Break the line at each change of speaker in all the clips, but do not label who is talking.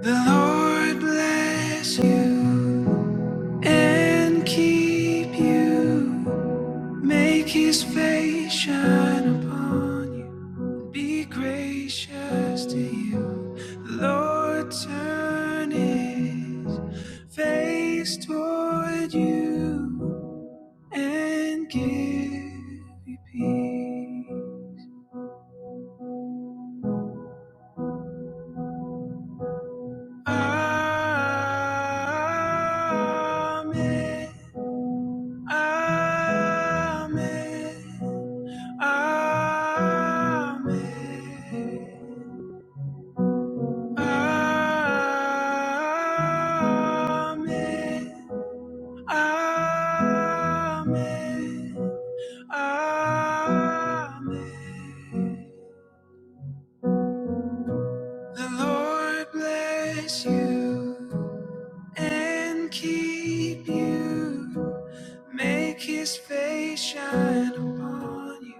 The Lord bless you and keep you. Make his face shine upon you. and Be gracious to you. The Lord turn his face toward you and give you peace. Amen. Amen. Amen. Amen. Amen. Amen. The Lord bless you and keep you. Make his face shine upon you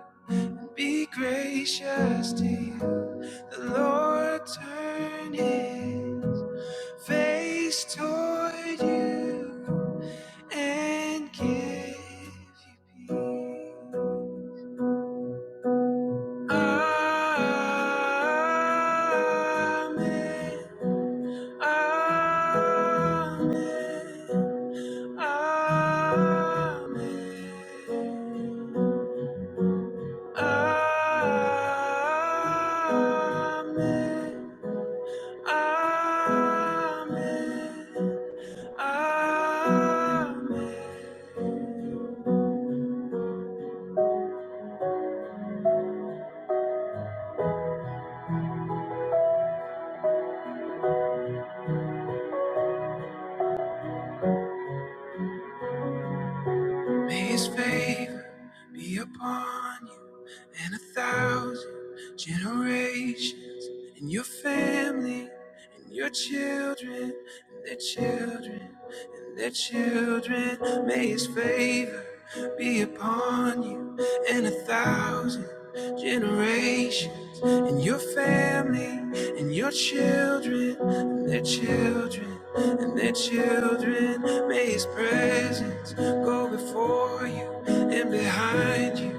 Be gracious to you. The Lord turn his face toward you and give you peace. Amen. Amen. Amen. Amen. Amen. Amen. May his favor be upon you and a thousand generations and your family and your children and their children and their children. May his favor be upon you and a thousand generations and your family and your children and their children and their children. May His presence go before you and behind you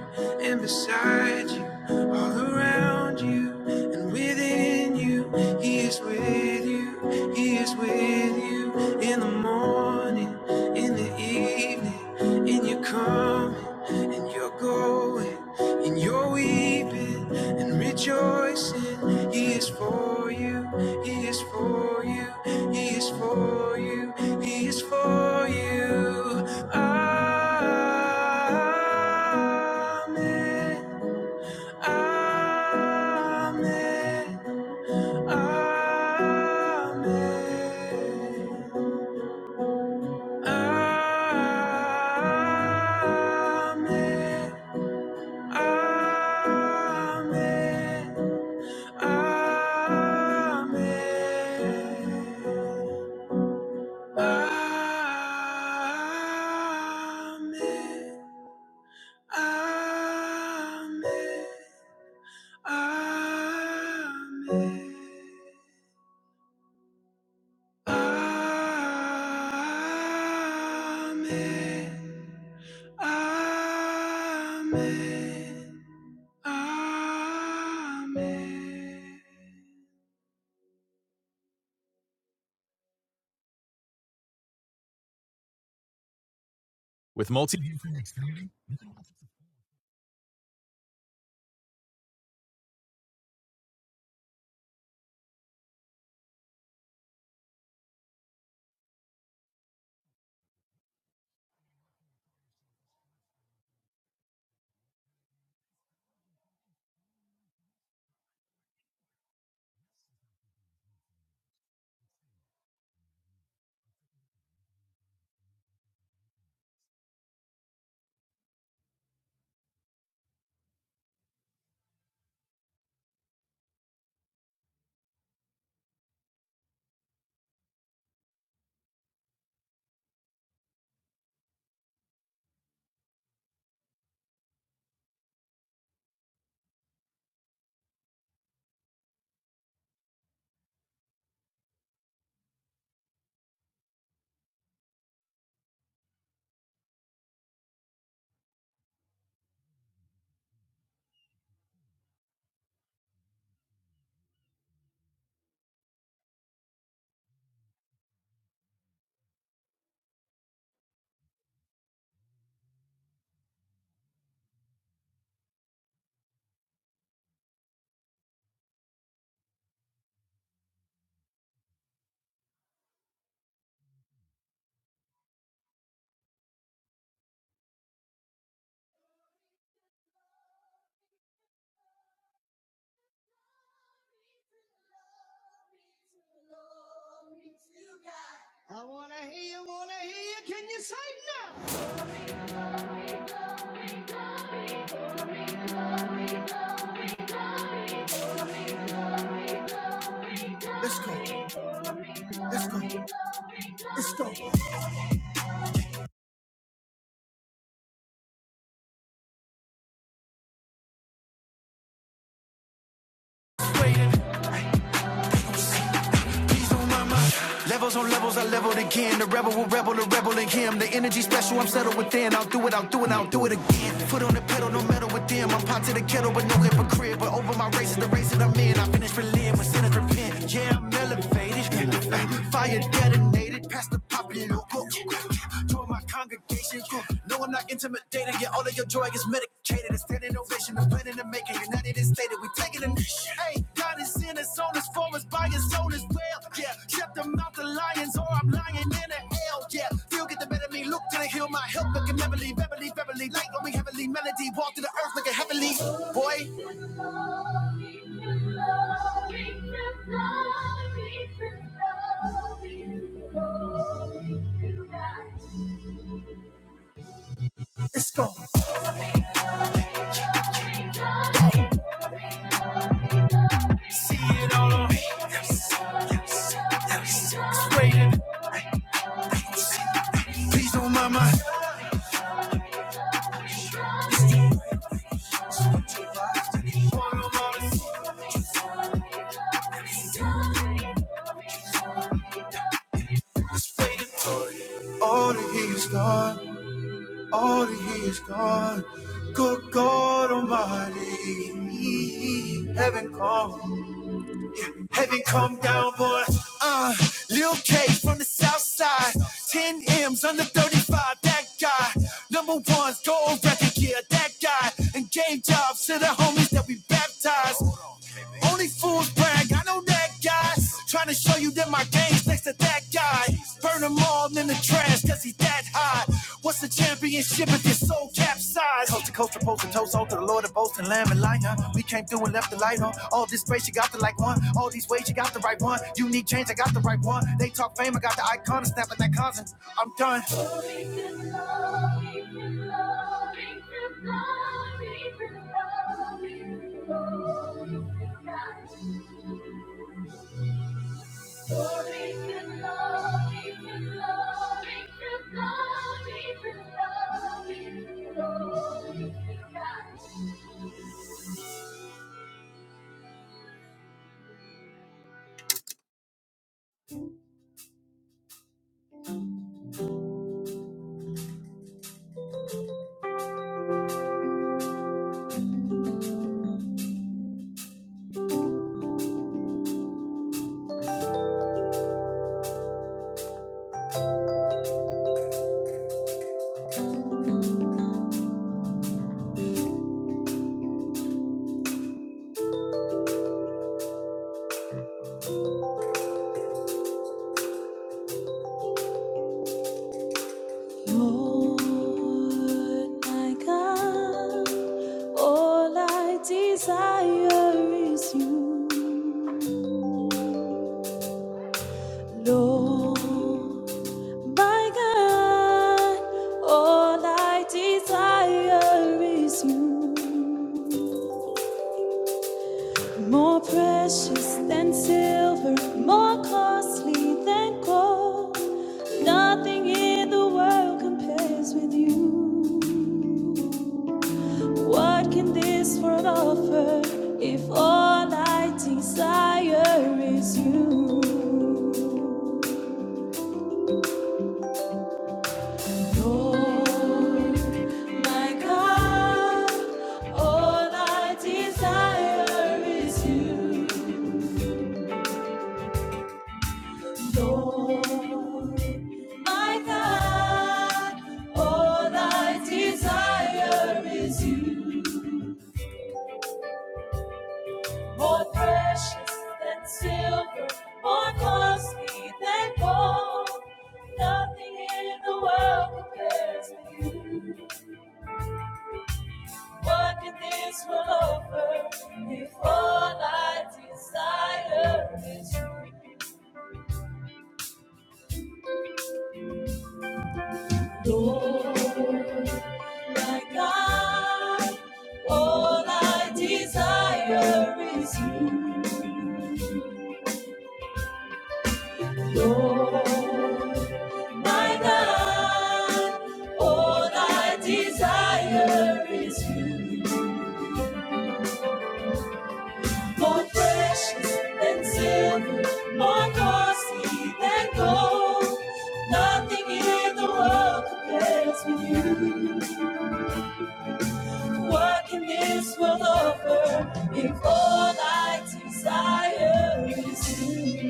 and beside you, all around you and within you. He is with you, He is with you in the morning, in the evening, in your coming and your going. In your weeping and rejoicing. He is for you. He is for you. He is for you. He is for you. Amen. Amen. Amen. Amen. Amen. Amen. Amen. Amen. Amen. Amen. Amen. Amen. With multi I wanna hear you, wanna hear you. Can you sing now? Let's go. Let's go. Let's go. Please don't mind my levels on levels. I leveled again. The rebel will rebel, the rebel in him. The energy special. I'm settled within. I'll do it. I'll do it. I'll do it again. Foot on the pedal, no metal with them. I'm pot to the kettle, but no hypocrite. But over my race is the race that I'm in. I finish religion with sinners repent. Yeah, I'm elevated. Fire detonated. Past the popular local told my congregation. uh, No, I'm not intimidated. Yeah, all of your joy is medicated. It's standing ovation. I'm planning to make it. United and stated. We taking a nation. Hey, God is in us, on us, for us, by us, on us. Well, yeah, shut them out the mouth of lions, or I'm lying in the hell. Yeah, feel get the better of me. Look to the hill, my help looking heavily, heavily, heavily. Light on me, heavily. Melody, walk to the earth like a heavily. Boy, Glory to God. It's gone. Please don't mind my. All that he is gone. All that he is gone. Good God Almighty. Heaven come. Heaven come down, boy. Uh, Lil Cage from the south side. 10 M's under 35, that guy. Number one's gold record, yeah, that guy. And game jobs to the homies that we baptized. Only fools brag, I know that guy. Trying to show you that my games next to that guy. Burn them all in the trash, cause he that high. What's the championship if your soul capsized? Coast to coast, from post to toe, to the Lord of boast and lamb and lion. We came through and left the light on. All this space, you got the like one. All these ways, you got the right one. You need change, I got the right one. They talk fame, I got the icon, and snapping that constant. I'm done. Lord, my God, all I desire is you. Lord, my God, all I desire is you. More precious than silver, more costly than gold. Nothing in the world compares with you. What can this world offer if all I desire is you? Lord, my God, all I desire is you. My God, all I desire is you. More precious than silver, more costly than gold. Nothing in the world compares with you. What can this world offer if all I desire is you? Lord. my God. All I desire is you, Lord, my God. All I desire is you, more precious than silver, more costly than gold. Nothing in the world compares with you. What can this world offer if all I desire is you?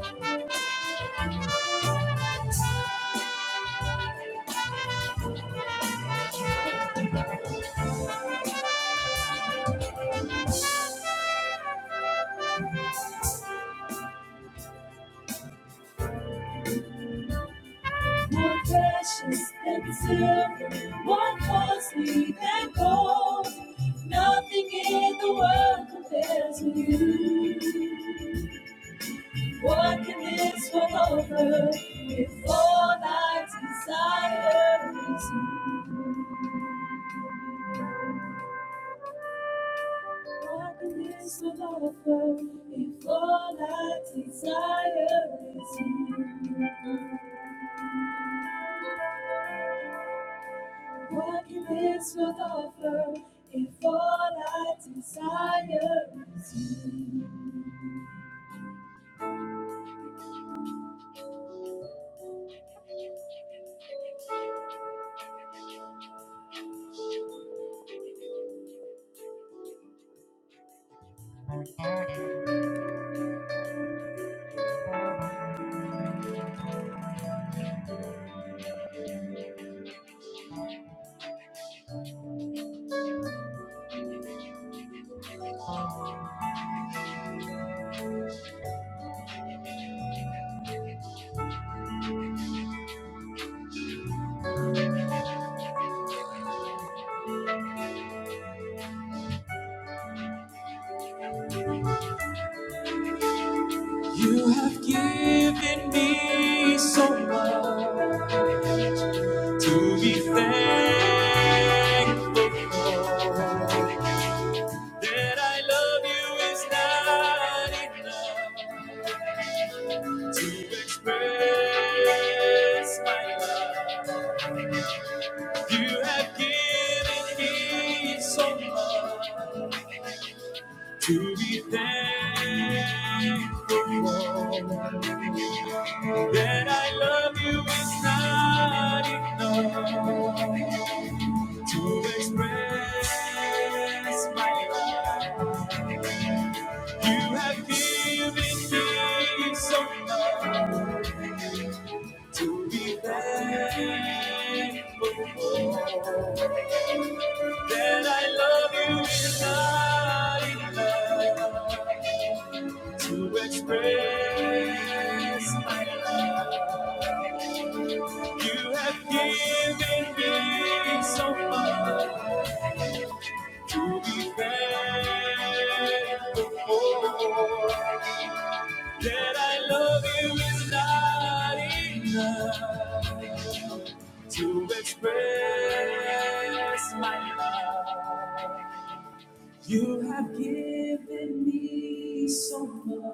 More precious than silver, more costly than gold. Nothing in the world compares with you. What can this world offer if all I desire is you? Darkness without a fur, if all I desire is you. Darkness without a fur, if all I desire is you. You have given me so much to be thanked. That I love you is not enough to express my love. You have given me so much to be thankful for. That I love you is not enough to express my love. You have given me so much to be thankful for. That I love you is not enough. You have given me so much thankful that I love you is not enough to express my love. You have given me so much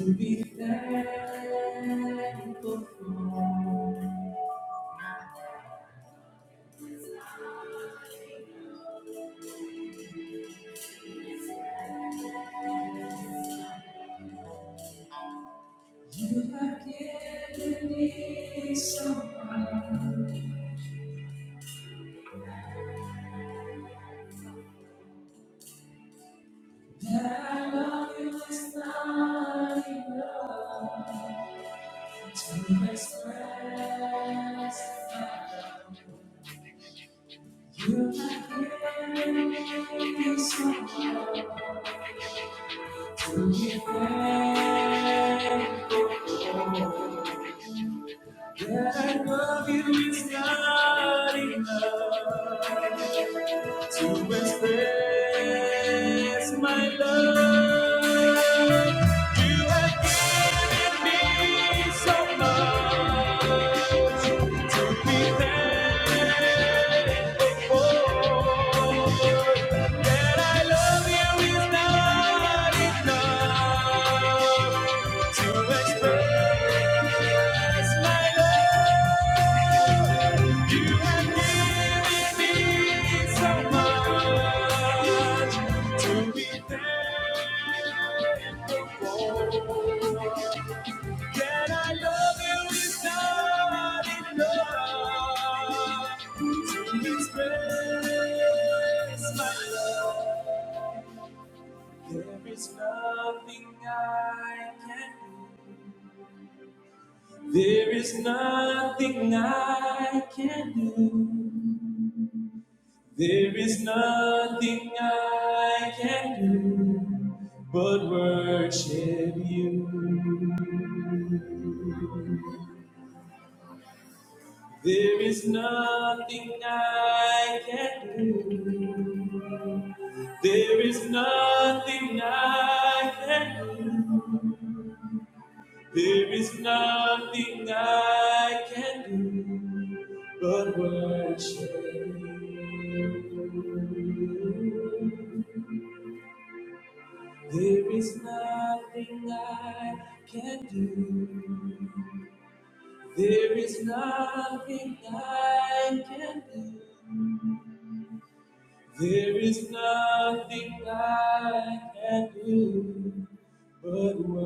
to be thankful. You have given me so much. It's not enough to express my. love. There's nothing I can do. There is nothing I can do. There is nothing I can do but worship you. There is nothing I can do. There's Nothing I can do but worship. Nothing I can do.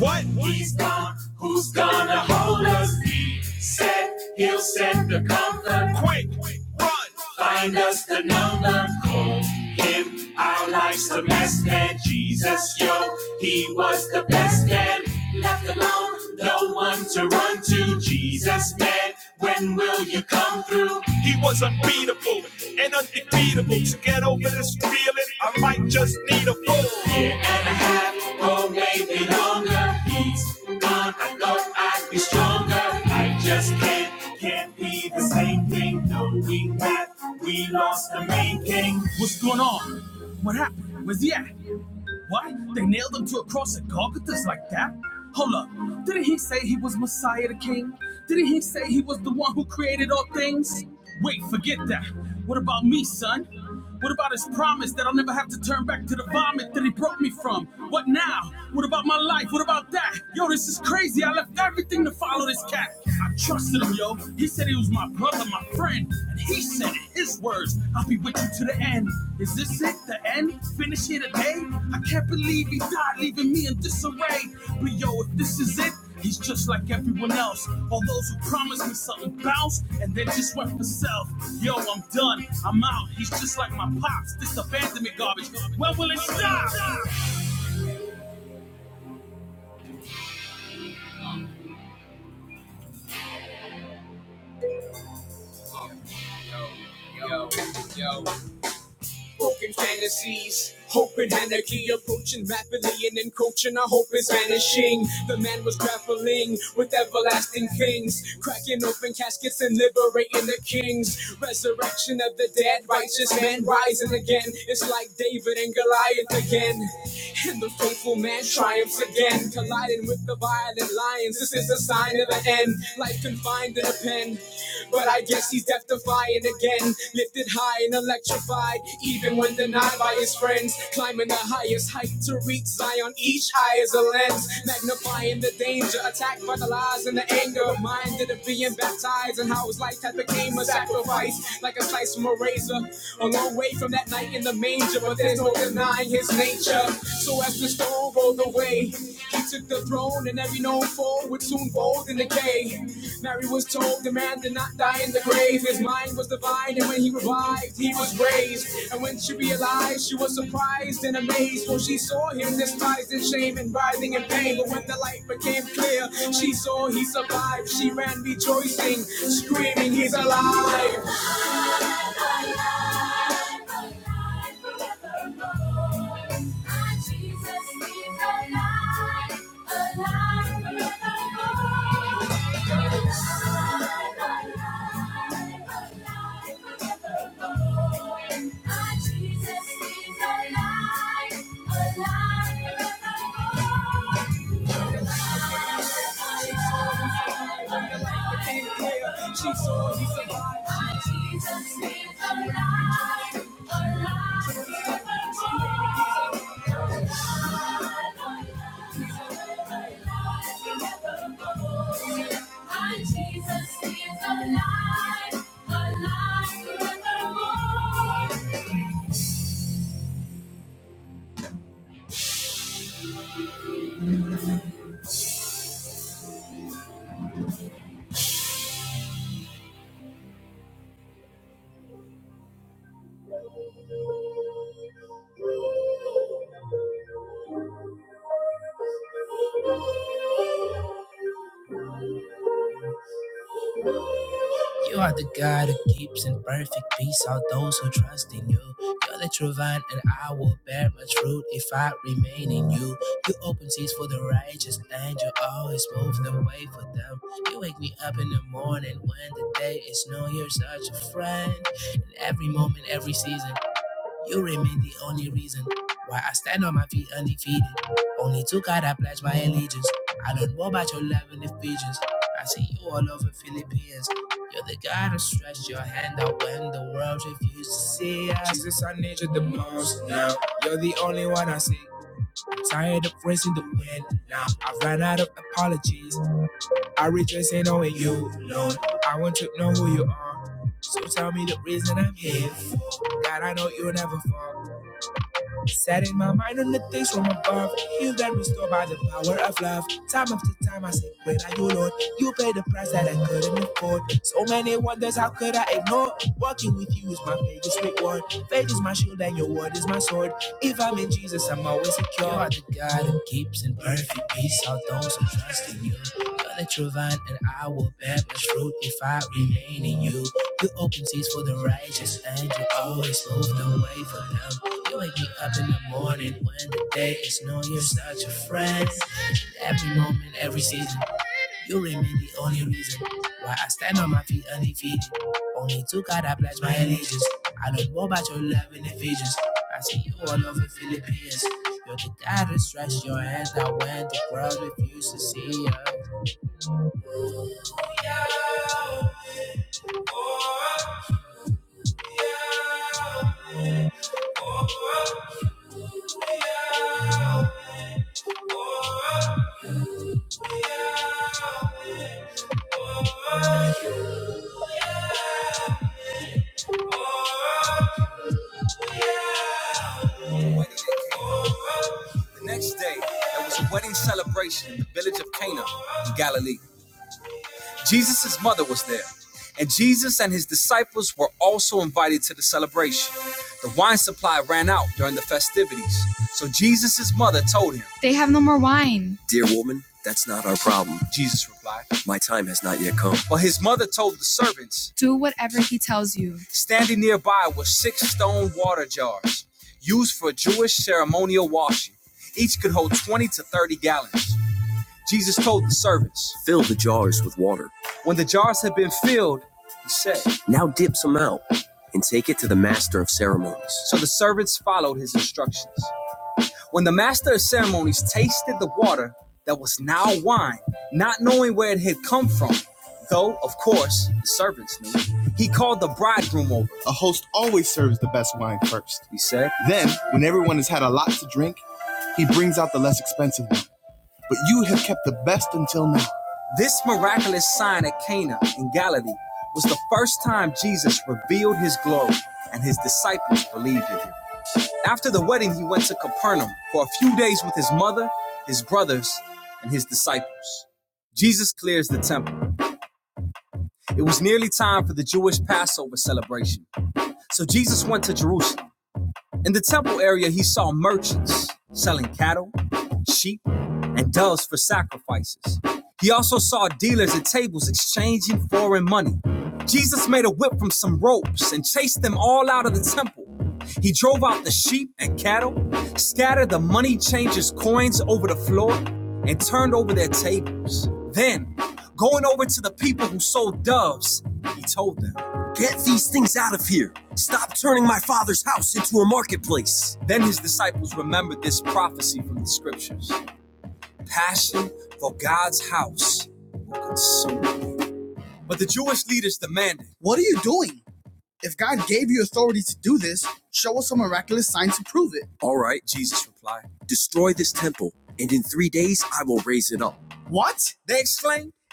What? He's quick. Run. Find the man he was. No one to run to, Jesus man. When will you come? He was unbeatable and undefeatable. To get over this feeling, I might just need a fool. It won't make me longer. He's gone. I thought I'd be stronger. I just can't, can't be. Creative, forget what about son? God is promised everything to follow this cat. I trusted him, yo. He said he was my brother, my friend, and he said it. His words, I'll be with you to the end. Is this it, the end? Finish here today? I can't believe he died, leaving me in disarray. But yo, if this is it, He's just like everyone else. All those who promised me something bounced, and then just went for self. Yo, I'm done. I'm out. He's just like my pops. This abandonment garbage. When will it stop? Broken fantasies, hope and anarchy approaching rapidly, and encroaching. our hope is vanishing. The man was grappling with everlasting things, cracking open caskets and liberating the kings. Resurrection of the dead, righteous man rising again. It's like David and Goliath again, and the faithful man triumphs again, colliding with the violent lions. This is a sign of the end. Life confined in a pen. But I guess he's death defying again. Lifted high and electrified, even when denied by his friends. Climbing the highest height to reach Zion, each eye is a lens. Magnifying the danger, attacked by the lies and the anger of mind. Did it being baptized, and how his life had became a sacrifice. Like a slice from a razor, a long way from that night in the manger, but there's no denying his nature. So as the storm rolled away, he took the throne, and every known foe would soon fold in decay. Mary was told the man did not die in the grave. His mind was divine, and when he revived, he was raised. And when she realized, she was surprised and amazed, for she saw him despised and shamed and writhing in pain. But when the light became clear, she saw he survived. She ran rejoicing, screaming, He's alive. Jesus is alive, alive forevermore. She saw he survived. Jesus is alive, alive. She said, "Jesus is alive, Jesus is alive, alive forevermore. You are the God who keeps in perfect peace all those who trust in you. You're the true vine, and I will bear much fruit if I remain in you. You open seas for the righteous, and you always move the way for them. You wake me up in the morning when the day is new. You're such a friend in every moment, every season. You remain the only reason why I stand on my feet undefeated. Only to God I pledge my allegiance. I learned more about your love and Ephesians. I see you all over Philippines. You're the God who stretched your hand out when the world refused to see us. Jesus, I need you the most now. You're the only one I see. Tired of raising the wind now. I've run out of apologies. I rejoice in knowing you alone. I want to know who you are. So tell me the reason I'm here for. God, I know you'll never fall. Set in my mind on the things from above, healed and restored by the power of love. Time after time, I say, Great are you, Lord. You paid the price that I couldn't afford. So many wonders, how could I ignore? Walking with you is my biggest reward. Faith is my shield, and your word is my sword. If I'm in Jesus, I'm always secure. You are the God who keeps in perfect peace all those who trust in you. Let your vine and I will bear much fruit if I remain in you. You open seas for the righteous and you always move the way for them. You wake me up in the morning when the day is new. You're such a friend. Every moment, every season, you remain the only reason why I stand on my feet undefeated. Only to God I pledge my allegiance. I know more about your love in Ephesians. I see you all over Philippines. You're the God that stretched your hands out when the world refused to see you. The next day, there was a wedding celebration in the village of Cana in Galilee. Jesus' mother was there, and Jesus and his disciples were also invited to the celebration. The wine supply ran out during the festivities, so Jesus' mother told him, They have no more. Dear woman, that's not our problem, Jesus replied. My time has not yet come. But his mother told the servants, Standing nearby were six stone water jars used for Jewish ceremonial washing. Each could hold 20 to 30 gallons. Jesus told the servants, Fill the jars with water. When the jars had been filled, he said, Now dip some out and take it to the master of ceremonies. So the servants followed his instructions. When the master of ceremonies tasted the water that was now wine, not knowing where it had come from, though, of course, the servants knew, he called the bridegroom over. A host always serves the best wine first. He said, Then, when everyone has had a lot to drink, he brings out the less expensive one. But you have kept the best until now. This miraculous sign at Cana in Galilee was the first time Jesus revealed his glory and his dis- and doves for sacrifice. He also saw dealers at tables exchanging foreign money. Jesus made a whip from some ropes and chased them all out of the temple. He drove out the sheep and cattle, scattered the money changers' coins over the floor, and turned over their tables. Then, going over to the people who sold doves, he told them, Get these things out of here. Stop turning my father's house into a marketplace. Then his disciples remembered this prophecy from the scriptures Passion for God's house consumed. What are we to do this shall prove it. Oracle What? They,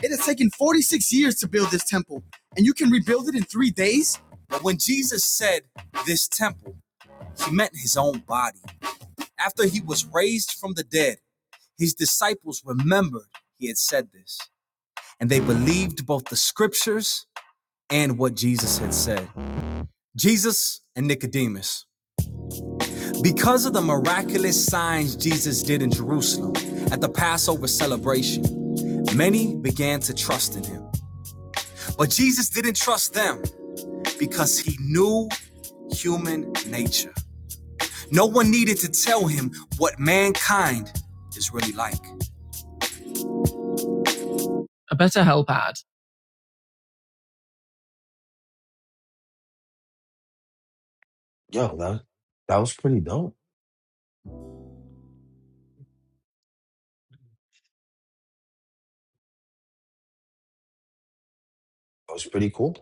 it has taken 46 years to build this temple, and you can rebuild it in three days? After he was from the dead, remembered he had said this, and they believed both the scriptures and what Jesus had said. Jesus and Nicodemus. Because of the miraculous signs Jesus did in Jerusalem at the Passover celebration, many began to trust in him. But Jesus didn't trust them because he knew human nature. No one needed to tell him what mankind is really like.
Yo, that that was pretty dope. That was pretty cool.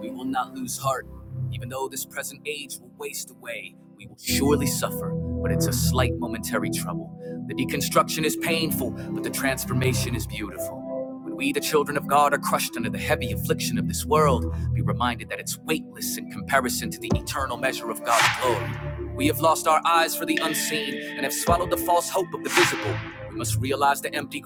We will not lose heart. Even though this present age will waste away, we will surely suffer, but it's a slight momentary trouble. The deconstruction is painful, but the transformation is beautiful. When we, the children of God, are crushed under the heavy affliction of this world, be reminded that it's weightless in comparison to the eternal measure of God's glory. We have lost our eyes for the unseen and have swallowed the false hope of the visible. We must realize the empty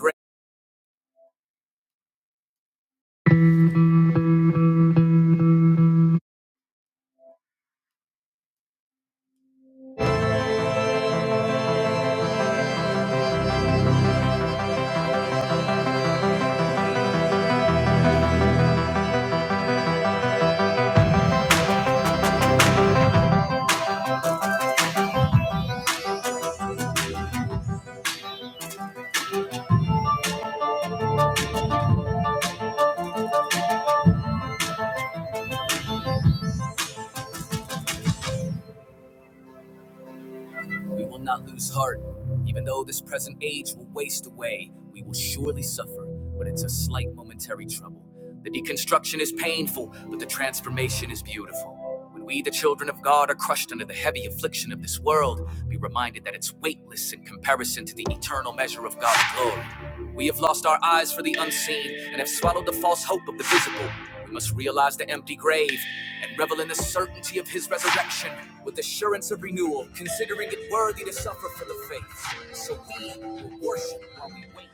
world, be reminded that it's weightless in comparison to the eternal measure of God's glory. We have lost our eyes for the unseen and have swallowed the false hope of the visible. We must realize the empty grave and revel in the certainty of his resurrection with assurance of renewal, considering it worthy to suffer for the faith. So we will worship while we wait.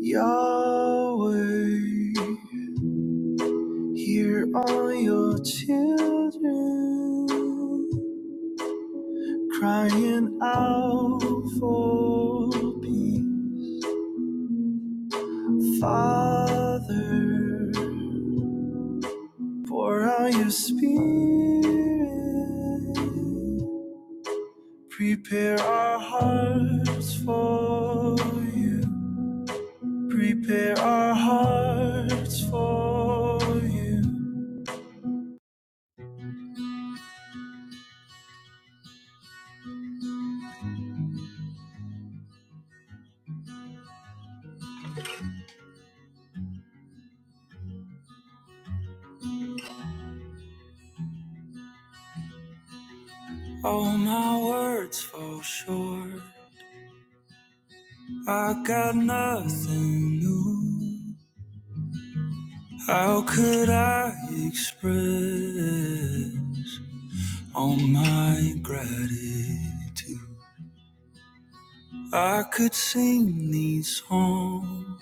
Yahweh, here are your children. crying out for peace. Father, pour out your spirit. Prepare our hearts for you. Prepare our hearts for you. All my words fall short. I got nothing new. How could I express? all my gratitude. I could sing these songs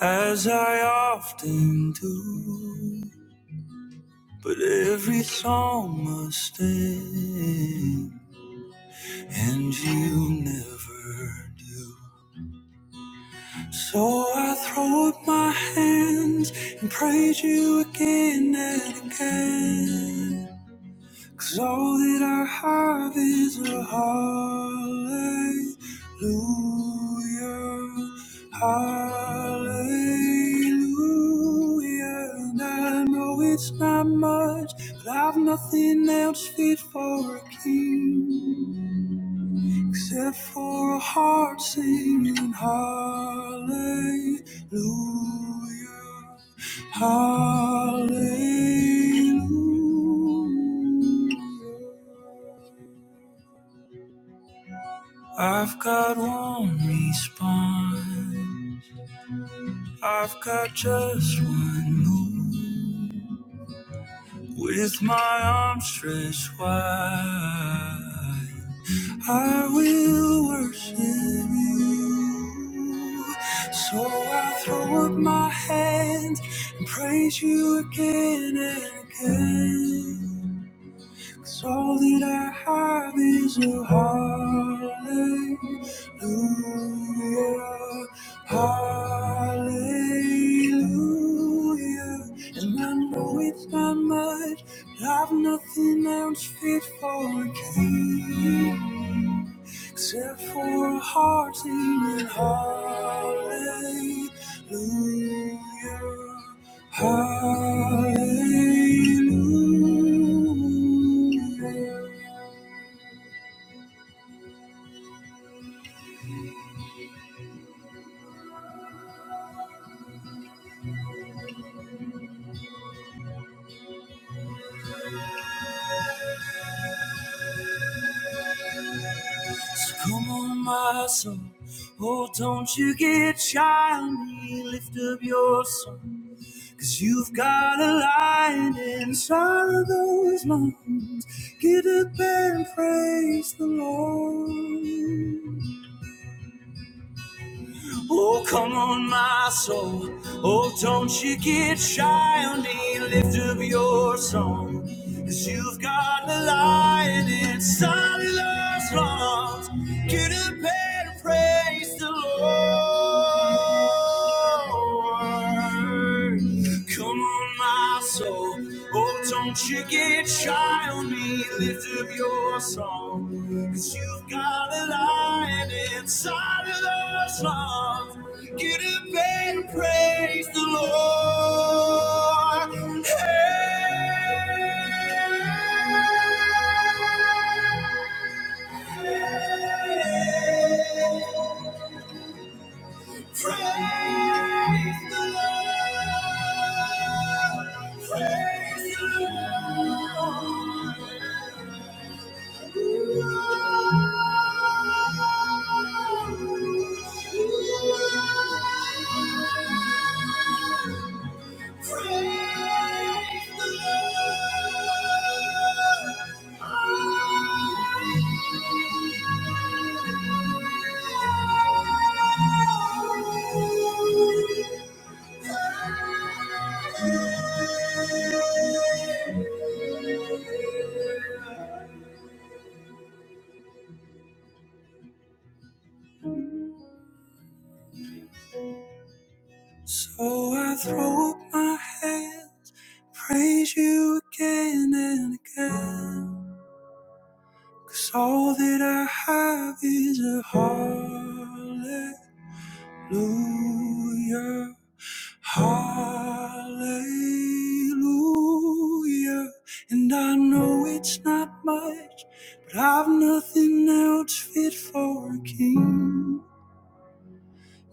as I often do, but every song must end, and you never do. So I throw up my hands and praise you again and again. Cause all that I have is a hallelujah, hallelujah. And I know it's not much, but I've nothing else fit for a king except for a heart singing hallelujah, hallelujah. I've got one response. I've got just one move. With my arms stretched wide, I will worship you. So I throw up my hands and praise you again and again. 'Cause all that I have is a hallelujah, hallelujah. And I know it's not much, but I've nothing else fit for a king except for a heart singing hallelujah, hallelujah. So Come on, my soul. Oh, don't you get shy on me. Lift up your song. you you've got a lion inside of those lungs. Get up and praise the Lord. Oh, come on, my soul. Oh, don't you get shy on me. Lift up your song. Cause you've got the lion inside of those lungs. Get up and praise the Lord. Come on, my soul. Oh, don't you get shy on me. Lift up your song. Cause you've got a lion inside of those lungs. Get up and praise the Lord. Praise the Lord. Praise the Lord. Praise the Lord. So I throw up my hands, praise you again and again, 'cause all that I have is a hallelujah, hallelujah. And I know it's not much, but I've nothing else fit for a king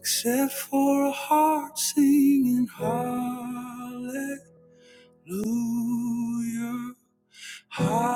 except for a heart singing hallelujah. Hallelujah. Hallelujah.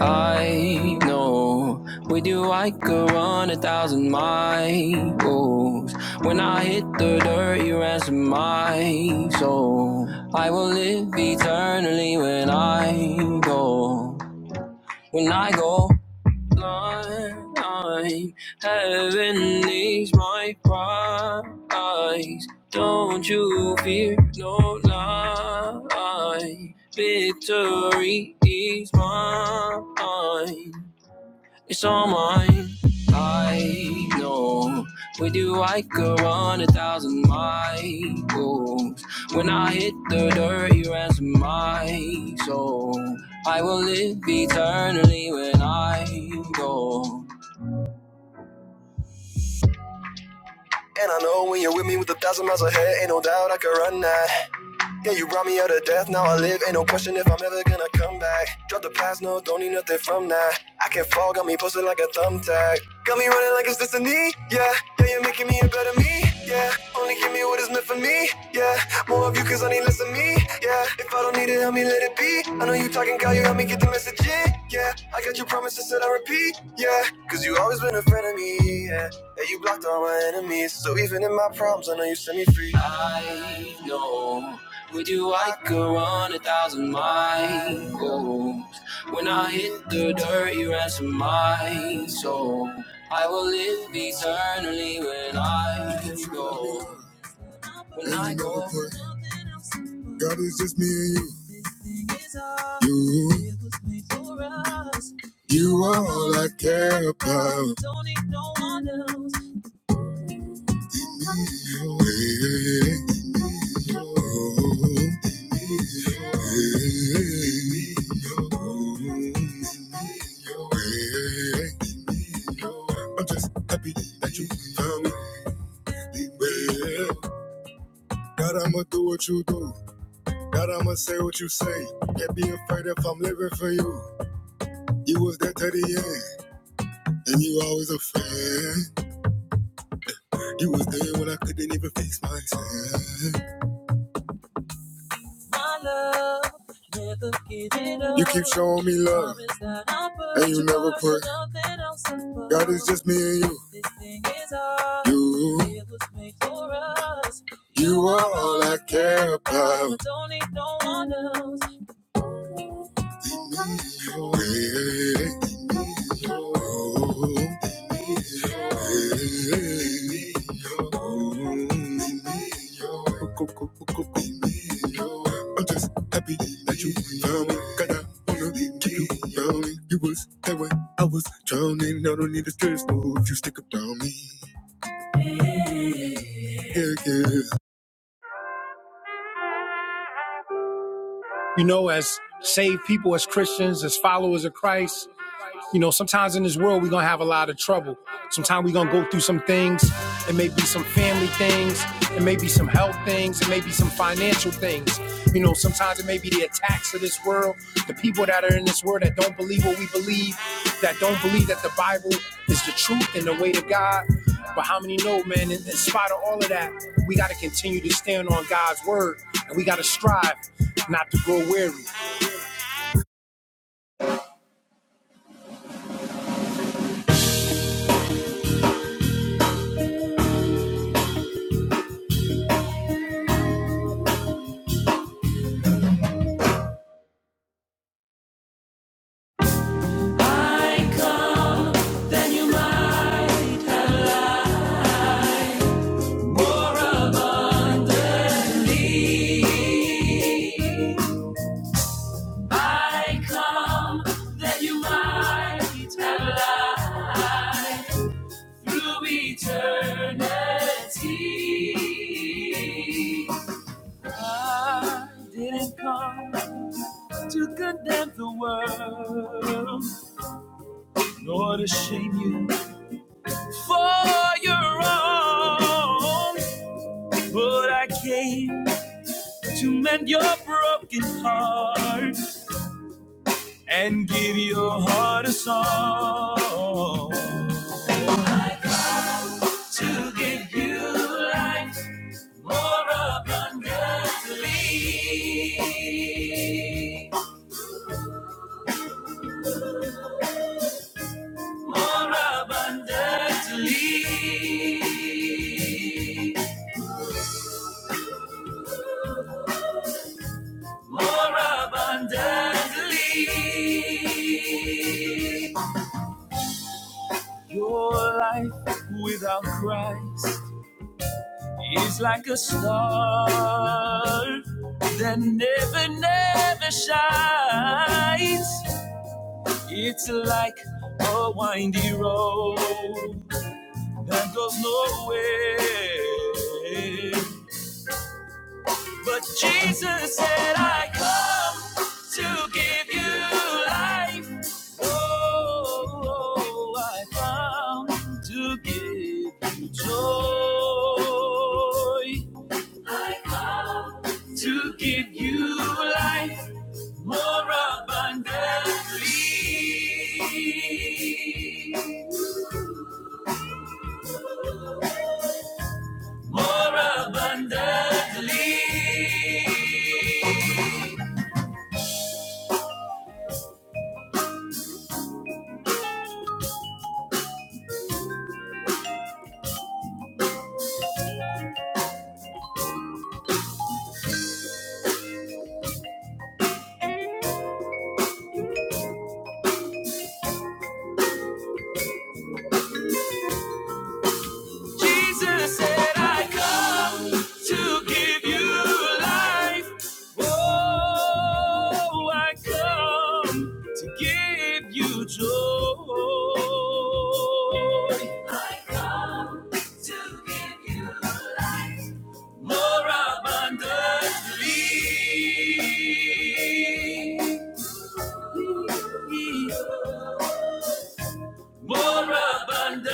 I know with you I could run a thousand miles. When I hit the dirt, you ransom my soul. I will live eternally when I go. When I go. blind. Heaven is my prize. Don't you fear no lie. Victory is mine. It's all mine. I know. With you, I could run a thousand miles. When I hit the dirt, you ransom my soul. I will live eternally when I go. And I know when you're with me with a thousand miles ahead, ain't no doubt I could run that. Yeah, you brought me out of death, now I live. Ain't no question if I'm ever gonna come back. Drop the past, no, don't need nothing from that. I can not fall, got me posted like a thumbtack. Got me running like it's destiny, yeah. Yeah, you're making me a better me, yeah. Only give me what is meant for me, yeah. More of you, cause I need less of me, yeah. If I don't need it, help me let it be. I know you talking, God, you help me get the message in, yeah. I got your promises that I repeat, yeah. Cause you always been a friend of me, yeah. Yeah, you blocked all my enemies. So even in my problems, I know you set me free. I know with you, I could run a thousand miles. When I hit the dirt, you ransom my soul. I will live eternally when I go. When I go, gotta you. Girl. Don't need no one else. God, I'm you in. My love, never give it up. You keep showing up, and you never put. God is just. This thing is ours. You. It was made for us. Oh. Don't need no one else. I'm just happy that you found me. Got out you found me. You was there when I was drowning. I don't need a stress. No, You know, as saved people, as Christians, as followers of Christ, You know, sometimes in this world we're gonna have a lot of trouble. Sometimes we're gonna go through some things. It may be some family things, it may be some health things, it may be some financial things. You know, sometimes it may be the attacks of this world, the people that are in this world that don't believe what we believe, that don't believe that the Bible is the truth and the way to God. But how many know, man, in, in spite of all of that, we gotta continue to stand on God's word and we gotta strive not to grow weary. I come that you might have life through eternity. I didn't come to condemn the world, nor to shame you for your wrong. To give you life more abundant, more abundantly, more abundantly. Your life without Christ is like a star that never, never shines. It's like a windy road that goes nowhere. But Jesus said, I come to give you life. Oh, oh, I come to give you joy. I come to give you life more abundantly. Jesus said, I come to give you life. Oh, I come to give you joy. I come to give you life more abundantly more abundantly.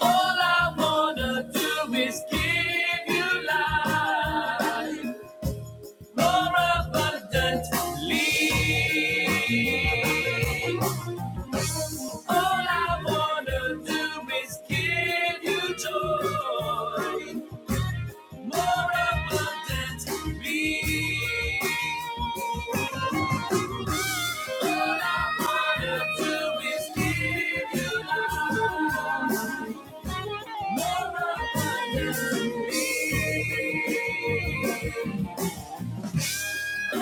All I wanna do is give you life more abundantly. All I wanna do is give you joy more abundantly. All I wanna do is give you love. more abundantly. We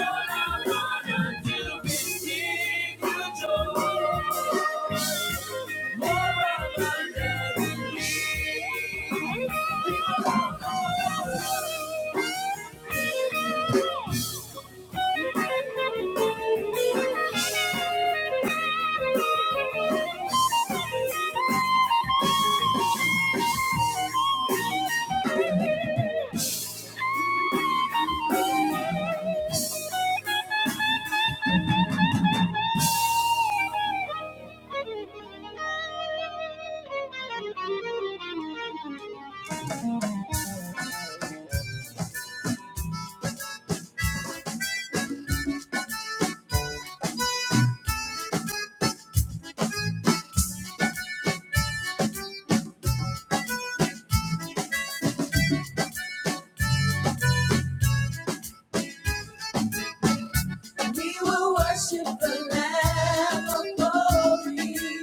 will worship the Lamb of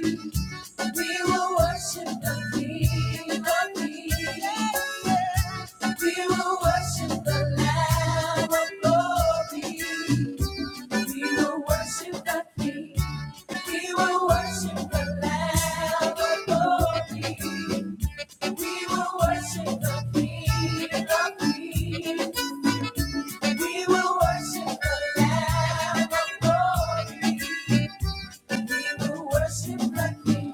glory. We will worship the King of Kings. We will worship the Lamb of glory. We will worship the King. We will worship the Lamb of glory. We will worship the King of Kings. We will worship the Lamb of glory. We will worship the King.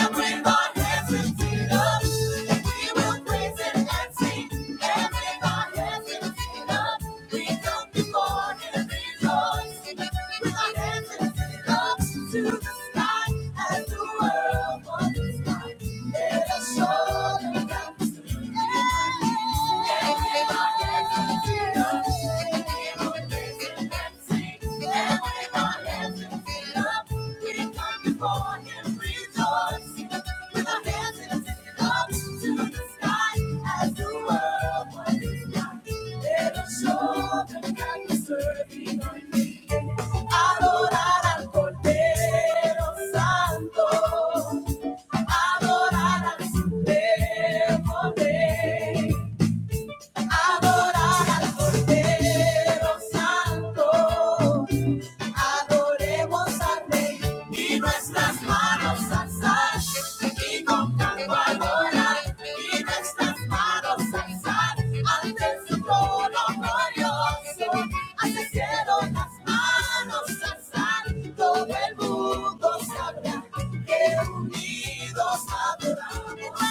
Everyone has his feet We will praise and sing. Everyone has his feet We come before him rejoicing. With our hands and up to the sky and the world for his light. Let us show them that. Everyone Adorar al Cordero Santo adorar al Cordero Rey, Adorar al Cordero Santo. Adoremos al Rey y nuestras manos alzar y con canto adorar y nuestras manos alzar ante su trono glorioso. Hacia las manos alzar todo el mundo sabra que unidos adoramos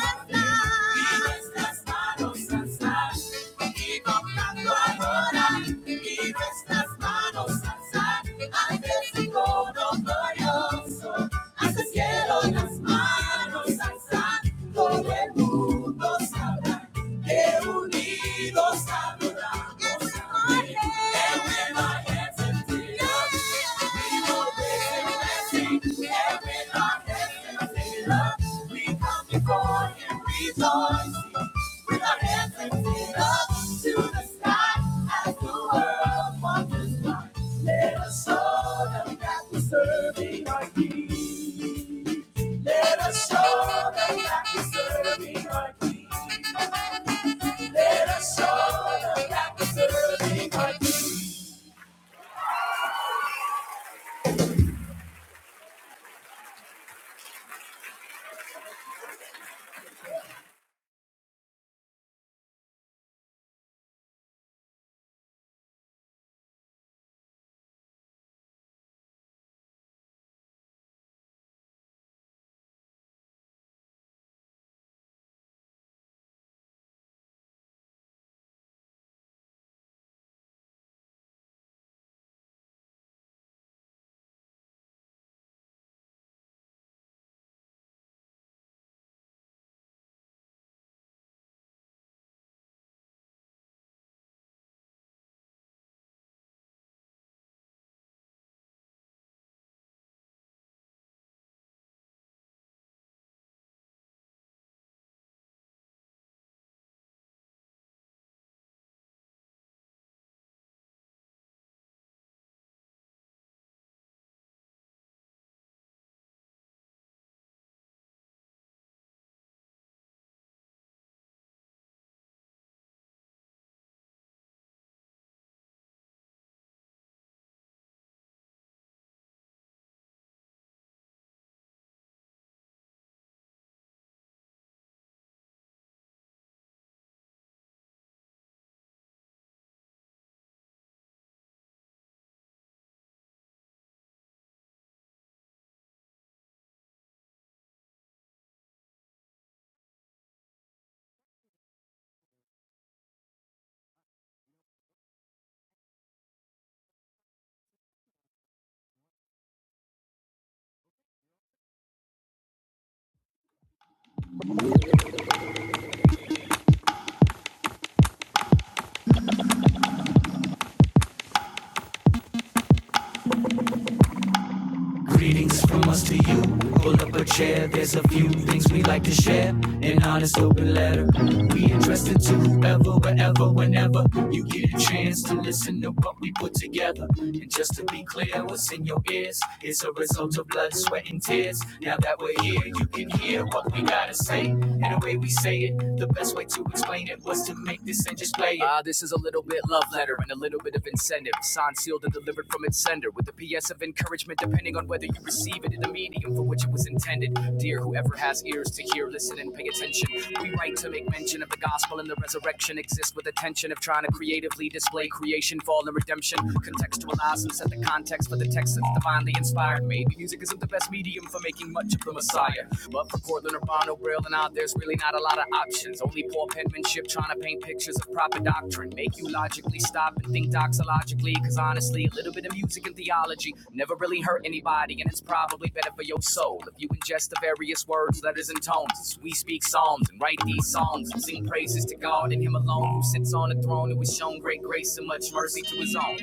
Y nuestras manos alzar y cantando adorar. Y nuestras manos alzar ante el glorioso. Hacia cielo las manos alzar. Todo el mundo que unidos before him rejoicing with our hands lifted up to the sky as the world wonders why. Let us show them that we're serving our King. Let us show them that we serving our King. Let us show them that we serving our King. Things from us to you. Pull up a chair. There's a few things we like to share. An honest open letter. We addressed it. Would have been unsealed with the receiver. pay attention. We write to make mention of the gospel and the resurrection. Exist with attention of trying to creatively display creation, fall, and redemption. Contextualize and set the context for the text that's divinely inspired. Maybe music isn't the best medium for making much of the Messiah. But for Cortland Urbano, Braille, and I, there's really not a lot of options. Only poor penmanship trying to paint pictures of proper doctrine. Make you logically stop and think doxologically. Cause honestly, a little bit of music and theology never really hurt anybody probably better for your soul if you ingest the various words, letters, and tones. As we speak psalms and write these songs and sing praises to God and Him alone, who sits on a throne, who has shown great grace and much mercy to His own.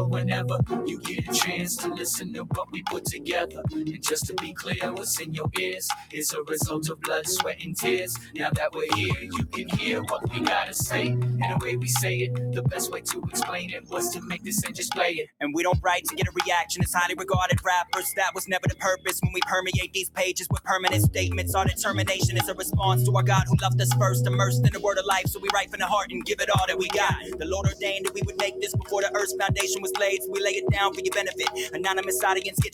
show whenever you get a chance to listen to what we put together. And just to be clear, what's in your ears is a result of blood, sweat, and tears. Now that we're here, you can hear what we gotta say. And the way we say it, the best way to explain it was to make this and just play it. And we don't write to get a reaction as highly regarded rappers. That was never the purpose when we permeate these pages with permanent statements. Our determination is a response to our God who loved us first, immersed in the word of life. So we write from the heart and give it all that we got. The Lord ordained that we would make this before the earth's foundation was laid, so we lay it down for your benefit. Anonymous audience, get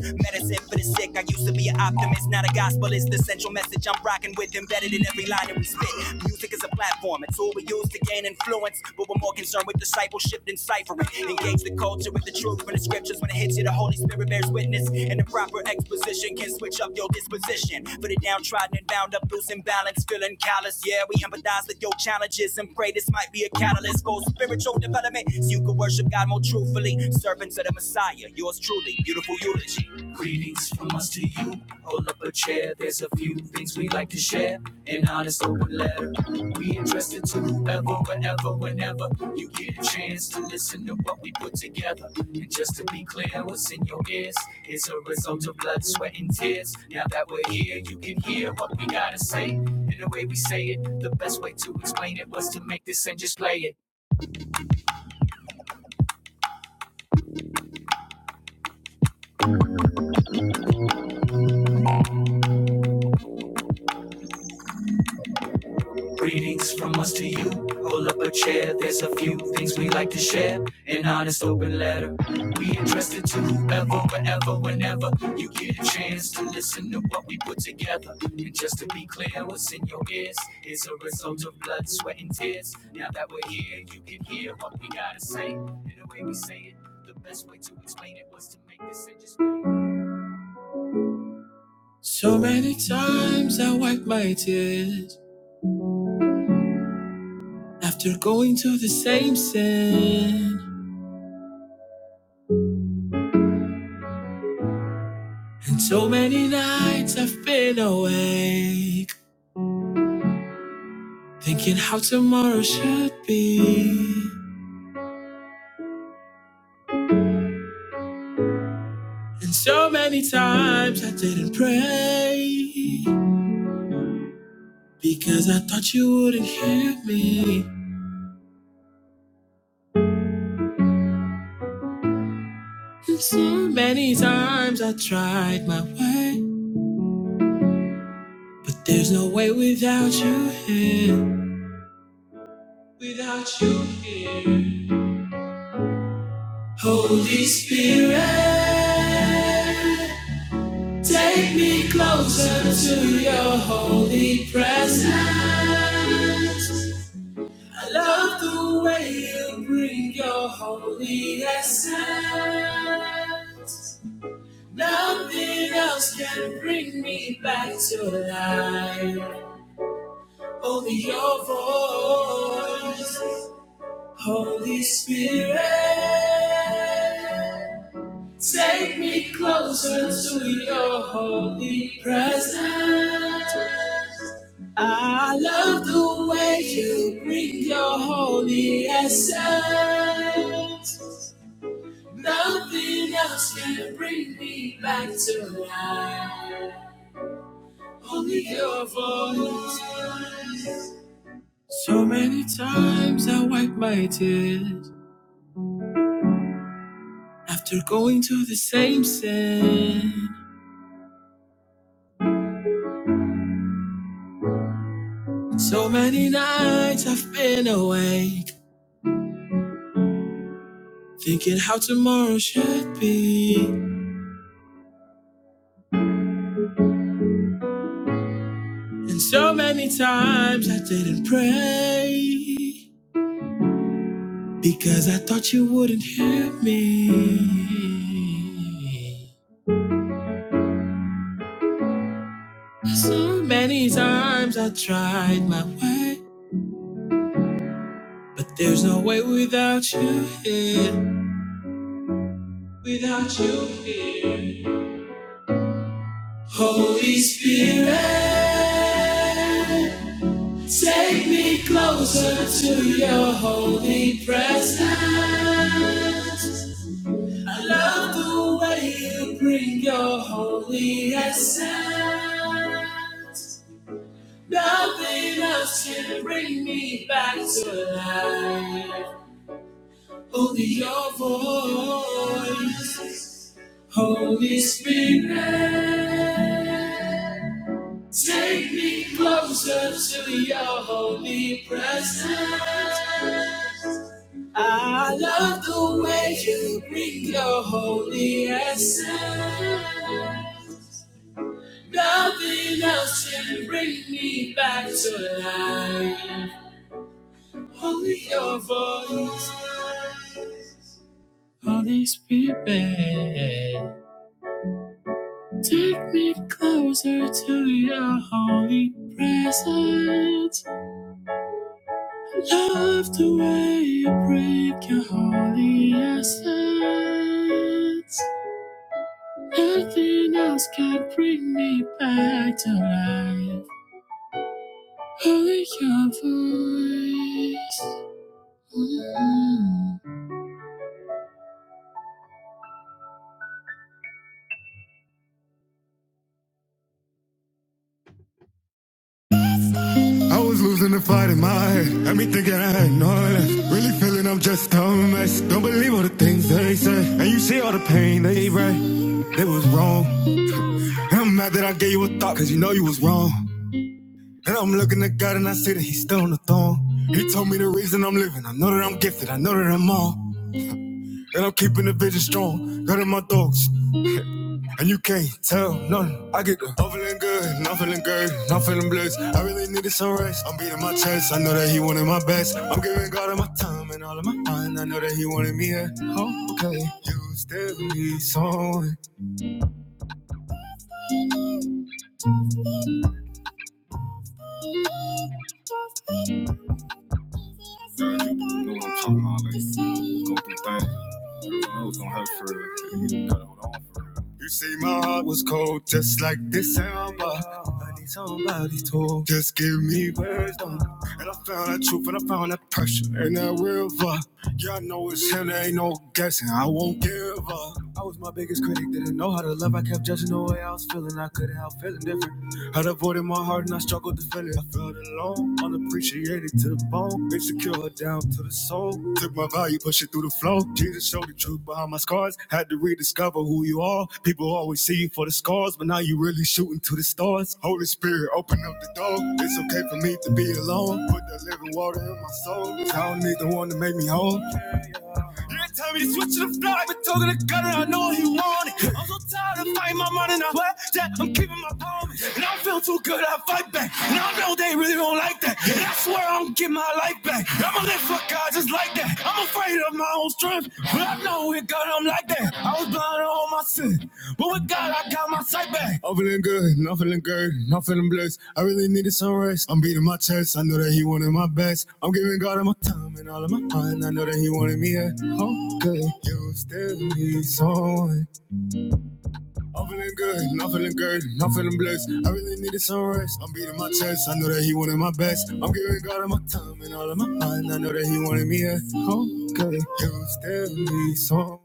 politics. Medicine for the sick. I used to be an optimist, not a gospelist. The central message I'm rocking with embedded in every line that we spit. Music is a platform, a tool we use to gain influence. But we're more concerned with discipleship than ciphering. Engage the culture with the truth from the scriptures. When it hits you, the Holy Spirit bears witness. And the proper exposition can switch up your disposition. For the downtrodden and bound up, losing balance, feeling callous. Yeah, we empathize with your challenges and pray this might be a catalyst for spiritual development. So you can worship God more truthfully. Servants of the Messiah, yours truly, beautiful Euless. Greetings from us to you. Hold up a chair. There's a few things we like to share. An honest open letter. We interested to whoever, whenever, whenever. You get a chance to listen to what we put together. And just to be clear, what's in your ears is a result of blood, sweat, and tears. Now that we're here, you can hear what we gotta say. And the way we say it, the best way to explain it was to make this and just play it. Greetings from us to you. Pull up a chair, there's a few things we like to share. An honest open letter. We entrusted to whoever, wherever, whenever you get a chance to listen to what we put together. And just to be clear, what's in your ears is a result of blood, sweat, and tears. Now that we're here, we be saying the best way to explain it was to make this and just. So many times I wipe my tears after going to the same sin. And so many nights I've been awake, thinking how tomorrow should be. And so many times I didn't pray, because I thought you wouldn't hear me. And so many times I tried my way, but there's no way without you here. Without you here, Holy Spirit. Take me closer to your holy presence. I love the way you bring your holy essence. Nothing else can bring me back to life. Only your voice, Holy Spirit. Take me closer to your holy presence. I love the way you bring your holy essence. Nothing else can bring me back to life. Only your voice. So many times I wipe my tears after going to the same sin. So many nights I've been awake, thinking how tomorrow should be. And so many times I didn't pray because I thought you wouldn't hear me. So many times I tried my way, but there's no way without you here, without you here. Holy Spirit, take me closer to your holy presence. I love the way you bring your holy essence. Nothing else can bring me back to life. Only your voice, Holy Spirit. Take me closer to your holy presence. I love the way you bring your holy essence. Nothing else can bring me back to life. Only your voice, Holy Spirit. Take me closer to your holy presence. Love the way you break your holy essence. Nothing else can bring me back to life. Only your voice. I was losing the fight in my head. Had me thinking I had no left. Really feeling I'm just a mess. Don't believe all the things they say. And you see all the pain they write. It was wrong. And I'm mad that I gave you a thought, cause you know you was wrong. And I'm looking at God and I see that he's still on the throne. He told me the reason I'm living. I know that I'm gifted. I know that I'm all. And I'm keeping the vision strong. Got in my thoughts. And you can't tell none. I get the I'm feeling good, not feeling good, not feeling blessed. I really needed some rest. I'm beating my chest. I know that he wanted my best. I'm giving all of my heart in me. and You still need something. You see, my heart was cold, just like this sound. I know. Just give me. I'm judging the way I was feeling. I could have the stars. Holy Spirit, open up the door. It's okay for me to be alone. Put the living water in my soul. I don't need the one to make me whole. Every time he switching the fly, been talking to God and I know he want it. I'm so tired of fighting my mind, and I swear That I'm keeping my promise. And I feel too good, I fight back. And I know they really don't like that. And I swear I'm getting my life back. I'ma live for God just like that. I'm afraid of my own strength, but I know with God I'm like that. I was blind to all my sin. Back. I'm feeling good, not feeling good, not feeling. I really know that he wanted me here. Oh, good. You still need someone. Feeling Good, not feeling good, not feeling blessed. It's alright. I'm giving God all my time and all of my mind. Okay, you so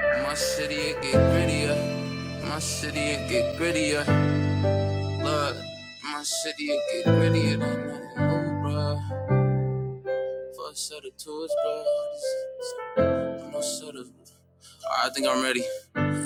my city it get grittier. My city it get grittier. Look, my city it get grittier than that. Oh, bruh. Fuck sort of tours, bruh. No sort of. I think I'm ready.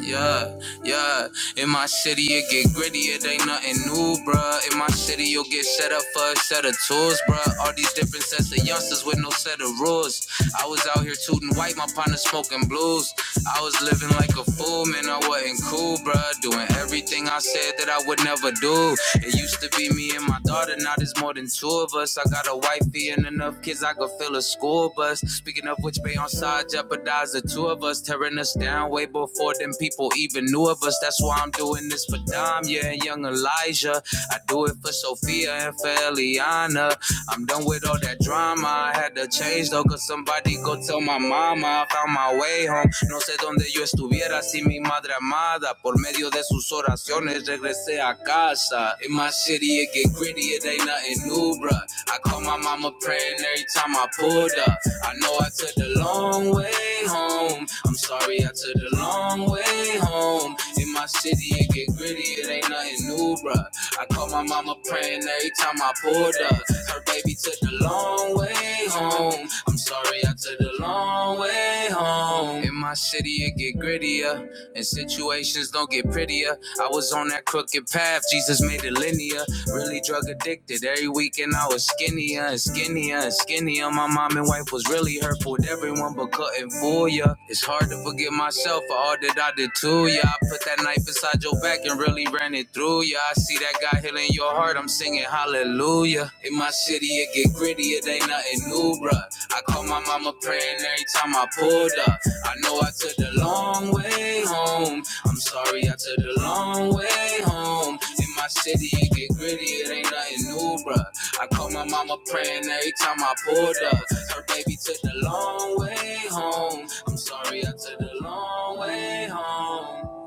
Yeah, yeah. In my city, it get gritty. It ain't nothing new, bruh. In my city, you'll get set up for a set of tools, bruh. All these different sets of youngsters with no set of rules. I was out here tooting white, my partner smoking blues. I was living like a fool, man. I wasn't cool, bruh. Doing everything I said that I would never do. It used to be me and my daughter, now there's more than two of us. I got a wifey and enough kids, I could fill a school school bus. Speaking of which, Bay on side jeopardized the two of us, tearing us down way before them people even knew of us. That's why I'm doing this for Dom, yeah, and young Elijah. I do it for Sophia and for Eliana. I'm done with all that drama. I had to change though, cause somebody go tell my mama I found my way home. No sé dónde yo estuviera si mi madre amada por medio de sus oraciones regresé a casa. In my city, city, it get gritty, it ain't nothing new, bruh. I call my mama praying every time I pulled up. I know I took the long way home. I'm sorry I took the long way home. In my city, it get gritty, it ain't nothing new, bruh. I call my mama praying every time I pulled up. Her baby took the long way home. I'm sorry I took the long way home. In my city, it get grittier. And situations don't get prettier. I was on that crooked path, Jesus made it linear. Really drug addicted. Every weekend I was skinnier and skinnier and skinnier. My mom and wife was really hurtful with everyone but couldn't fool ya. It's hard to forgive myself for all that I did to ya. I put that knife inside your back and really ran it through ya. I see that God healing your heart, I'm singing hallelujah. In my city, it gets Get gritty, it ain't nothing new, bruh. I call my mama praying every time I pulled up. I know I took the long way home. I'm sorry I took the long way home. In my city, it get gritty, it ain't nothing new, bruh. I call my mama praying every time I pulled up. Her baby took the long way home. I'm sorry I took the long way home.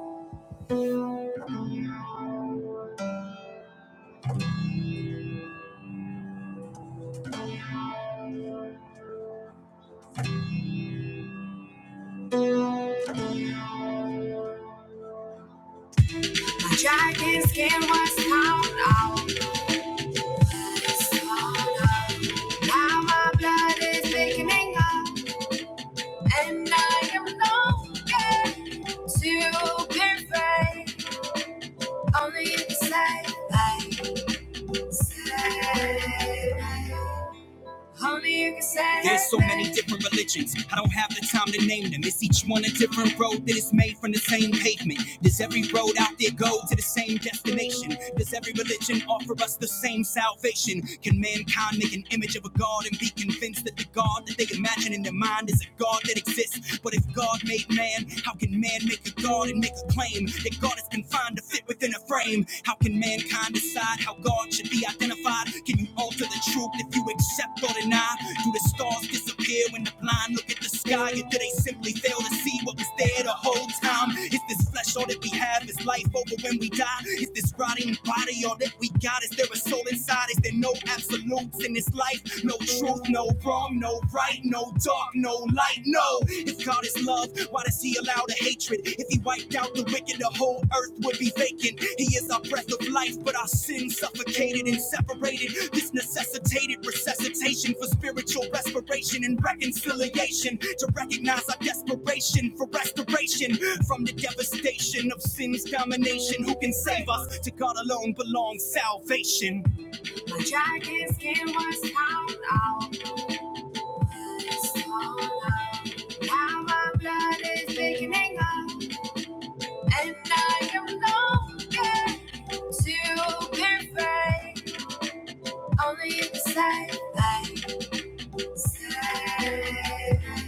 Dragon skin was gone, out. Now my blood is thickening up. And I am longing to be Only you can save me. Save Only you can save There's so many different religions. I don't have the time to name them. It's each one a different road that is made from the same pavement. Does every road out there go to the same destination? Does every religion offer us the same salvation? Can mankind make an image of a God and be convinced that the God that they imagine in their mind is a God that exists? But if God made man, how can man make a God and make a claim that God is confined to fit within a frame? How can mankind decide how God should be identified? Can you alter the truth if you accept or deny? Do the stars disappear when the blind look at the sky? Or do they simply fail to see what was there the whole time? Is this flesh all that we have? Is life over when we die? Is this rotting body all that we got? Is there a soul inside? Is there no absolutes in this life? No truth, no wrong, no right, no dark, no light, no. If God is love, why does He allow the hatred? If if he wiped out the wicked, the whole earth would be vacant. He is our breath of life, but our sin suffocated and separated. This necessitated resuscitation for spiritual respiration and reconciliation. To recognize our desperation for restoration from the devastation of sin's domination. Who can save us? To God alone belongs salvation. The giant's skin was torn out. Now our blood is beginning up. And I am longing to be free. Only you decide. I say.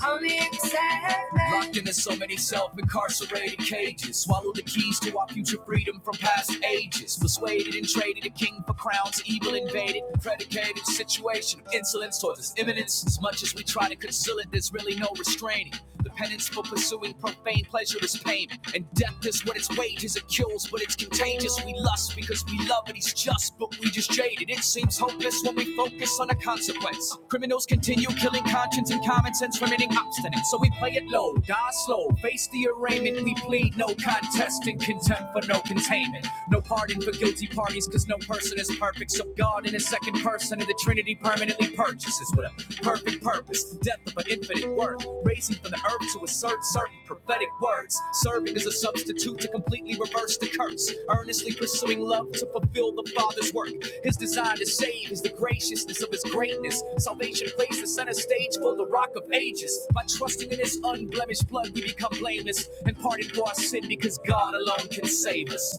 I'm in excitement. Locked into so many self-incarcerated cages. Swallow the keys to our future freedom from past ages. Persuaded and traded a king for crowns, evil invaded, predicated situation of insolence towards its imminence. As much as we try to conceal it, there's really no restraining. The penance for pursuing profane pleasure is payment, and death is what its wages. It kills, but it's contagious. We lust lust because we love it, he's just, but we just jaded. It seems hopeless when we focus on a consequence. Criminals continue killing conscience and common sense remaining obstinate. So we play it low, die slow, face the arraignment. We plead no contest and contempt for no containment. No pardon for guilty parties because no person is perfect. So God in a second person of the Trinity permanently purchases with a perfect purpose depth of an infinite worth, raising from the earth to assert certain prophetic words, serving as a substitute to completely reverse the curse, earnestly pursuing love to fulfill the Father's work. His desire to save is the graciousness of his greatness. Salvation plays the center stage for the rock of ages. By trusting in his unblemished blood, we become blameless and pardoned for our sin because God alone can save us.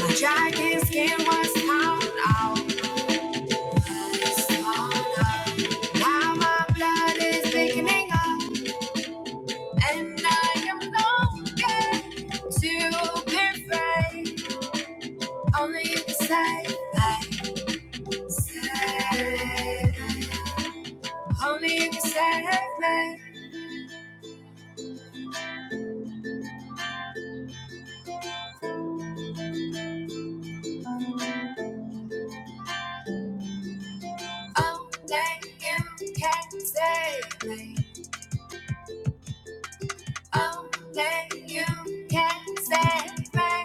The giant's skin was torn out. It's torn out. Now my blood is thickening up. And I am longing to be free. Only you can save me. Save. me. Only you can save me. Only you can save me. Only you can save me.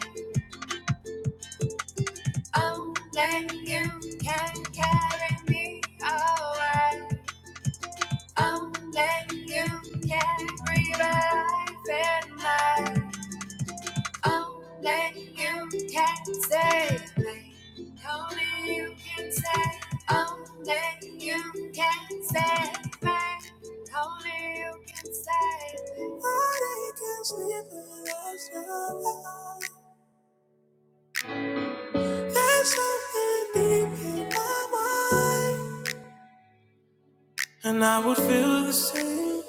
Only you can carry me away. Only you can revive in me. Only you can save me. Only you can save. Only you can save me. Only you can save me. Only you can save me. There's something deep in my mind. And I would feel the same.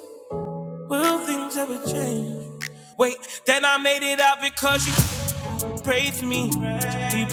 Will things ever change? Wait, then I made it out because you prayed for me. Deep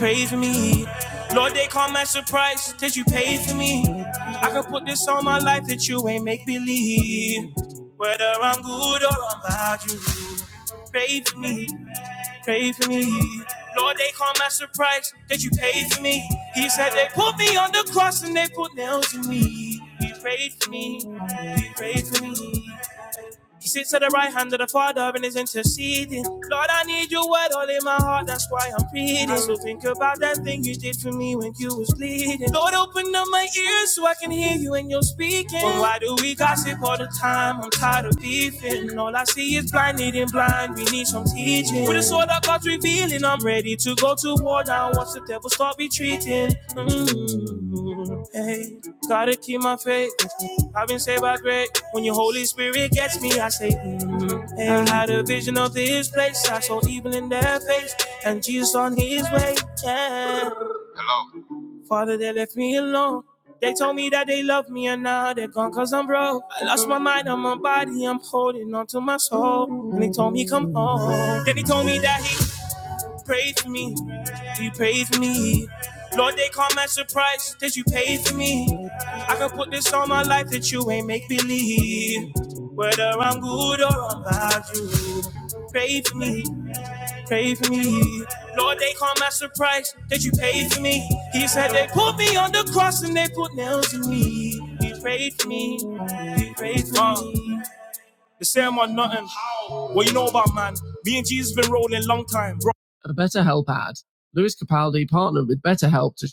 I had a vision of this place. I saw evil in their face and Jesus on his way. Yeah. Father, they left me alone. They told me that they love me and now they're gone cause I'm broke. I lost my mind and my body, I'm holding on to my soul. And he told me come home. Then he told me that he prayed for me. He prayed for me. Lord, they call my surprise that you paid for me. I can put this on my life that you ain't make believe. Whether I'm good or I'm bad, you pray for me pray for me. Lord, they call my surprise that you paid for me. He said they put me on the cross and they put nails in me. You prayed for me. You prayed for uh, me. They say i nothing. Well, you know about man. Me and Jesus been rolling long time. BetterHelp. Lewis Capaldi partnered with BetterHelp to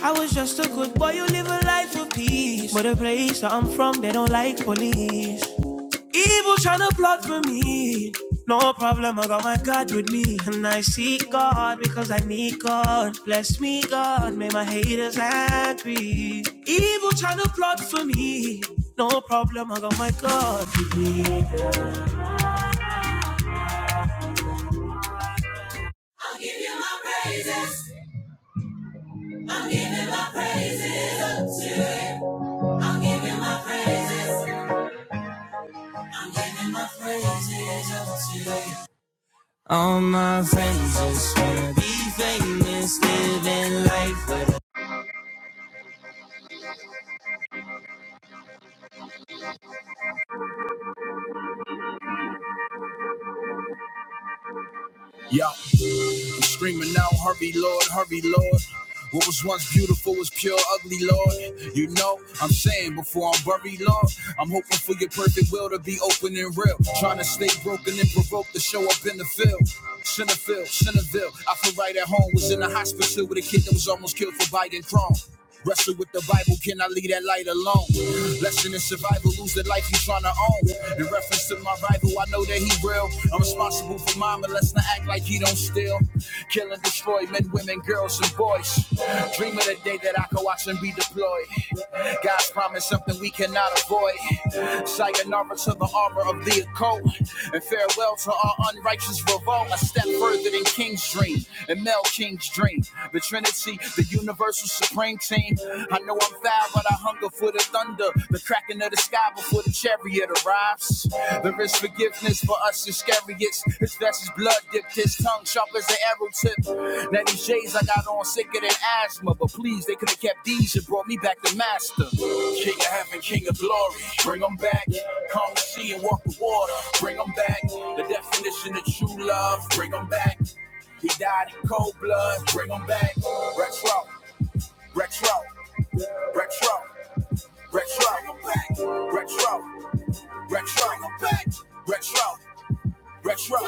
I was just a good boy, you live a life of peace. But the place that I'm from, they don't like police. Evil trying plot for me. No problem, I got my God with me. And I seek God because I need God. Bless me, God, make my haters angry. Evil trying plot for me. No problem, I got my God with me. I'm giving my praises up to you. All my friends just wanna be famous, living life. with a- Yo, I'm screaming out, hurry, Lord, hurry, Lord. What was once beautiful was pure ugly, Lord. You know, I'm saying before I'm buried, Lord. I'm hoping for your perfect will to be open and real. Trying to stay broken and provoked to show up in the field. Centerfield, Centerville. I feel right at home. Was in the hospital with a kid that was almost killed for biting chrome. Wrestle with the Bible, can I leave that light alone? Lesson in survival, lose the life you tryna own. In reference to my rival, I know that he real. I'm responsible for mine, but let's not act like he don't steal. Kill and destroy men, women, girls, and boys. Dream of the day that I can watch and be deployed. God's promise, something we cannot avoid. Sayonara to the armor of the occult. And farewell to our unrighteous revolt. A step further than King's dream and Mel King's dream. The Trinity, the universal supreme team, I know I'm foul, but I hunger for the thunder, the cracking of the sky before the chariot arrives. There is forgiveness for us Iscariots. His vest is blood dipped, his tongue sharp as an arrow tip. Now these shades I got on sicker than asthma, but please, they could have kept these and brought me back to master. King of heaven, king of glory, bring them back. Calm the sea and walk the water, bring them back. The definition of true love, bring them back. He died in cold blood, bring him back. Rex Rock, Retro, retro, retro, retro, retro, retro, retro, retro.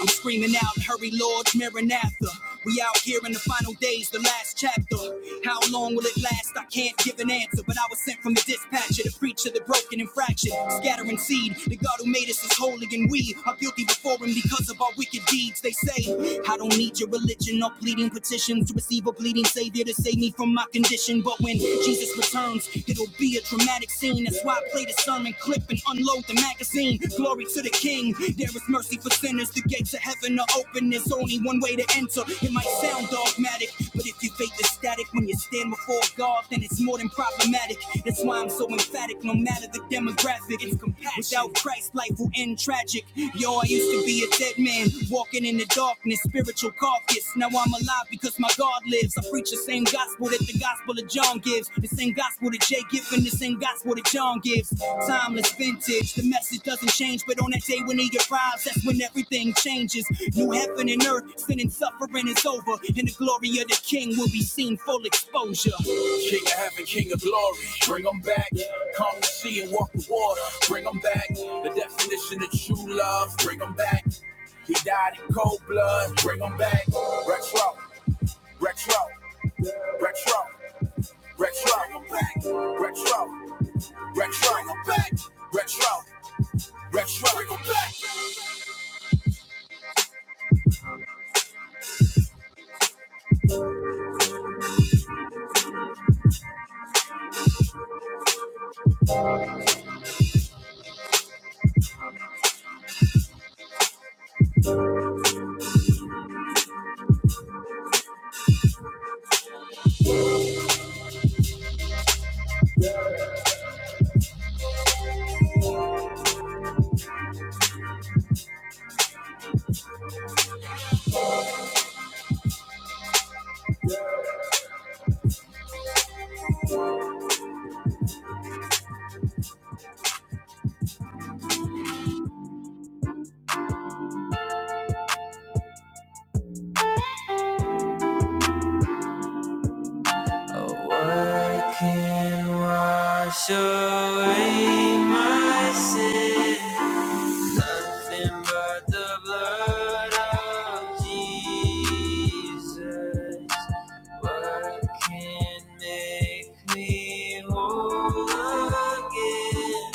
I'm screaming out, hurry, Lord, Maranatha. We out here in the final days, the last chapter. How long will it last? I can't give an answer, but I was sent from the dispatcher to preach to the broken and fractured, scattering seed. The God who made us is holy, and we are guilty before Him because of our wicked deeds. They say, I don't need your religion or pleading petitions to receive a bleeding Savior to save me from my condition. But when Jesus Jesus returns. It'll be a dramatic scene. That's why I play the sermon clip and unload the magazine. Glory to the King. There is mercy for sinners. The gates of heaven are open. There's only one way to enter. It might sound dogmatic, but if you fake the static when you stand before God, then it's more than problematic. That's why I'm so emphatic. No matter the demographic, it's compassion. Without Christ, life will end tragic. Yo, I used to to be a dead man walking in the darkness, spiritual carcass. Now I'm alive because my God lives. I preach the same gospel that the gospel of John gives, the same gospel that Jay gives, and the same gospel that John gives. Timeless vintage, the message doesn't change, but on that day when he arrives, that's when everything changes. New heaven and earth, sin and suffering is over, and the glory of the King will be seen full exposure. King of heaven, king of glory. Bring them back. Calm the sea and walk the water. Bring them back. The definition of true love. Bring them back. He died in cold blood. Bring them back. Rex Rock. Oh, what can wash away my sin? Nothing but the blood of Jesus. What can make me whole again?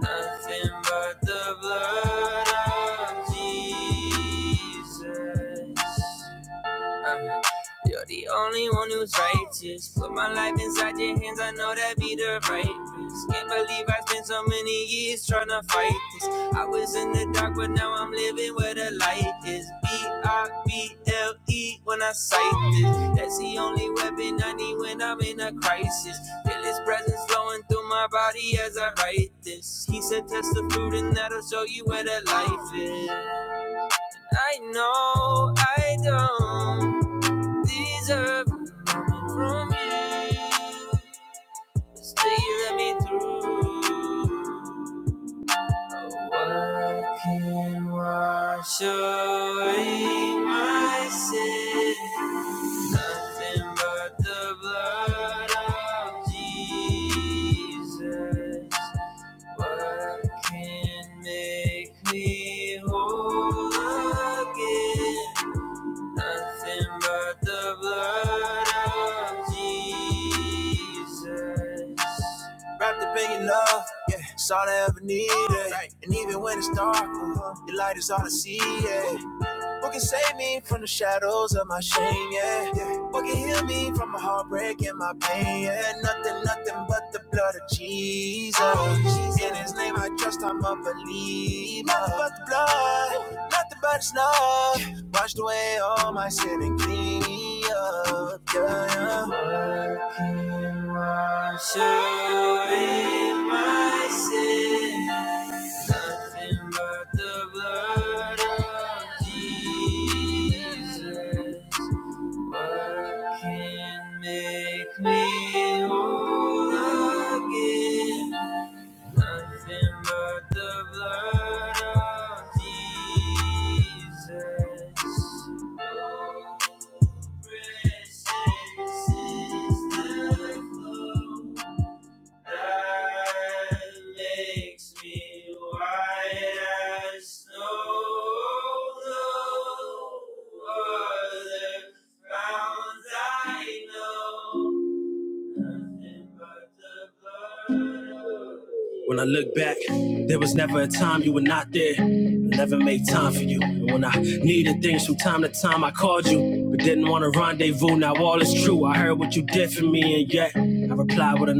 Nothing but the blood of Jesus. Uh-huh. You're the only one who's righteous. Put my life inside your hands, I know that be the right risk. Can't believe I spent so many years trying to fight this. I was in the dark, but now I'm living where the light is. B I B L E when I cite this. That's the only weapon I need when I'm in a crisis. Feel his presence flowing through my body as I write this. He said, Test the fruit, and that'll show you where the life is. I know I don't deserve from you. Stay, let me through. What can wash away my sin? Nothing but the blood of Jesus. What can make me whole again? Nothing but the blood of Jesus. Wrapped up in your love, yeah, it's all I ever needed. And even when it's dark, uh, your light is all I see, yeah. Who can save me from the shadows of my shame, yeah. yeah. Who can heal me from my heartbreak and my pain, yeah. Nothing, nothing but the blood of Jesus. In his name I trust, I'm a believer. Nothing but the blood, nothing but his love. Washed away all my sin and clean me up, yeah. yeah. Wash away my sin. Nothing but the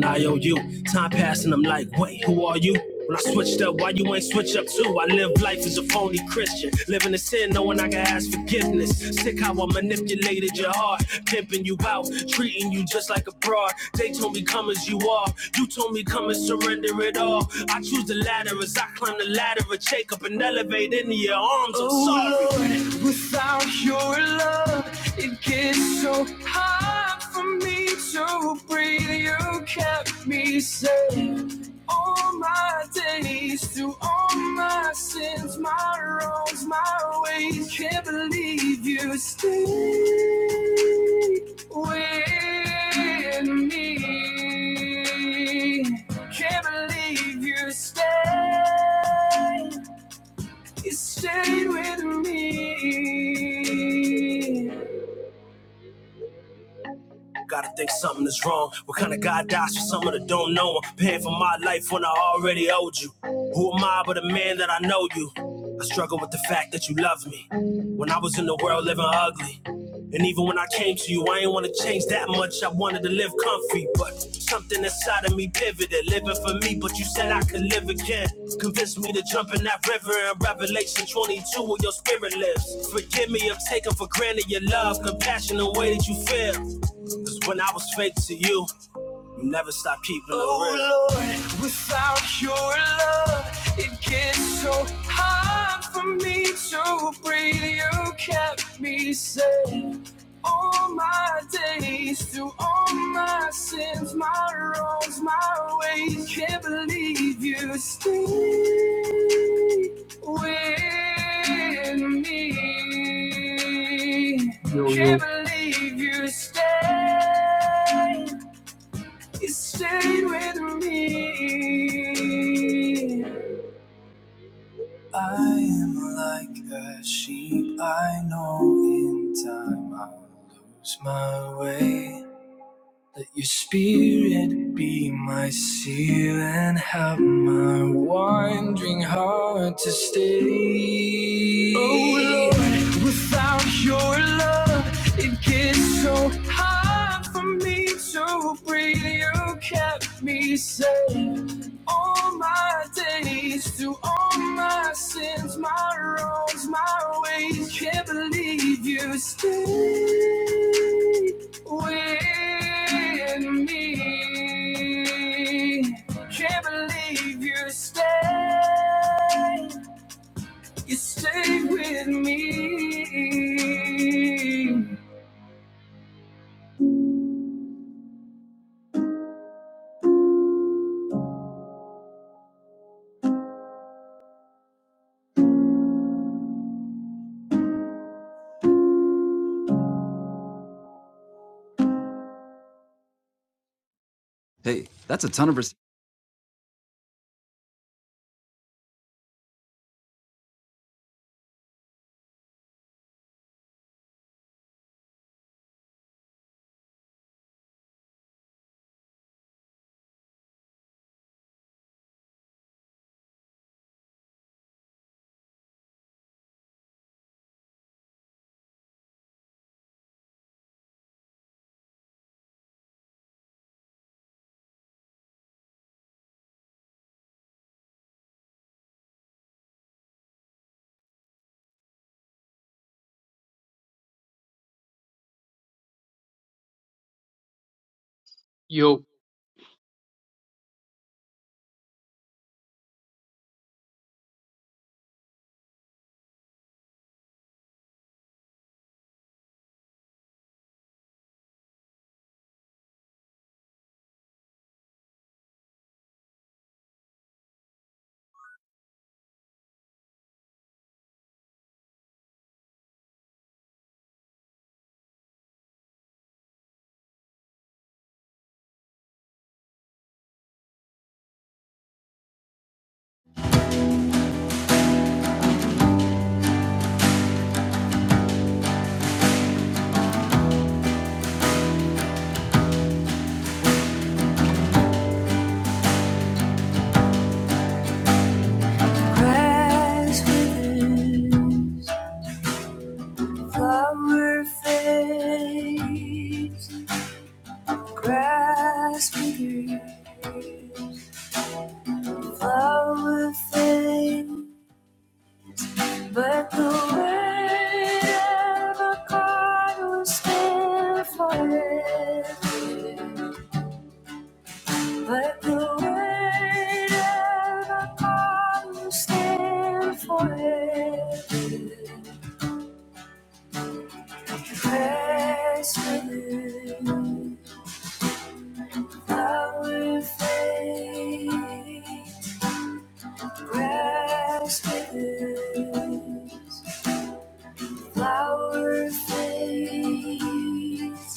IOU. Time passing, I'm like, wait, who are you? When I switched up, why you ain't switch up too? I live life as a phony Christian, living in sin, knowing I can ask forgiveness. Sick how I manipulated your heart, pimping you out, treating you just like a broad. They told me come as you are, you told me come and surrender it all. I choose the latter as I climb the ladder of Jacob and elevate into your arms. I'm sorry. Oh, Lord, come through with me. Gotta think something is wrong. What kind of God dies for someone that don't know Him? Paying for my life when I already owed you. Who am I but a man that I know you? I struggle with the fact that you love me. When I was in the world living ugly. And even when I came to you, I ain't wanna change that much. I wanted to live comfy, but something inside of me pivoted. Living for me, but you said I could live again. Convinced me to jump in that river in Revelation 22. Oh, with me.
Yo, yo.
Can't believe you stayed. You stayed with me. I am like a sheep. I know in time I'll lose my way. Let your spirit be my seal and help my wandering heart to stay. Oh Lord, without your love, it gets so hard for me to breathe. You kept me safe all my days through all my sins, my wrongs, my ways. Can't believe you stayed with me. Can't believe you stayed. You stayed with me.
Yo,
Grass withers, flower fades. Grass withers, flower fades. But the word of God will stand forever. But the word of God will stand forever. Press within, power and faith. Press within. flower fades,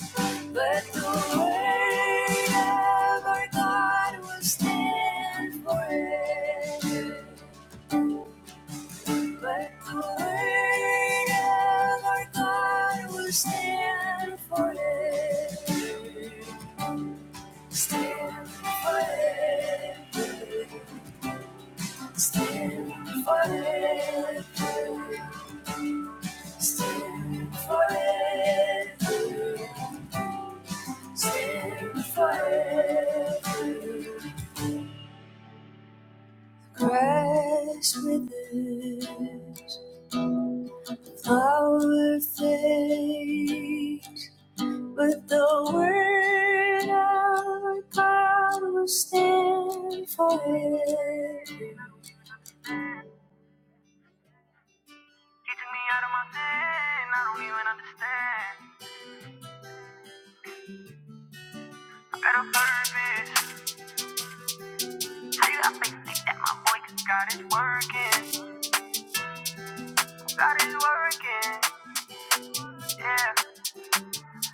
but the word of our God will stand forever. But the word of our God will stand forever. Stand forever. Stand forever. Stand forever. Stand forever, crash with it. Flower fades, but the word of God will stand forever. Keeping me out of my sin, I don't even understand. I Better further this. How you got faith like that, my boy?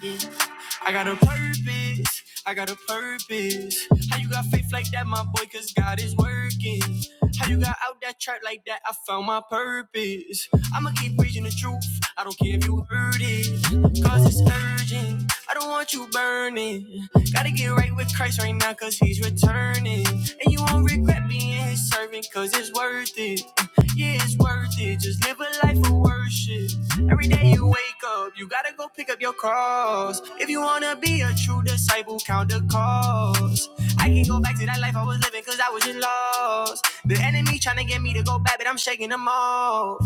Yeah. I got a purpose, I got a purpose. How you got faith like that, my boy, cause God is working. How you got out that track like that, I found my purpose. I'ma keep preaching the truth, I don't care if you heard it. Cause it's urgent, I don't want you burning. Gotta get right with Christ right now, cause he's returning. And you won't regret being his servant, cause it's worth it. Yeah, it's worth it. Just live a life of worship. Every day you wake up, you gotta go pick up your cross. If you wanna be a true disciple, count the cost. I can not go back to that life I was living cause I was in lost. The enemy tryna get me to go back, but I'm shaking them off.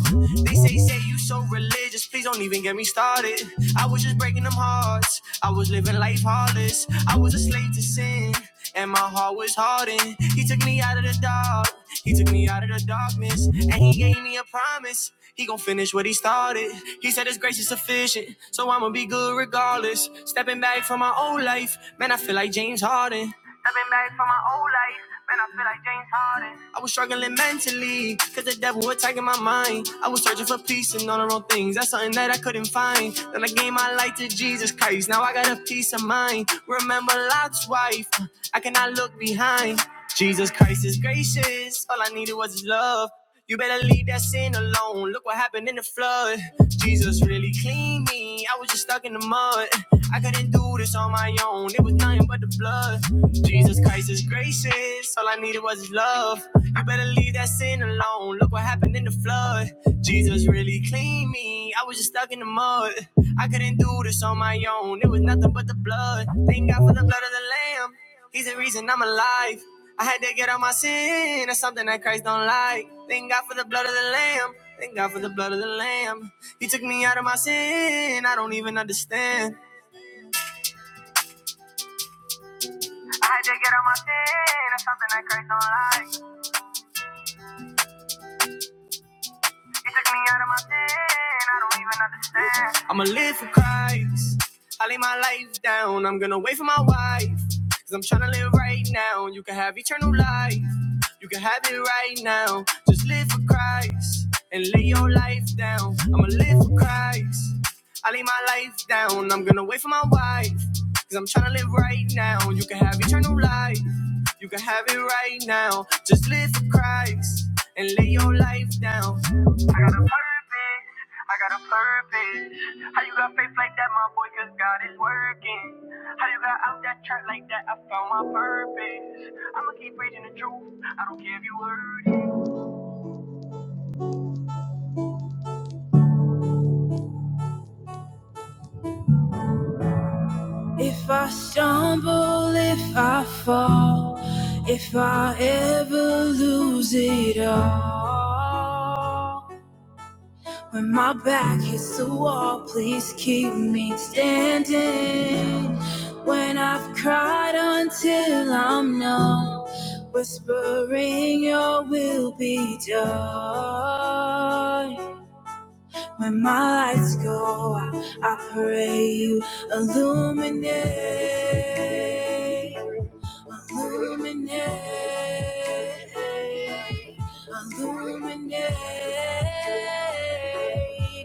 They say, say you so religious, please don't even get me started. I was just breaking them hearts. I was living life heartless. I, my heart was hardened. He took me out. He took me out of the darkness and he gave me a promise. He gon' finish what he started. He said it's grace life for my own life. Man, I'm hardened. my life to Jesus Christ. Now I got a peace of mind. Remember Lot's wife. Uh, I cannot look behind. Jesus Christ is gracious. All I needed was his love. You better leave that sin alone. Look what happened in the flood. Jesus really cleaned me. I was just stuck in the mud. I couldn't do this on my own. It was nothing but the blood. Jesus Christ is gracious. All I needed was his love. You better leave that sin alone. Look what happened in the flood. Jesus really cleaned me. I was just stuck in the mud. I couldn't do this on my own. It was nothing but the blood. Thank God for the blood of the Lamb. He's the reason I'm alive. I had to get out my sin. That's something that Christ don't like. Thank God for the blood of the Lamb. Thank God for the blood of the Lamb. He took me out of my sin. I don't even understand. I'ma live for Christ. I lay my life down. I'm gonna wait for my wife. Cause I'm tryna live right now. You can have eternal life. You can have it right now. Just live for Christ and lay your life down. I'ma live for Christ. I lay my life down. I'm gonna wait for my wife. Cause I'm tryna live right now. You can have eternal life. You can have it right now. Just live for Christ and lay your life down. I got a purpose. I got a purpose. How you got faith like that, my boy? Cause God is working. How you got out that track like that? I found my purpose. I'ma keep preaching the truth. I don't care if you heard it. I stumble if I fall. If I ever lose it all. When my back hits the wall, please keep me standing. When I've cried until I'm numb, whispering your will be done. When my lights go out, I pray you illuminate, illuminate, illuminate,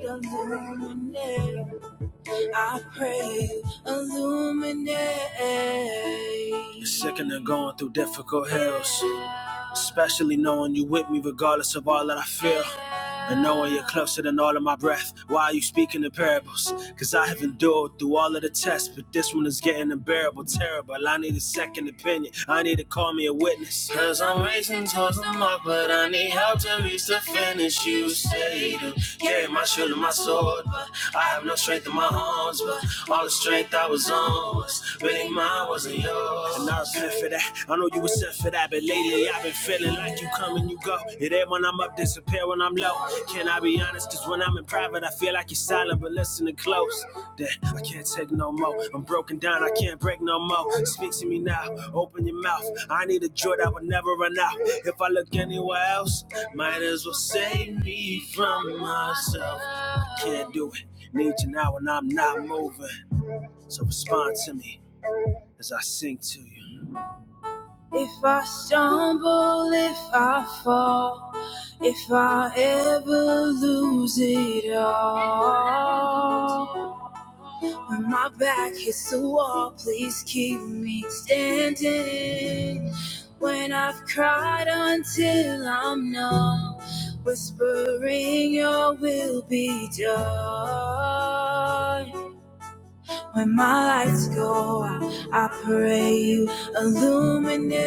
illuminate. I pray you illuminate. Sick and going through difficult hills, especially knowing you with me, regardless of all that I feel. And knowing you're closer than all of my breath, why are you speaking in parables? Cause I have endured through all of the tests, but this one is getting unbearable, terrible. I need a second opinion, I need to call me a witness. Cause I'm racing towards the mark, but I need help to reach the finish. You say to carry my shield and my sword, but I have no strength in my arms, but all the strength I was on was really mine, wasn't yours. And I repent for that. I know you since it I've been lately, I've been feeling like you come and you go. It ain't when I'm up, disappear when I'm low. Can I be honest? Cause when I'm in private, I feel like you're silent, but listening close. Then I can't take no more. I'm broken down, I can't break no more. Speak to me now, open your mouth. I need a joy that will never run out. If I look anywhere else, might as well save me from myself. I Can't do it. Need you now and I'm not moving. So respond to me as I sing to you. If I stumble, if I fall, if I ever lose it all, when my back hits the wall, please keep me standing. When I've cried until I'm numb, whispering your will be done. When my lights go out, I pray you illuminate.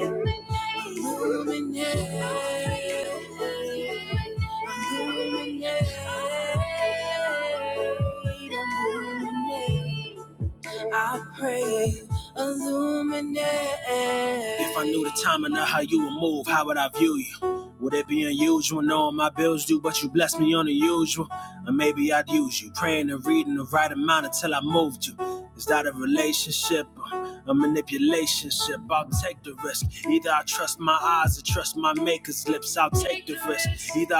Illuminate. Illuminate. Illuminate. I pray, illuminate. If I knew the time and how you would move, how would I view you? Would it be unusual knowing my bills due, but you bless me on the usual? Or maybe I'd use you, praying and reading the right amount until I move. A manipulation ship, the risk, take the risk. Either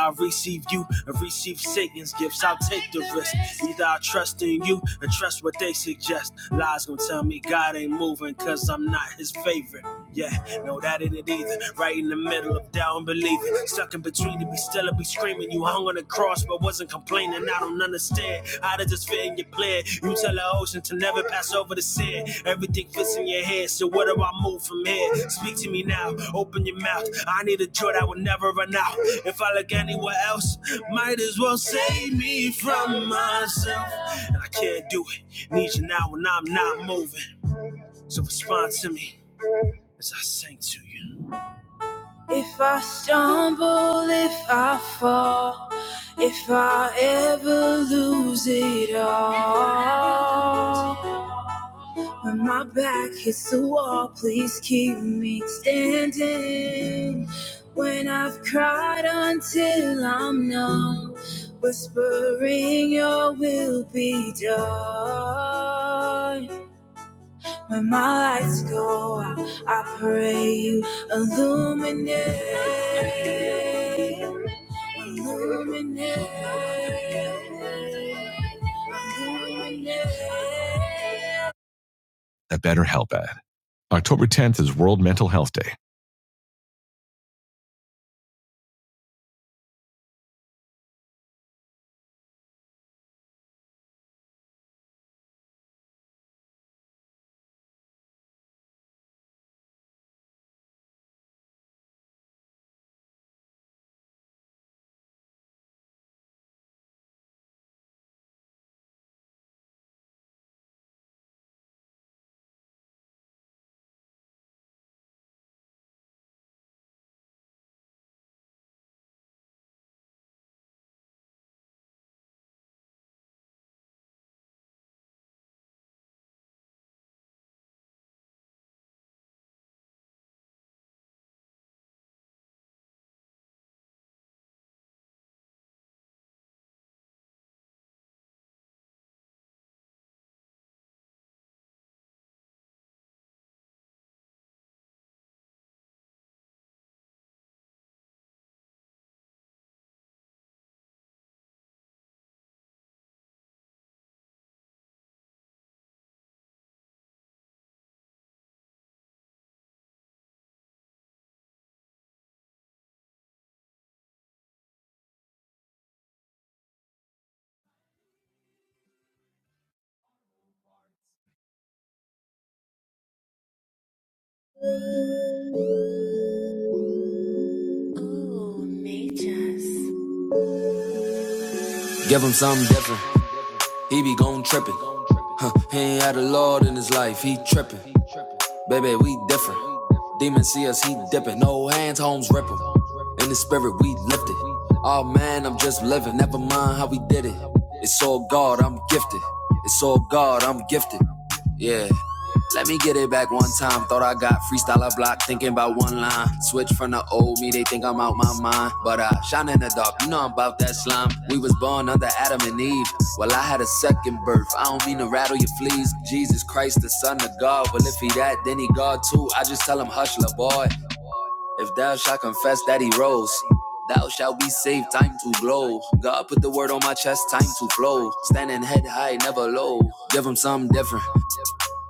I receive Satan's gifts, I'll take the risk. Either I trust in you and trust what they suggest. Lies gonna tell me God ain't moving, cause I'm not his favorite. Yeah, no, either. Right up Stuck in between to be still or be screaming. You hung on the cross but wasn't complaining. I don't understand how does this fit in your plan? You tell the ocean to never pass over the sand. Everything fits in your head, so where do I move from here? Speak to me now, open your mouth. I need a joy that will never run out. If I look anywhere else, might as well save me from myself. Do each now and I'm If I stumble, if I fall, if I ever lose it all. When my back hits the wall, please keep me standing. When I've cried until I'm numb, whispering your will be done. When my lights go out, I pray you illuminate, illuminate, illuminate. A better help ad. October 10th is World Mental Health Day. out my mind, but I shine in the dark. You know I'm about that slime. We was born under Adam and Eve. Well, I had a second birth. I don't mean to rattle your fleas. Jesus Christ, the Son of God. Well, if he that, then he God too. I just tell him, hush, la boy. If thou shalt confess that he rose. Thou shalt be saved, time to glow. God put the word on my chest, time to flow. Standing head high, never low. Give him something different.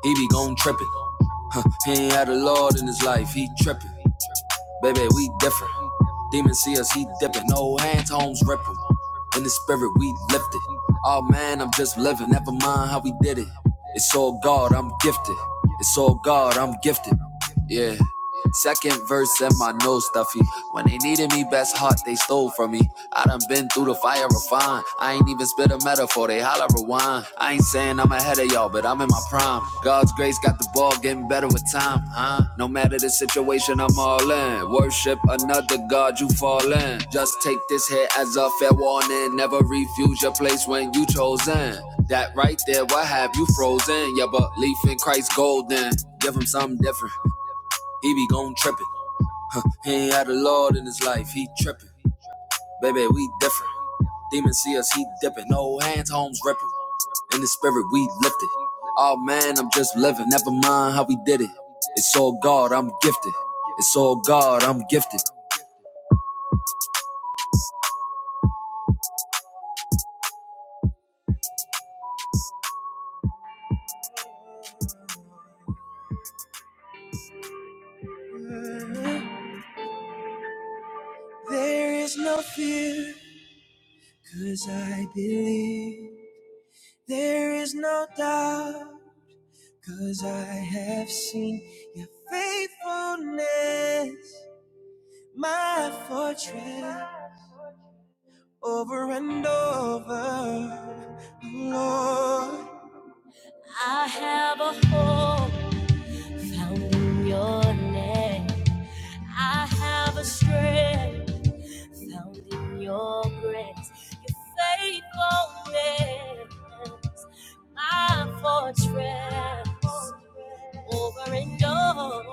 He be gon' trippin'. He ain't had a Lord in his life. He Ball getting better with time, huh? No matter the situation, I'm all in. Worship another God, you fall in. Just take this hit as a fair warning. Never refuse your place when you chosen. That right there, what have you frozen? Your belief in Christ golden. Give him something different. He be gon' trippin'. He ain't had the Lord in his life, he trippin'. Baby, we different. Demons see us, he dippin'. No hands, homes rippin'. In the spirit, we. There is no fear. Cause I believe there is no doubt. 'Cause I have seen your faithfulness, my fortress, over and over. Lord, I have a hope found in your name. I have a strength. found in your grace, your faithfulness, my fortress, over and over.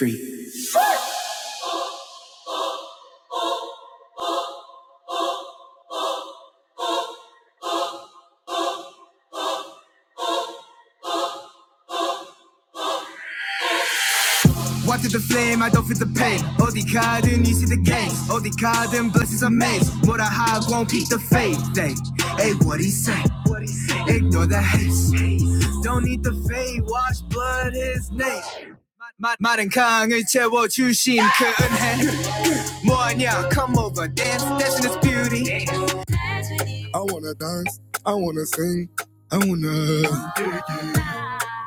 Three. Water the flame, I don't feel the pain. 어디가든 you see the game. 어디가든 blessings are made. 뭐라 하고 won't keep the faith. Hey, hey, what he say? What he say? Ignore the hate. Don't need the faith, wash blood his name. 마- 마른 강을 채워 주신 그 은혜 뭐하냐 come over dance dance in this beauty I wanna dance, I wanna sing, I wanna.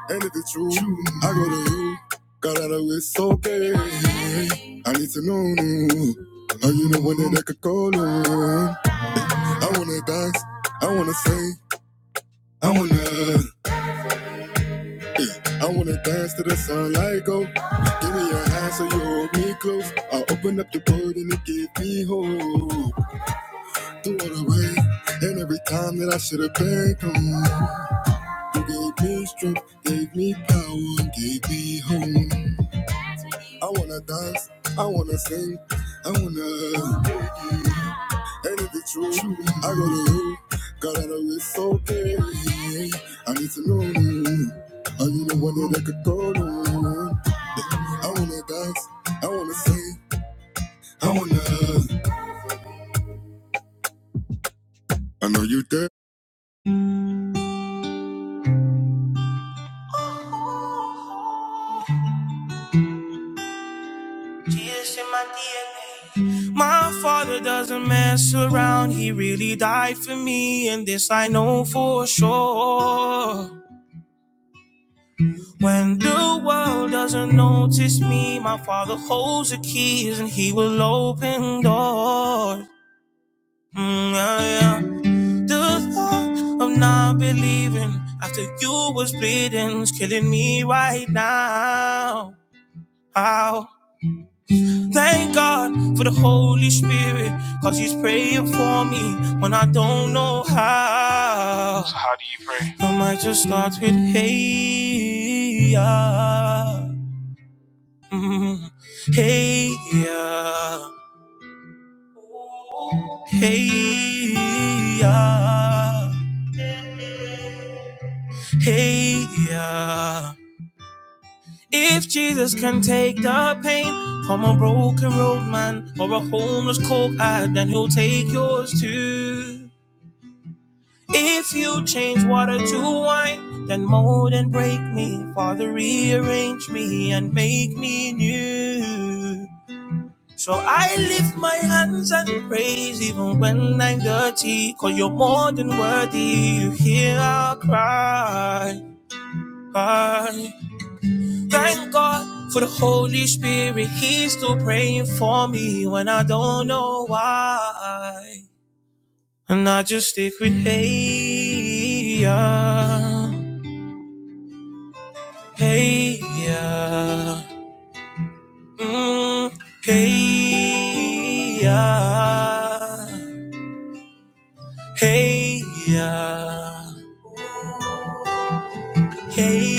And if it's true, I go to you. Got out of it's okay. I need to know you. Are you the one that I could call on? I wanna dance, I wanna sing, I wanna, I wanna dance to the sunlight go. Give me your hand so you hold me close. I open up the world and it give me hope. Through all the way, and every time that I should have been gone, you gave me strength, gave me power, gave me hope. I wanna dance, I wanna sing, I wanna And if it's true, I gotta know, gotta know it's okay. I need to know you, and you know one that I could go on. I wanna dance, I wanna sing, I wanna. I know you there. Jesus in my DNA. My father doesn't mess around, he really died for me, and this I know for sure. When the world doesn't notice me, my father holds the keys and he will open doors. Mm, yeah, yeah. The thought of not being after you was bleeding is killing me right now. Oh, thank God for the Holy Spirit, cause he's praying for me when I don't know how. I might just start with hey, yeah. Mm, hey, yeah. Hey, yeah. Hey, yeah. If Jesus can take the pain from a broken road man or a homeless coke ad, then he'll take yours too. If you change water to wine, then mold and break me. Father, rearrange me and make me new. So I lift my hands and praise even when I'm dirty. Cause you're more than worthy. You hear our cry. I thank God for the Holy Spirit. He's still praying for me when I don't know why. And I just stick with hey, yeah, hey, yeah, mm, hey, yeah. Hey ya, hey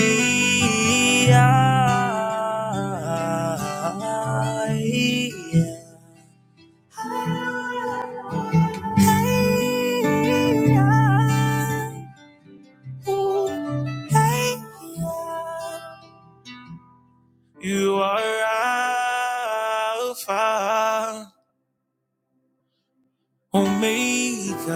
ya, hey ya, hey ya. You are Alpha, Omega.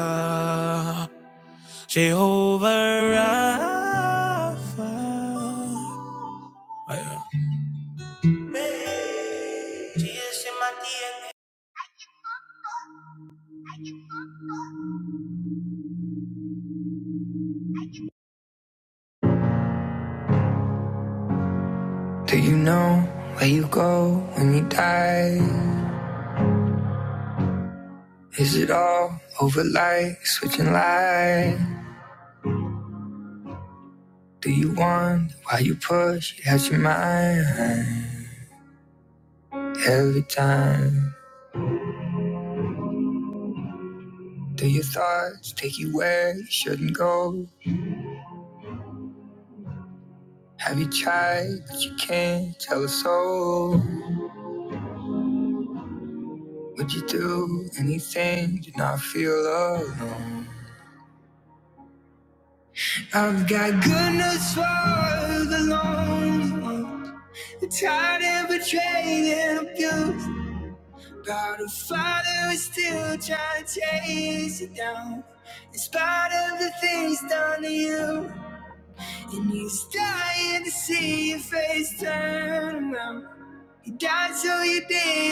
Do you know where you go when you die? Is it all over like switching light? Do you wonder why you push You had your mind? Every time, do your thoughts take you where you shouldn't go? Have you tried, but you can't tell a soul? Would you do anything to not feel alone? I've got goodness for the lonely one. I'm Tired and betrayed and abused. About a father who's still trying to chase you down. In spite of the things done to you. And he's dying to see your face turn. I show you did.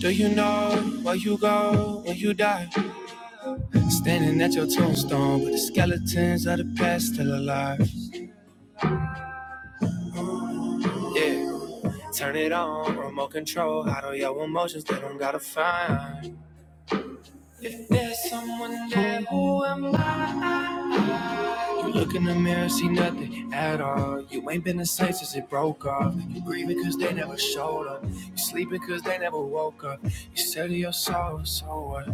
Do you know where you go when you die? Standing at your tombstone, but the skeletons of the past still alive. Yeah, turn it on, remote control. Out of your emotions, they don't gotta find. If there's someone there, who am I? Look in the mirror, see nothing at all. You ain't been the same since it broke off. You grieving cause they never showed up. You sleeping cause they never woke up. You said to your soul, so what?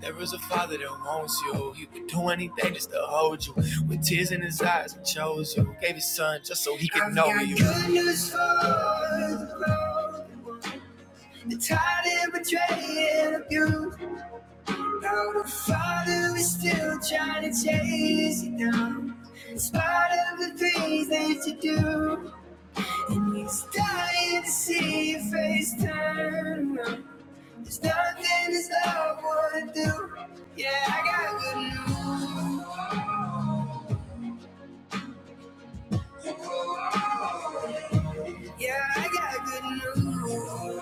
There is a father that wants you. He would do anything just to hold you. With tears in his eyes, he chose you. Gave his son just so he could I've know got you. Good news for the broken, the tired and betrayed and abused. Now the father is still trying to chase you down. In spite of the things that you do, and he's dying to see your face turn around. There's nothing this love wouldn't do. Yeah, I got good news. Yeah, I got good news.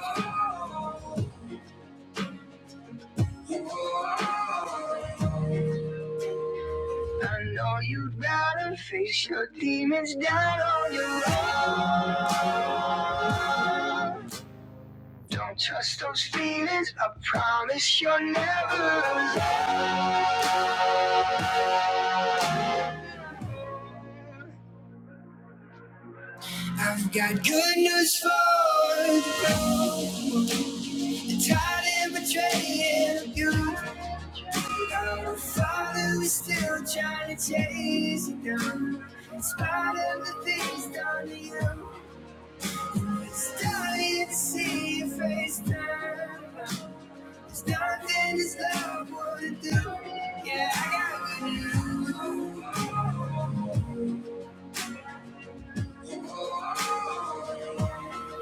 I know you'd rather face your demons down on your own. Don't trust those feet. Tired and betraying you. Our Father, we're still trying to chase you down. In spite of the things done to you, starting to see your face turn. There's nothing this love wouldn't do. Yeah, I got good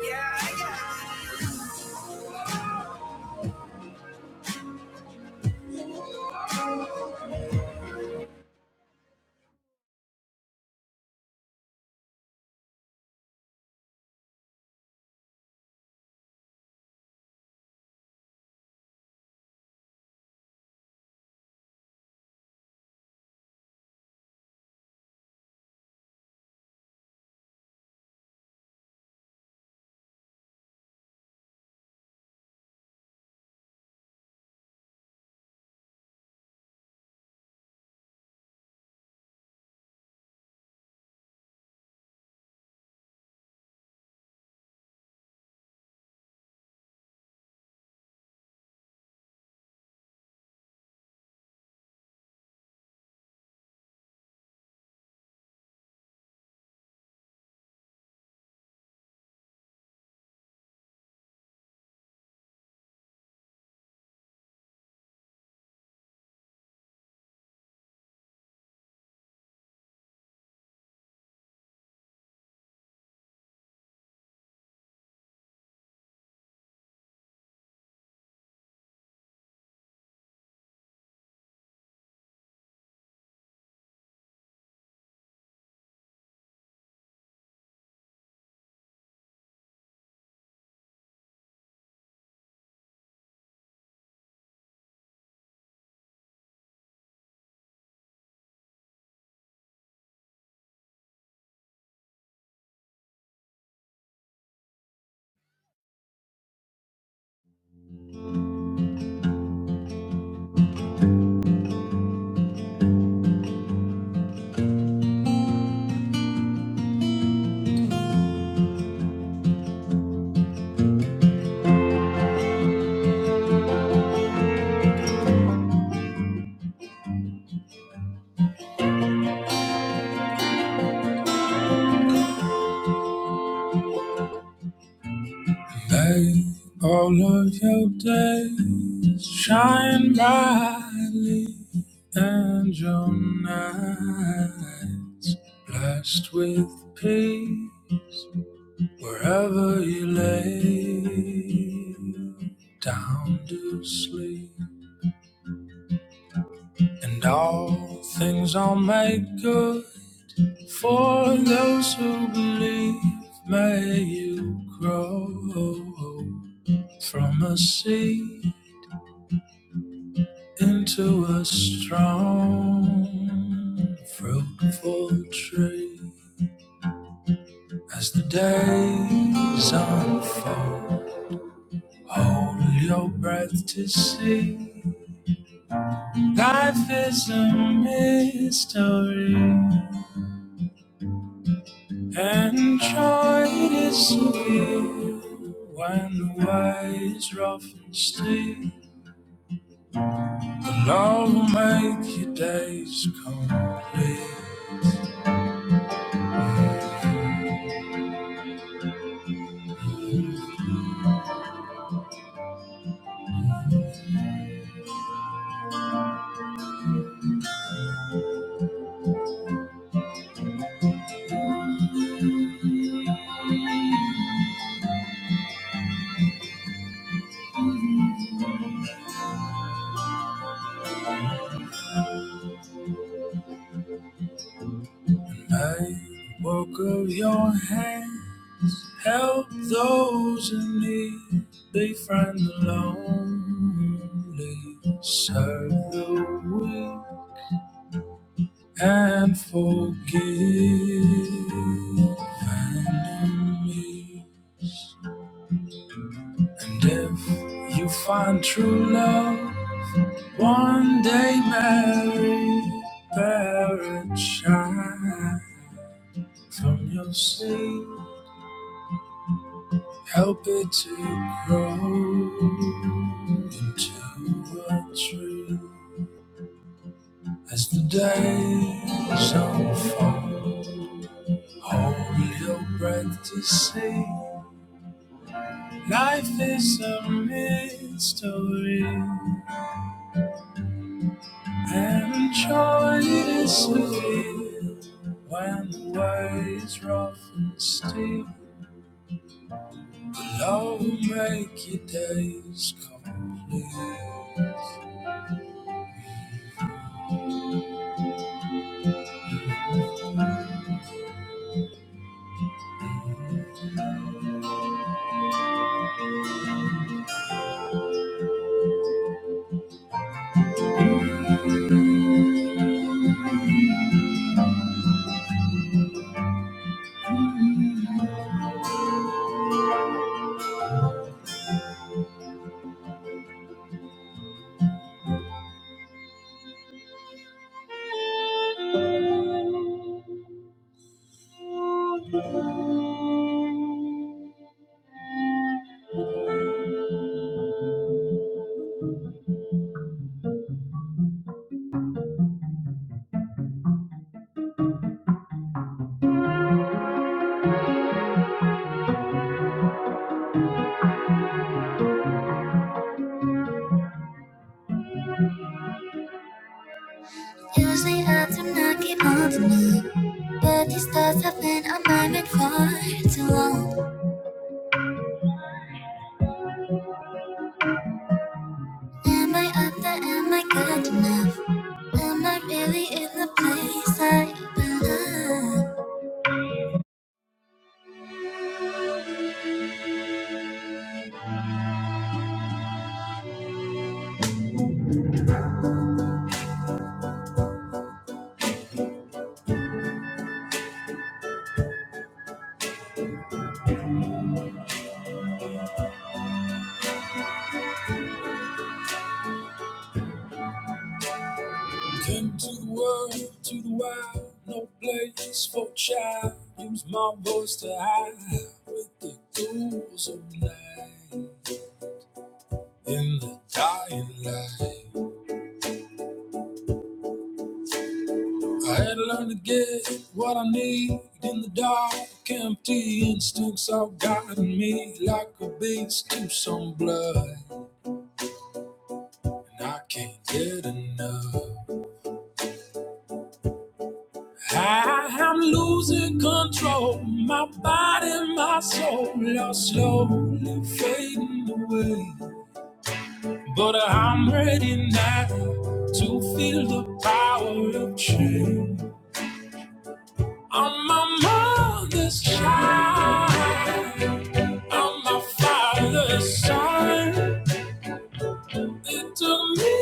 Yeah, I got good Let all of your days shine brightly, and your night. Blessed with peace wherever you lay down to sleep, and all things are made good for those who believe. May you grow from a seed into a strong, fruitful tree as the days unfold. Hold your breath to see. Life is a mystery, and joy is a When the way is rough and steep, the Lord will make your days complete. May the work of your hand help those in need. Befriend the lonely, serve the weak. and forgiven me. And if you find true love, one day marry, bear a child from your seed, help it to grow into a tree. As the days unfold, hold your breath to see. Life is a mystery, and joy is revealed when the way is rough and steep. Love will make your days complete. Usually I do not get on tonight, but these thoughts have been on my mind for too long. Am I up there? Am I good enough? Am I really in the place I belong? Into the world, to the wild, no place for child. Use my voice to hide with the ghouls of night. In the dying light, I had to learn to get what I need in the dark. Empty instincts have gotten me like a beast to some blood, and I can't get enough. I am losing control. My body, my soul are slowly fading away. But I'm ready now to feel the power of change. I'm my mother's child. I'm my father's son. It took me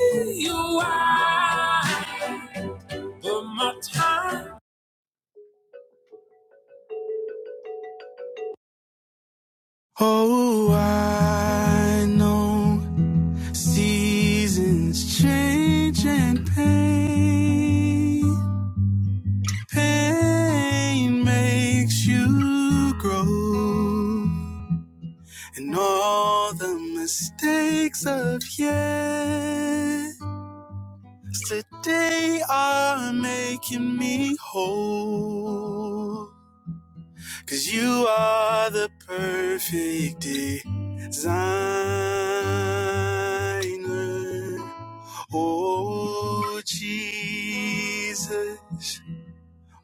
a while, but my time. Oh, I know. Seasons change and pain, pain makes you grow. And all the mistakes of yesterday are making me whole. 'Cause you are the perfect designer. Oh, Jesus,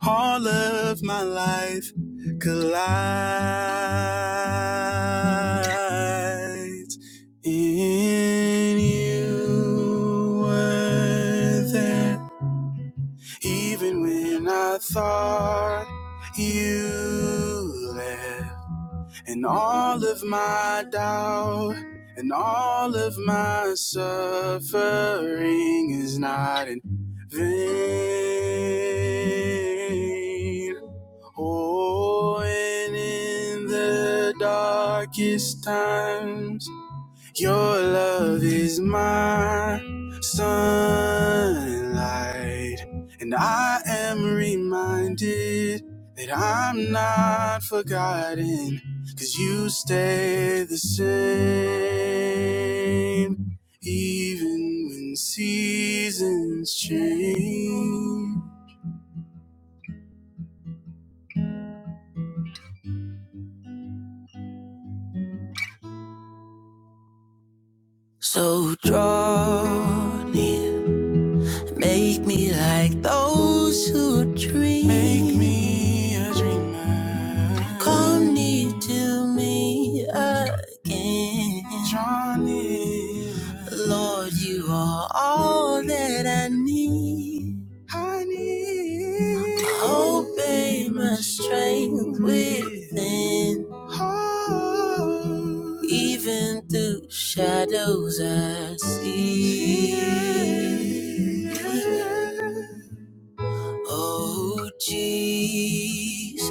all of my life collides in you were there, even when I thought you left. And all of my doubt and all of my suffering is not in vain. Oh, and in the darkest times. Your love is my sunlight, and I am reminded that I'm not forgotten, cause you stay the same, even when seasons change. So draw near. Make me like those who dream. Make me a dreamer. Come near to me again. Johnny. Lord, you are all that I need. I need. Obey my evil. Oh, Jesus.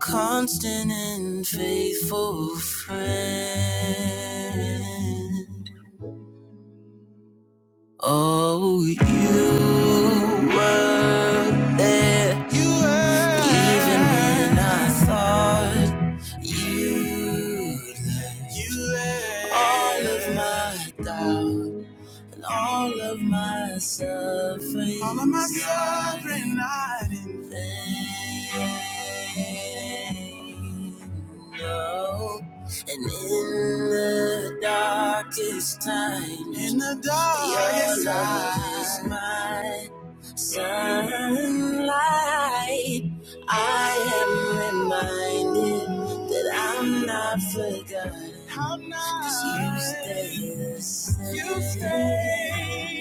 Constant and faithful friend. Oh, you were there even when all of my all of my suffering I didn't know. And in the darkest times, in the dark, your light, I am reminded that I'm not forgotten. 'Cause you stay the same. You stay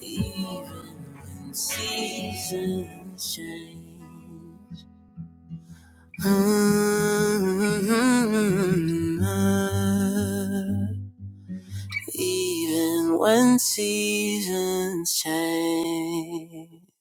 even when seasons change. Mm-hmm. Even when seasons change.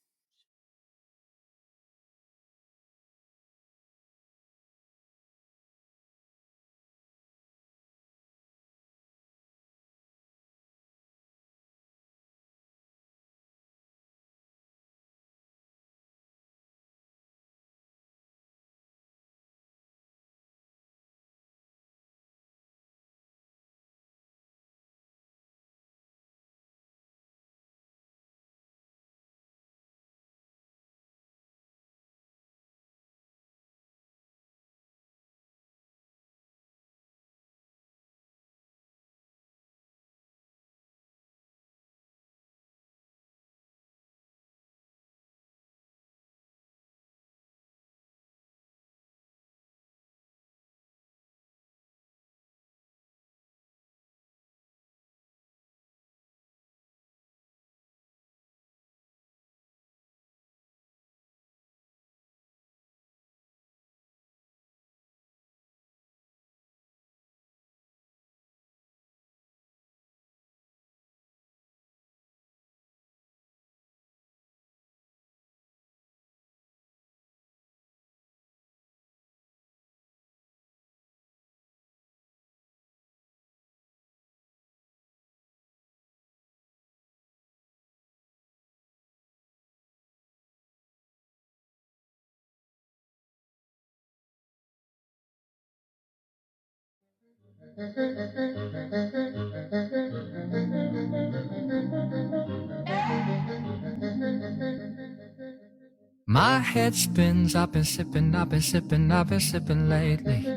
My head spins, I've been sipping, I've been sipping, I've been sipping lately.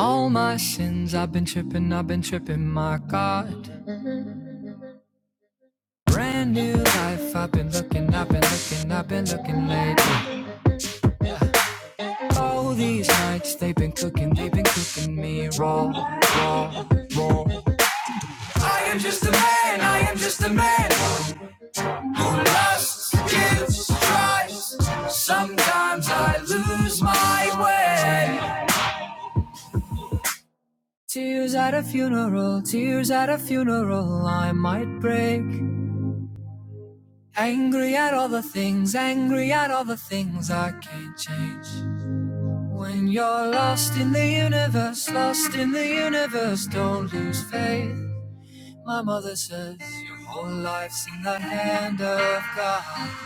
All my sins in my gut. Brand new life, I've been tonight. They've been cooking me raw. I am just a man, I am just a man. who lusts, gives, tries. Sometimes I lose my way. Tears at a funeral, tears at a funeral, I might break. Angry at all the things, angry at all the things I can't change. When you're lost in the universe, lost in the universe, don't lose faith. My mother says, Your whole life's in the hand of God.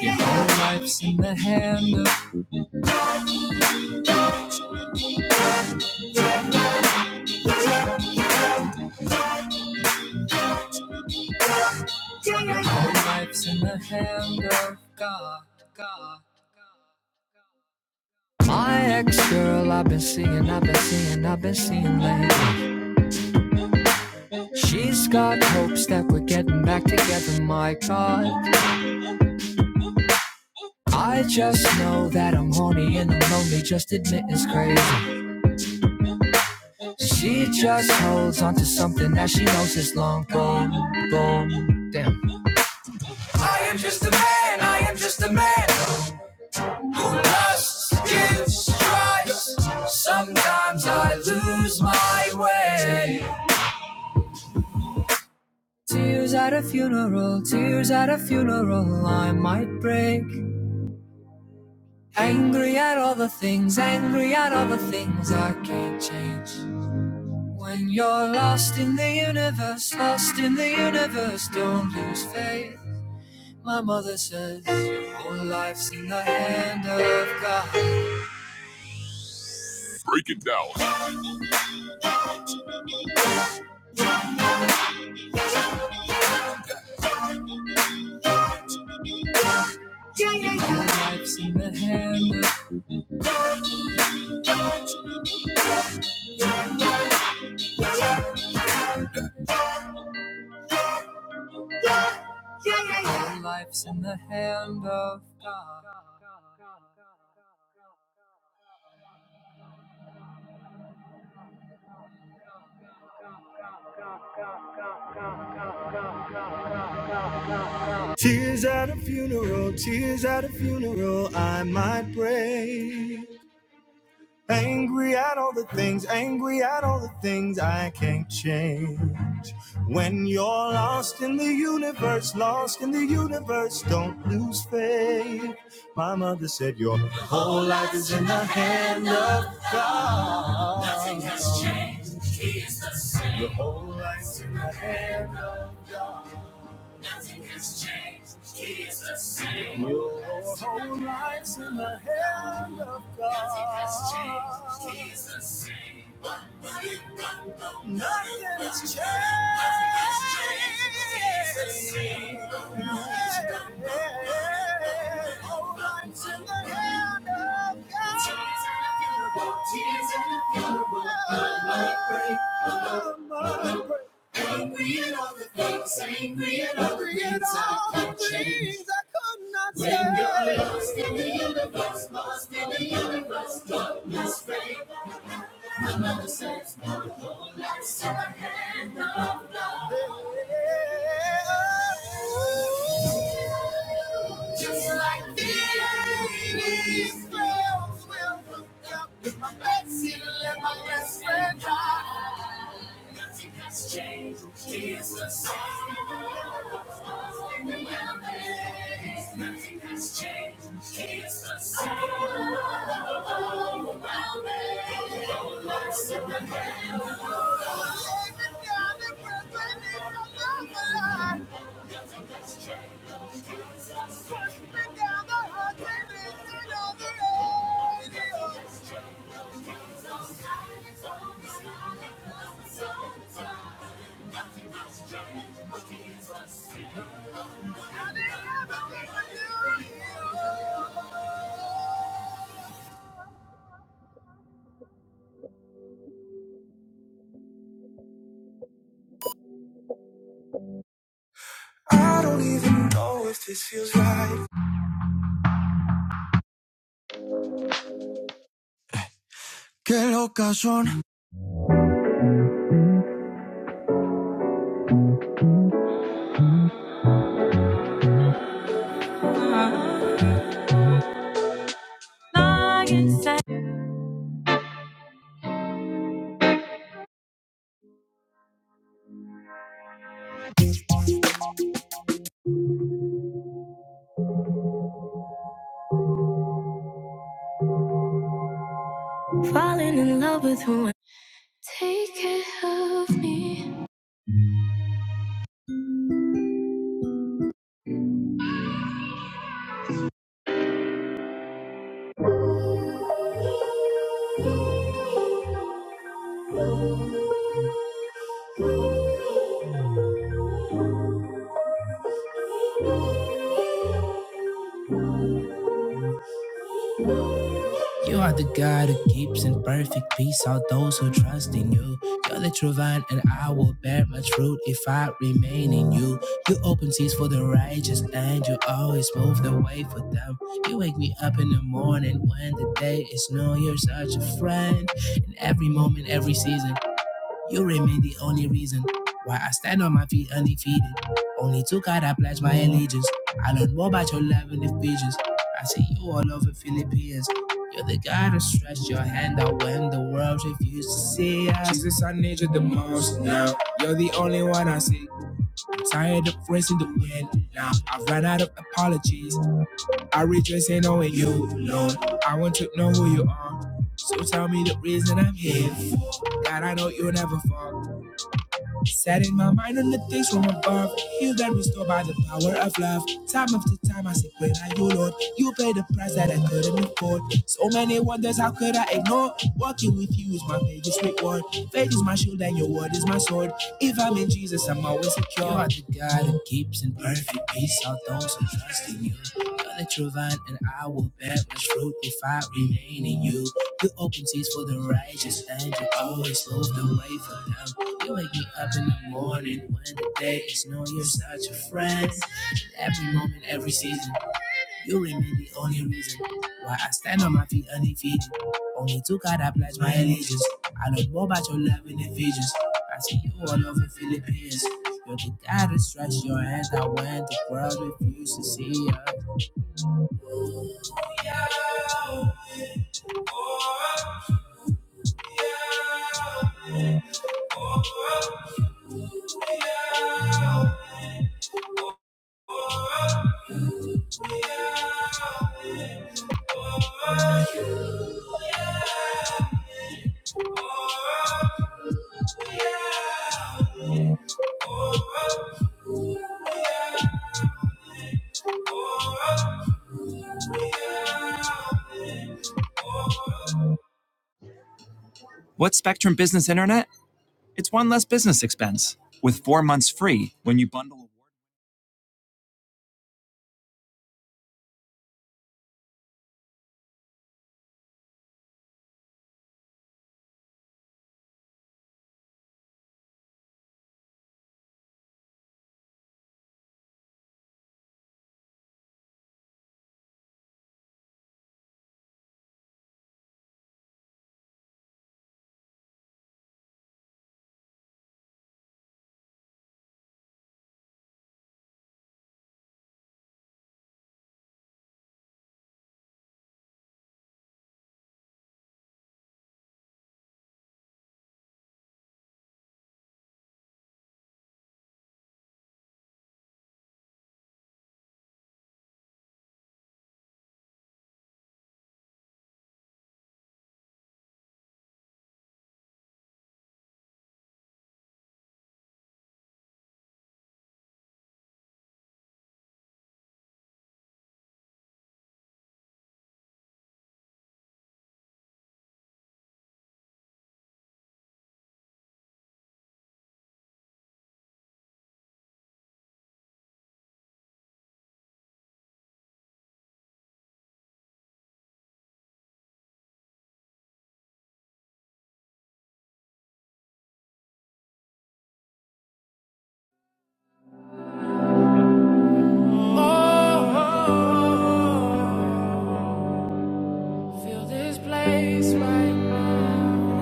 Your whole life's in the hand of Life's in the hand of God. God. My ex girl, I've been seeing, I've been seeing, I've been seeing lately. She's got hopes that we're getting back together, my God. I just know that I'm horny and I'm lonely, just admit it's crazy. She just holds on to something that she knows is long gone, gone. I am just a man, I am just a man. Lust gives stripes. Sometimes I lose my way. Tears at a funeral, tears at a funeral, I might break. Angry at all the things, angry at all the things I can't just in the universe, in the universe, there's fate. Life's in the yeah, yeah, yeah, yeah, yeah, yeah. Tears at a funeral, tears at a funeral, I might break. Angry at all the things, angry at all the things I can't change. When you're lost in the universe, lost in the universe, don't lose faith. My mother said, Your whole life is in the hand of God. Nothing has changed. has changed, has changed. Whole life's in the- Tears in the funeral, a heartbreak. Sangria all the things, sangria of the things the things I could not say. When you're lost in the universe, lost in the universe, don't lose faith. My mother says, no, no, let's have a hand of love. Just like the girls will will hook you up with my best seal and my best friend die. Nothing has changed. He is the same. Oh, the man is nothing has changed. He is the same. Oh, the man is nothing has changed. He is the same. I don't even know if this feels right. Qué loco. Falling in love with who You are the God who keeps in perfect peace all those who trust in you. You're the true vine, and I will bear much fruit if I remain in you. You open seas for the righteous, and you always move the way for them. You wake me up in the morning when the day is new. You're such a friend in every moment, every season. You remain the only reason why I stand on my feet undefeated. Only to God I pledge my allegiance. I learned more about your love in Ephesians. I see you all over Philippines. You're the God who stretched your hand out when the world refused to see us. Jesus, I need you the most now. You're the only one I see. I'm tired of racing the wind now. I've run out of apologies. I rejoice in knowing you alone. I want to know who you are. So tell me the reason I'm here for. God, I know you'll never fall. Set in my mind on the things from above, healed and restored by the power of love. Time after time, I say, Great are you, Lord. You paid the price that I couldn't afford. So many wonders, how could I ignore? Walking with you is my biggest reward. Faith is my shield, and your word is my sword. If I'm in Jesus, I'm always secure. You are the God who keeps in perfect peace all those who trust in you. You're the true vine, and I will bear much fruit if I remain in you. You open seas for the righteous, and you always move the way for them. You wake me up in the morning when the day is new. You're such a friend. Every moment, every season, you remain the only reason why I stand on my feet undefeated. Only to God I pledge my allegiance. I know more about your love and Ephesians. I see you all over Philippines. You're the guy that stretched your hands out when the world refused to see you. Oh, yeah, yeah, yeah, yeah. Oh, feel this place right now.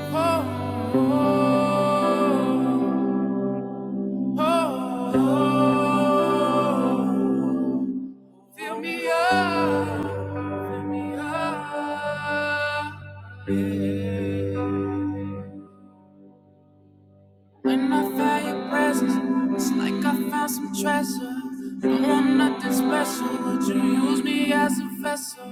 Oh, oh, oh, fill me up, fill me up, yeah. When I felt your presence, it's like I found some treasure. Don't want nothing special, but you use me as a vessel.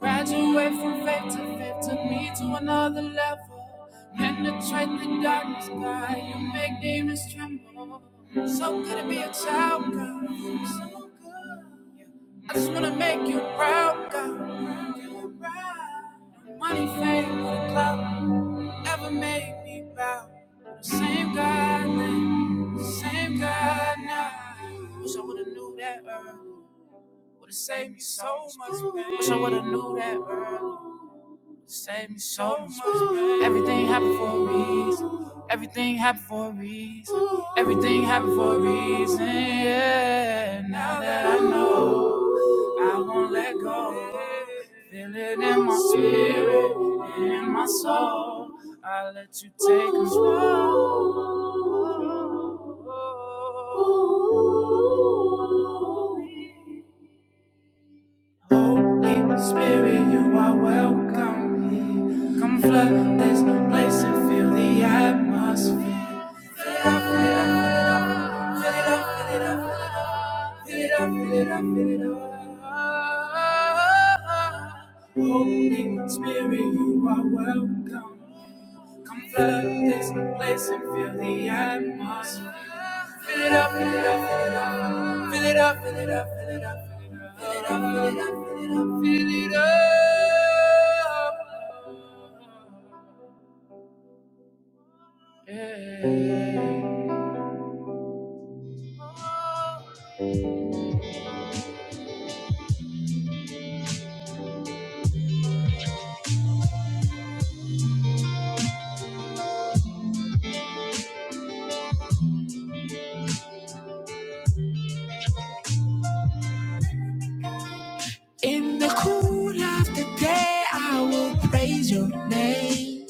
Graduate from faith to faith, took me to another level. Penetrate the darkness, God, you make demons tremble. So good to be a child, God, you're so good. I just wanna make you proud, God. Make you proud. No money, fame, or clout. Never made me bow. Same God then, same God now. Wish I would've knew that early. Would've saved me so much pain. Wish I would've knew that early. Save me so much. Everything happened for a reason. Everything happened for a reason. Everything happened for a reason. Yeah. Now that I know, I won't let go. Feel it in my spirit, in my soul. I let you take control. Holy Spirit, you are welcome. Come flood this place and feel the atmosphere. Holy Spirit, you are welcome. Come flood this place and fill the atmosphere. Fill it up, fill it up, fill it up, fill it up, fill it up, fill it up, fill it up, fill it up, fill it up. Fill it up. Yeah. In the cool of the day, I will praise your name.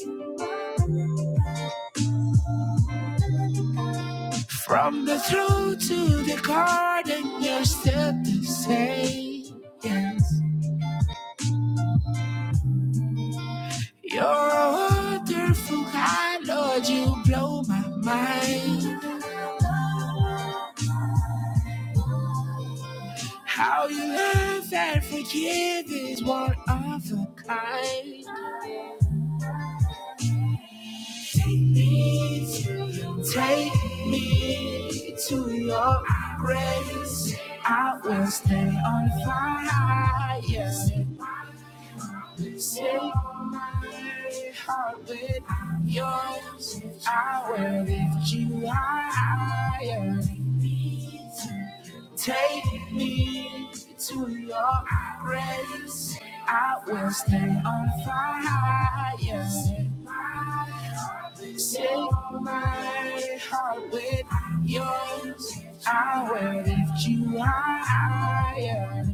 From the throne to the garden, you're still the same. Yes. You're a wonderful God, Lord, you blow my mind. How you love and forgive is one of a kind. Grace is your heart with yours. I will lift you high. Take me to your grace. I will stay on fire. Save my heart. I will lift higher.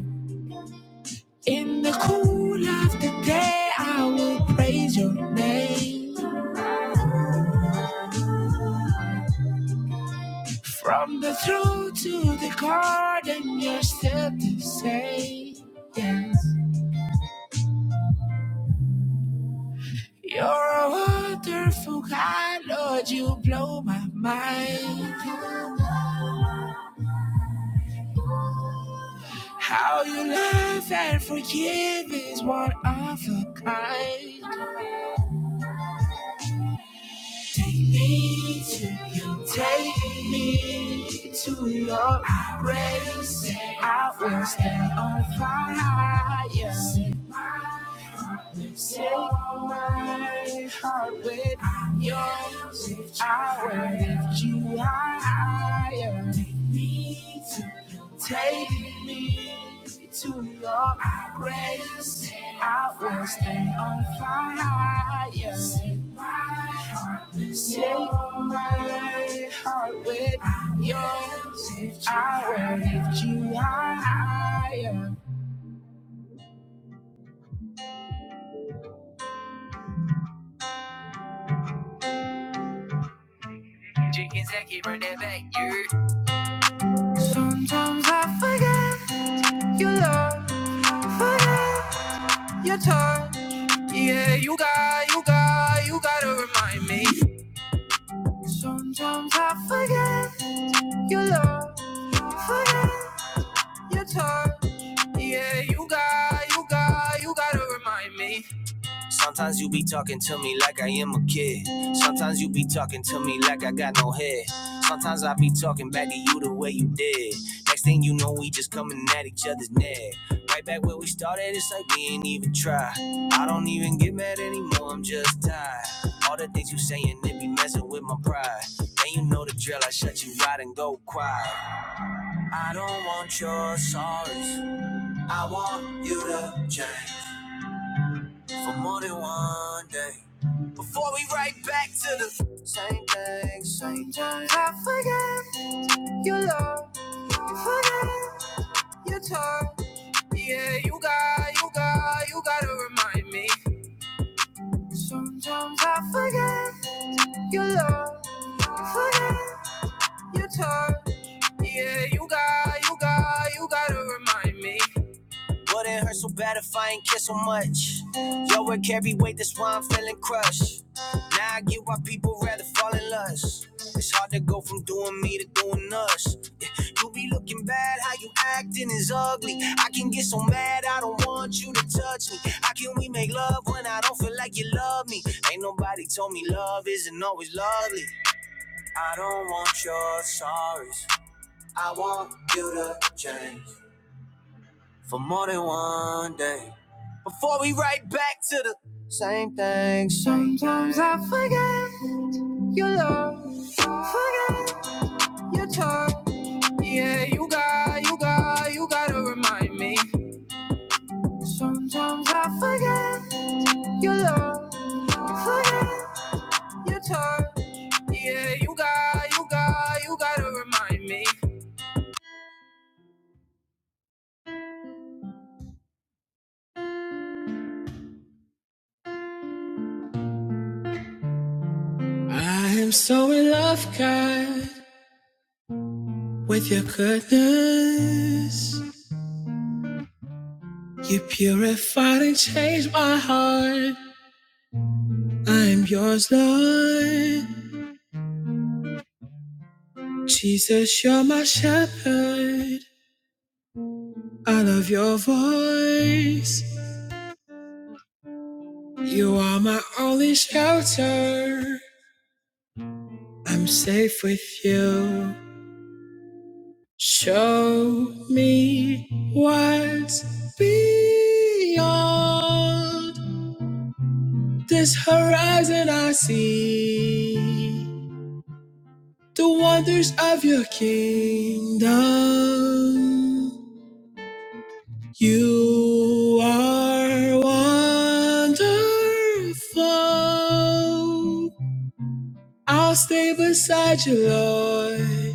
You're a wonderful God, Lord. You blow my mind. How you love and forgive is one of a kind. Take me to you. Take me to your eyes. Take me. Sometimes I forget your love, forget your touch. Yeah, you got, you got, you gotta remind me. Sometimes you be talking to me like I am a kid. Sometimes you be talking to me like I got no head. Sometimes I be talking back to you the way you did. Next thing you know, we just coming at each other's neck. Right back where we started, it's like we ain't even try. I don't even get mad anymore, I'm just tired. All the things you saying, it be messing with my pride. Then you know the drill, I shut you out and go quiet. I don't want your sorries, I want you to change for more than one day. Before we right back to the same thing, same thing. I forget your love, you forget your touch. Yeah, you got, you got, you gotta remind me. Sometimes I forget your love, you forget your touch. Yeah, you got, you got, you gotta remind me. Wouldn't hurt so bad if I ain't kiss so much. Yo, wait, this why I'm feeling crushed. Now I get why people rather fall in lust. It's hard to go from doing me to doing us. You be looking bad, how you acting is ugly. I can get so mad, I don't want you to touch me. How can we make love when I don't feel like you love me? Ain't nobody told me love isn't always lovely. I don't want your sorries. I want you to change for more than one day. Before we write back to the same thing, same thing. Yeah, you got, you got, you gotta remind me. I'm so in love, God, with your goodness. You purified and changed my heart. I am yours, Lord. Jesus, you're my shepherd. I love your voice. You are my only shelter. I'm safe with you. Show me what's beyond this horizon I see. The wonders of your kingdom. You are wonderful. I'll stay beside you, Lord.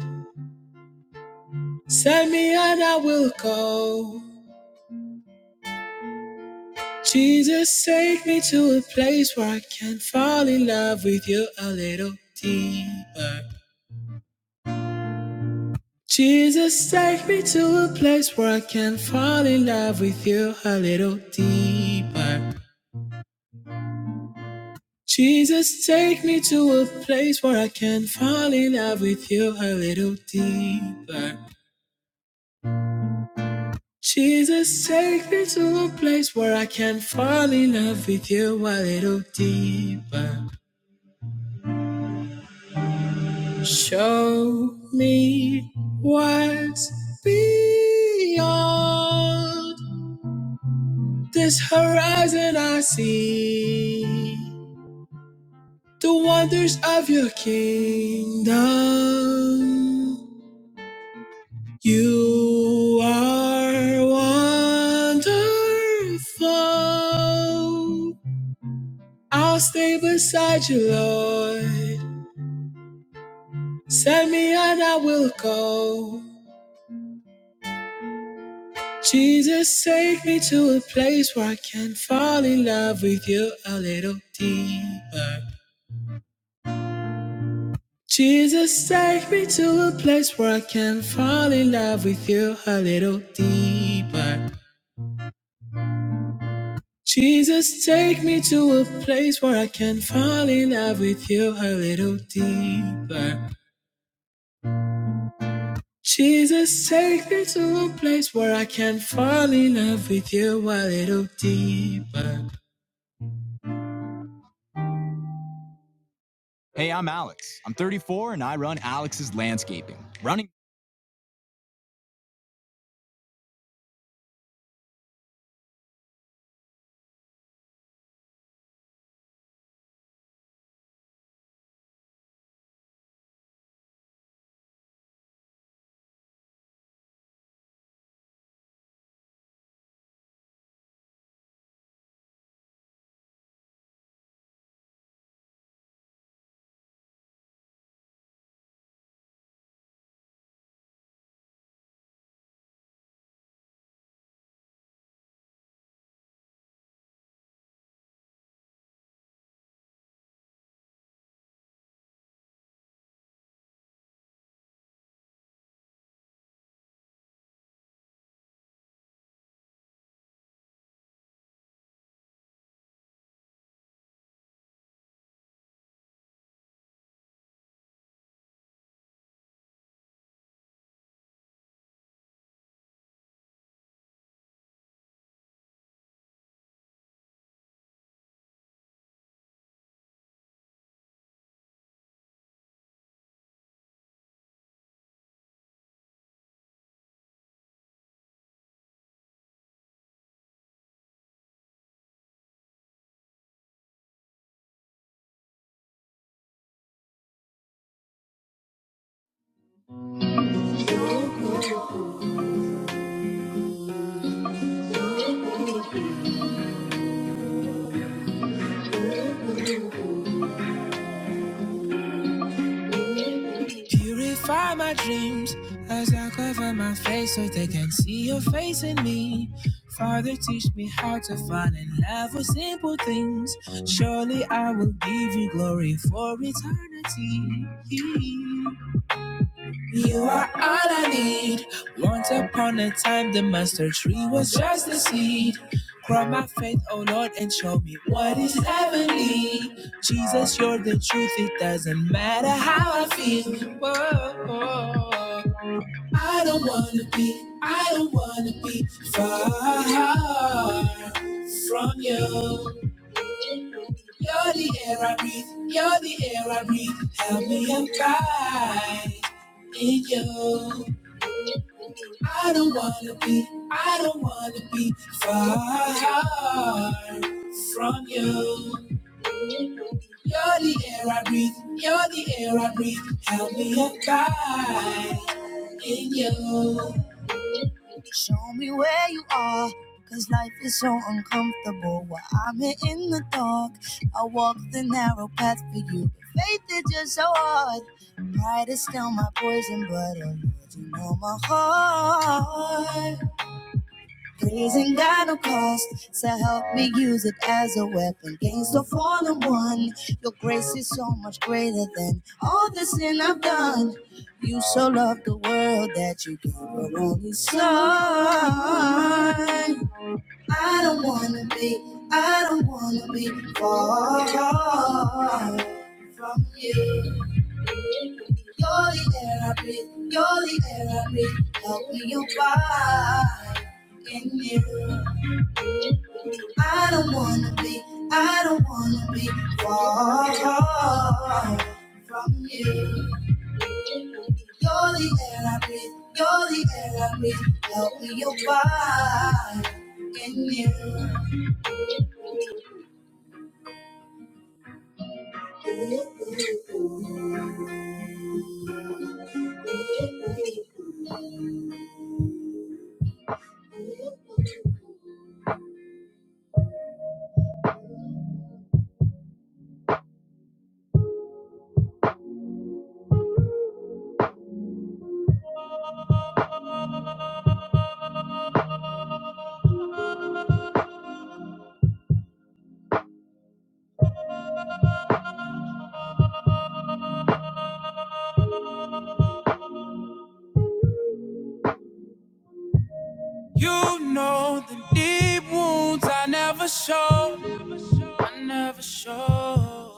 Send me and I will go. Jesus, take me to a place where I can fall in love with you a little deeper. Jesus, take me to a place where I can fall in love with you a little deeper. Jesus, take me to a place where I can fall in love with you a little deeper. Jesus, take me to a place where I can fall in love with you a little deeper. Show me what's beyond this horizon I see. The wonders of your kingdom. You are wonderful. I'll stay beside you, Lord. Send me and I will go. Jesus, take me to a place where I can fall in love with you a little deeper. Jesus, take me to a place where I can fall in love with you a little deeper. Jesus, take me to a place where I can fall in love with you a little deeper. Jesus, take me to a place where I can fall in love with you a little deeper. Purify my dreams as I cover my face so they can see your face in me. Father, teach me how to find and love with simple things. Surely I will give you glory for eternity. You are all I need. Once upon a time, the mustard tree was just a seed. Grow my faith, oh Lord, and show me what is heavenly. Jesus, you're the truth. It doesn't matter how I feel. Whoa. I don't wanna be, I don't wanna be far from you, in you. Show me where you are, 'cause life is so uncomfortable while I'm here in the dark. I walk the narrow path for you. but Faith is just so hard. Pride is still my poison, but oh Lord, you know my heart. Praising God no cost, so help me use it as a weapon against the fallen one. Your grace is so much greater than all the sin I've done. You so loved the world that you gave your only son. I don't wanna be, I don't wanna be far from you. You're the air I breathe, you're the air I breathe. Help me abide in you. I don't wanna be, I don't wanna be far from you. You're the air I breathe. You're the air I breathe. Help me abide in you. You know the deep wounds I never show. I never show.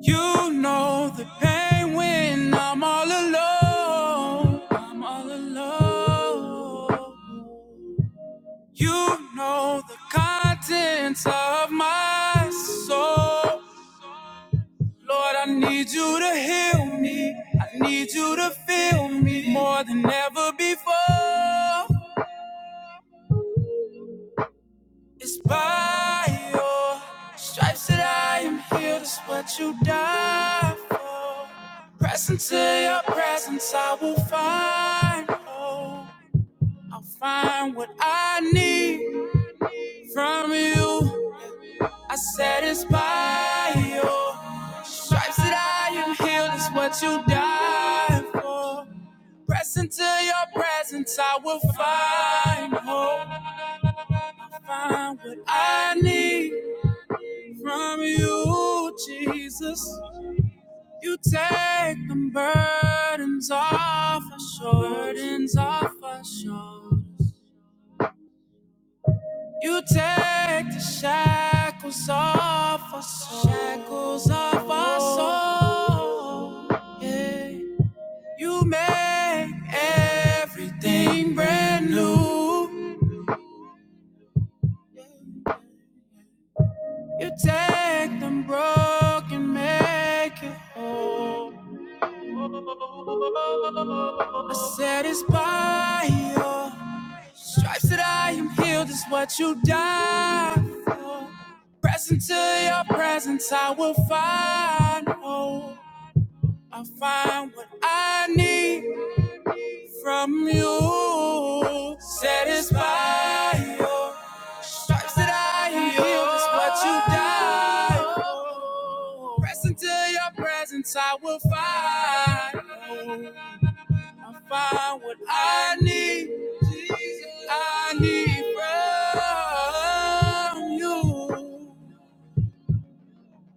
You know the pain when I'm all alone. I'm all alone. You know the contents of my soul. Lord, I need you to heal me. I need you to feel me more than ever before. It's by your stripes that I am healed. It's what you died for. Press into your presence, I will find hope. I'll find what I need from you. I said it's by your stripes that I am healed. It's what you died for. Press into your presence, I will find hope. I Find what I need from you, Jesus. You take the burdens off our shoulders, off our shoulders. You take the shackles off our soul, shackles off our soul. Yeah. You make everything brand new. You take them broken, make it whole. I said it's by your stripes that I am healed is what you died for. Present to your presence, I will find hope. I find what I need from you. Satisfy your Stripes that I heal is what you die. Press into your presence, I will find. I find what I need. I need from you,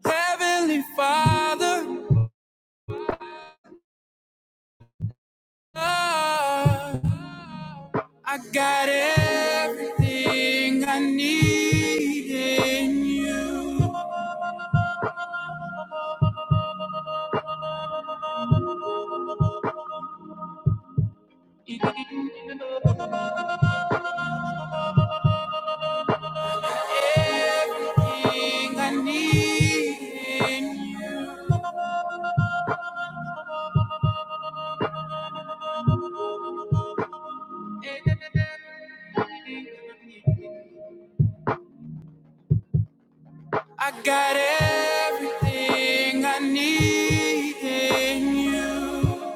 Heavenly Father. Oh, I got everything I need in you. everything I need in you. I got everything I need in you.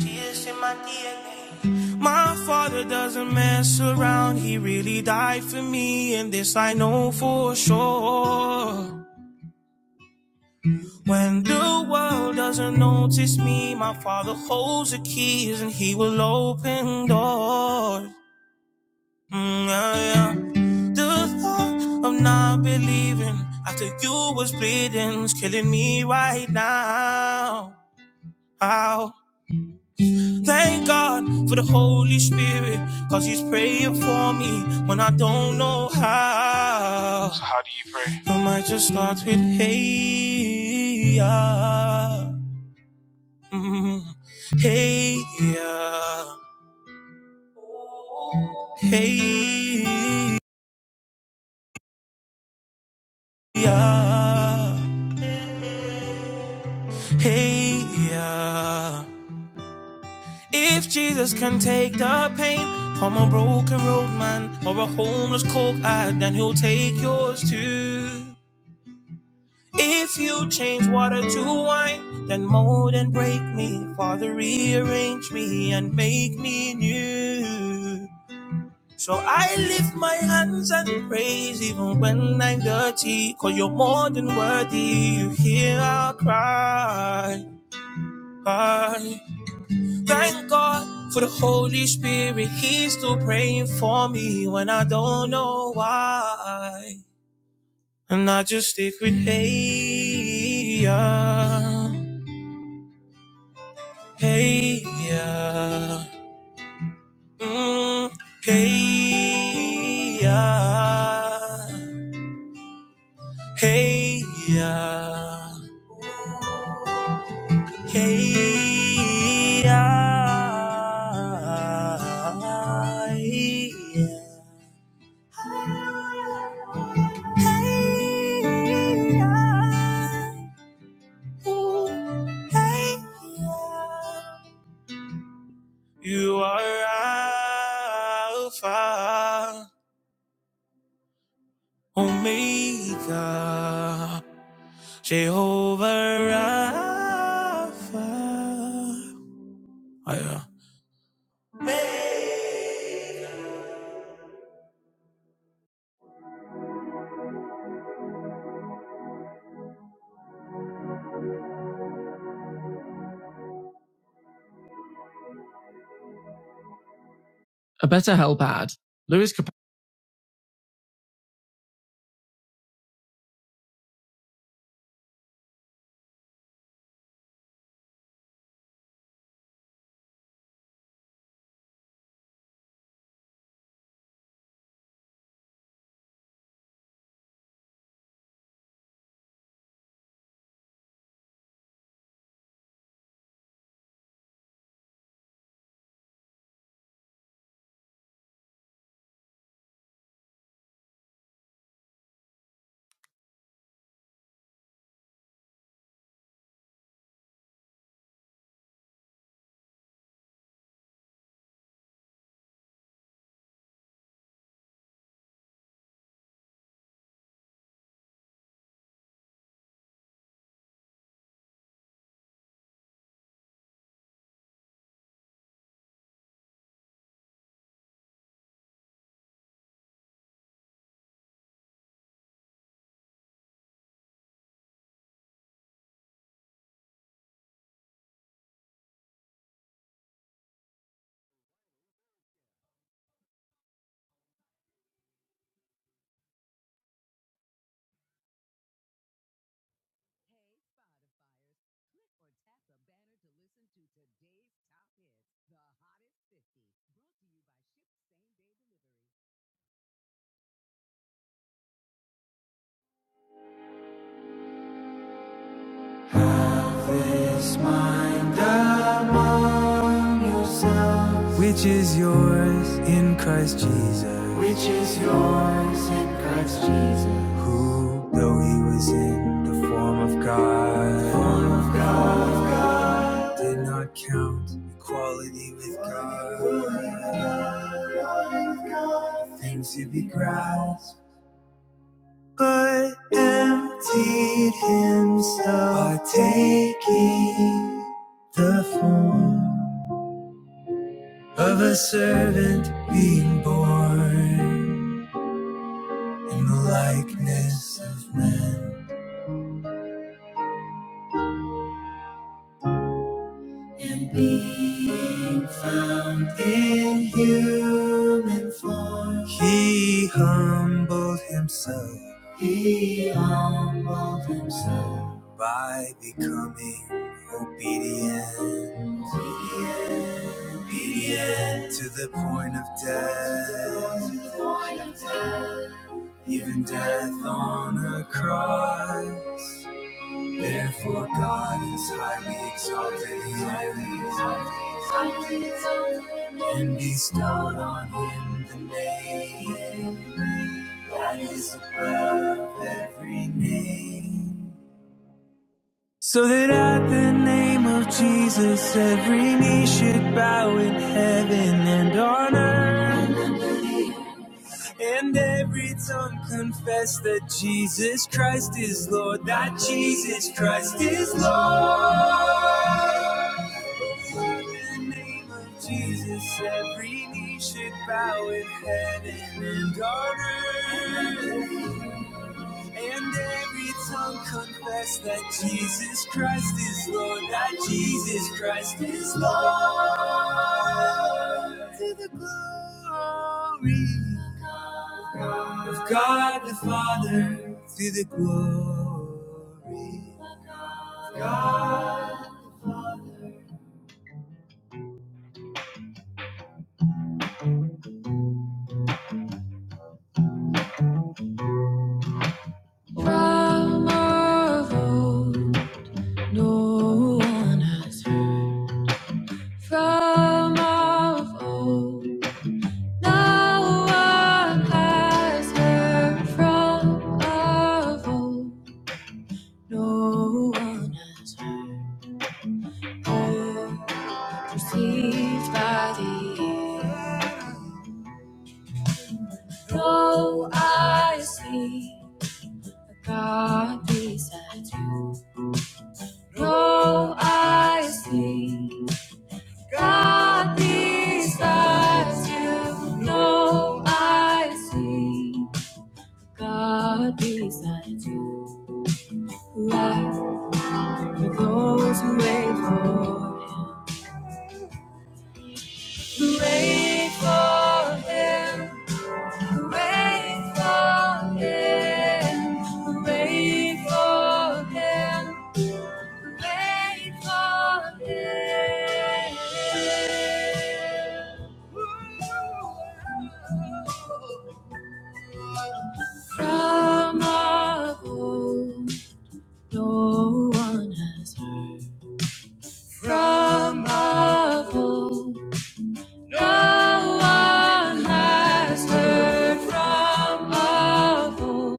Jesus in my DNA. My father doesn't mess around. He really died for me, and this I know for sure. When the world doesn't notice me, my father holds the keys and he will open doors. Mm, yeah, yeah. The thought of not believing after you was bleeding was killing me right now. Ow. Thank God for the Holy Spirit, cause He's praying for me when I don't know how. I might just start with hey, yeah. Mm, hey, yeah. Hey, yeah. Hey, yeah. If Jesus can take the pain from a broken road man or a homeless coke addict, then he'll take yours too. If you change water to wine, then mold and break me. Father, rearrange me and make me new. So I lift my hands and praise even when I'm dirty, you you're more than worthy. You hear our cry. cry. Thank God for the Holy Spirit. He's still praying for me when I don't know why. And I just stick with hey yeah, hey yeah, mm, hey yeah, hey yeah, hey yeah. yeah. You are Alpha, Omega, Jehovah Rapha. Oh, yeah. Spotifyers. Click or tap the banner to listen to today's top hits, the hottest 50, brought to you by Ship Same Day. It's my God. yourselves, which is yours in Christ Jesus, which is yours in Christ Jesus, who, though he was in the form of God, Son of God, did not count equality with God things to be grasped, but emptied himself by taking the form of a servant being born in the likeness of men and being found in human form. He humbled himself. He humbled himself by becoming obedient, obedient obedient to the point of death. Even death on a cross. Therefore, God is highly exalted, highly exalted, highly exalted, and bestowed on him the name that is above every name. So that at the name of Jesus, every knee should bow in heaven and on earth And every tongue confess that Jesus Christ is Lord, that Jesus Christ is Lord. In the name of Jesus, every knee should bow in heaven and on earth. And every tongue confess that Jesus Christ is Lord, that Jesus Christ is Lord. To the glory of God the Father, to the glory of God. the Father. From of old, no one has heard. From of old. No one has heard from of old. No one has heard or perceived by the ear. No eye has seen a God besides you. No eye has seen God besides you. No eye has seen God besides you. Who art For those who wait for him. Who wait for him. Who wait for him. Who wait for him. Who wait for him. From of old, no one has heard. From of old. No one has heard from of old.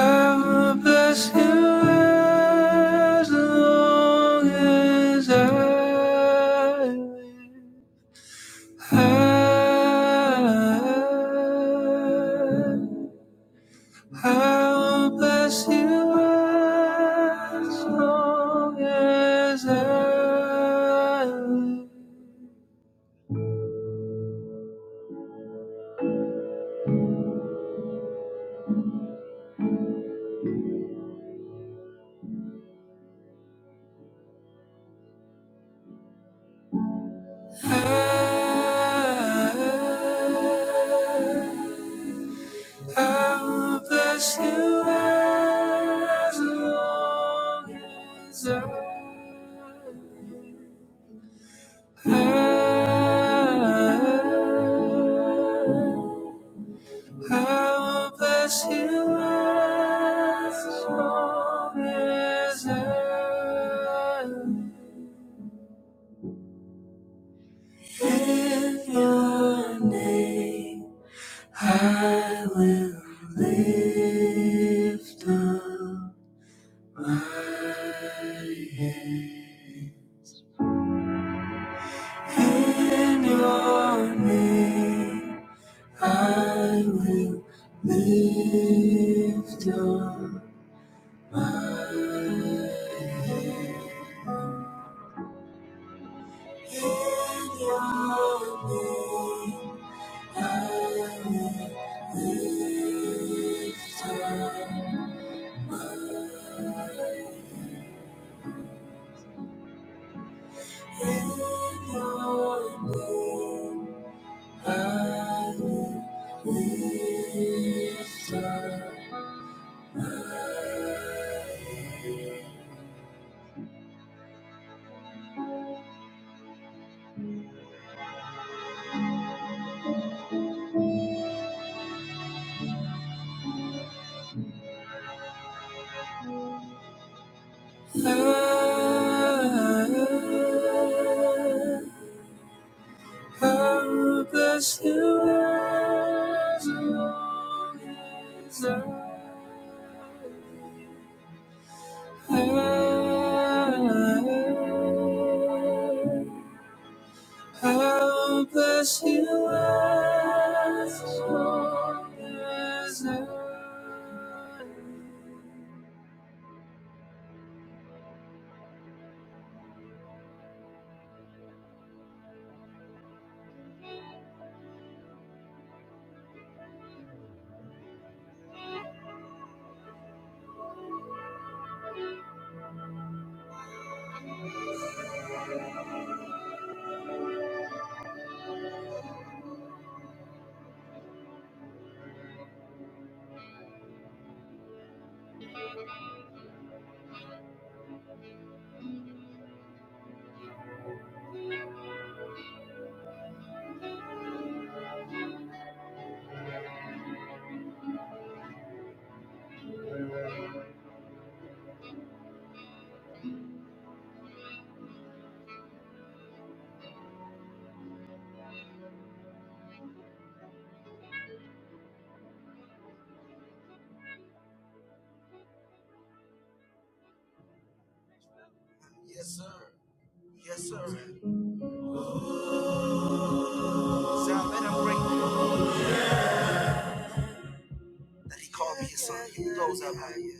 I will bless you as long as I live. I, I will bless you as long as I live. I'll bless you as long as I have. I'll bless you as long as I have. In your name I will lift up. My hand In your name, I will lift your eyes. In your name, I will lift your eyes. In your name, I will lift your I, I will bless you as long as I, I'll bless you as long as I. Yes, sir. Sound better, great. That he called me his son. He blows up high.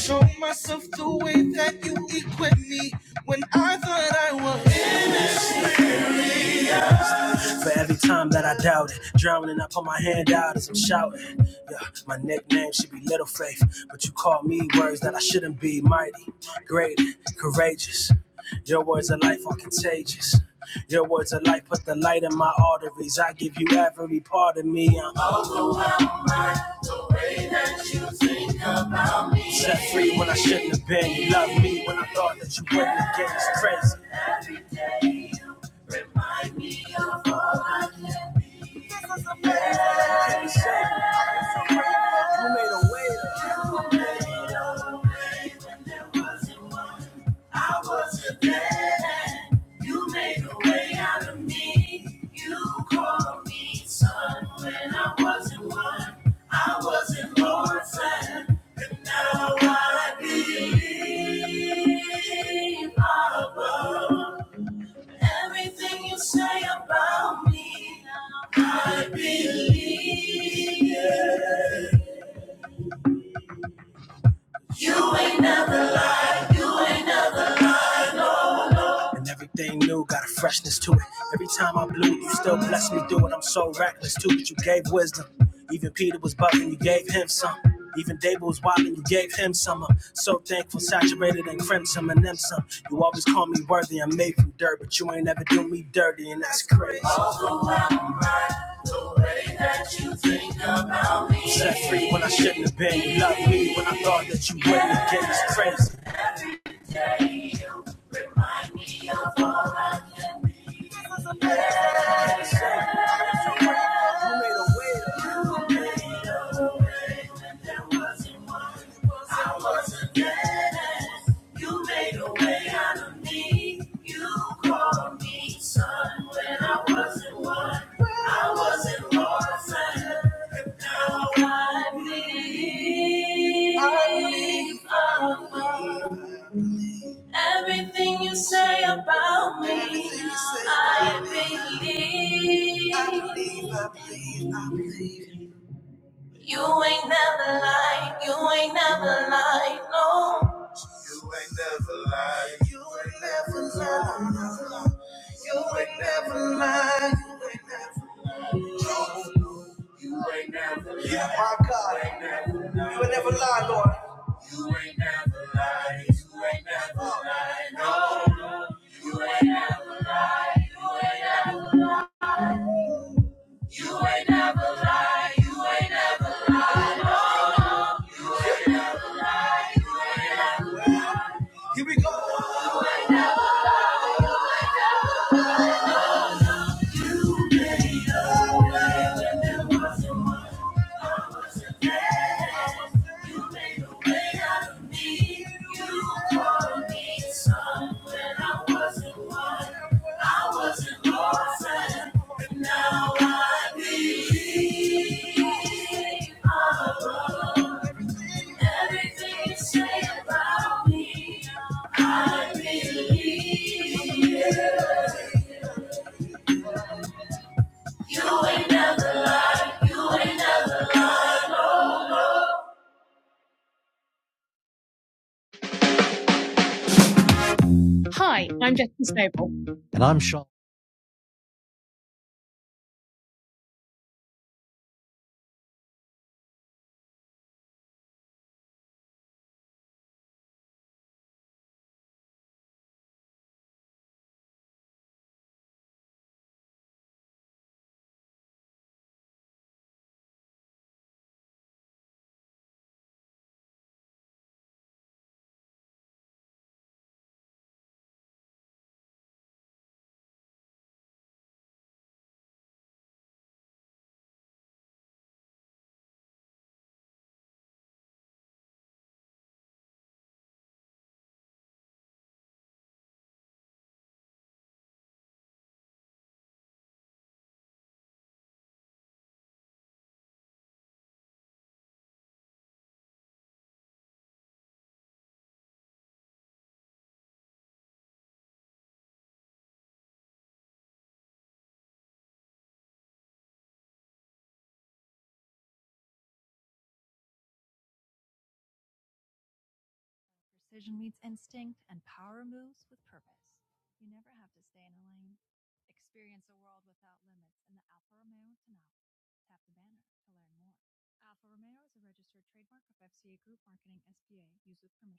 Show myself the way that you equip me when I thought I was. For every time that I doubt it, drowning, I put my hand out as I'm shouting. Yeah, my nickname should be Little Faith, but you call me words that I shouldn't be. Mighty, great, courageous. Your words of life are contagious. Your words of life put the light in my arteries. I give you every part of me. I'm overwhelmed by the way that you think about me. Set free when I shouldn't have been. You love me when I thought that you wouldn't again. It's crazy. Every day you remind me of all I can be. This is amazing. You made a way. You made a way when there wasn't one. I was a man. You made a way out of me. You called me son when I wasn't one. I wasn't orphan, but now I believe above everything you say about me. I believe. I was set free when I shouldn't have been. Love that you went against is crazy. You made a way out of me. Call me son when I wasn't one. I wasn't orphaned, and now I believe. I believe. Abba. Everything you say about me, Everything you say I about me. believe. I believe. You ain't never lied. You ain't never lied. No. Yeah, my God. You would never lie, Lord. You Precision meets instinct, and power moves with purpose. You never have to stay in a lane. Experience a world without limits in the Alfa Romeo Tonale. Tap the banner to learn more. Alfa Romeo is a registered trademark of FCA Group Marketing SPA. Used with permission.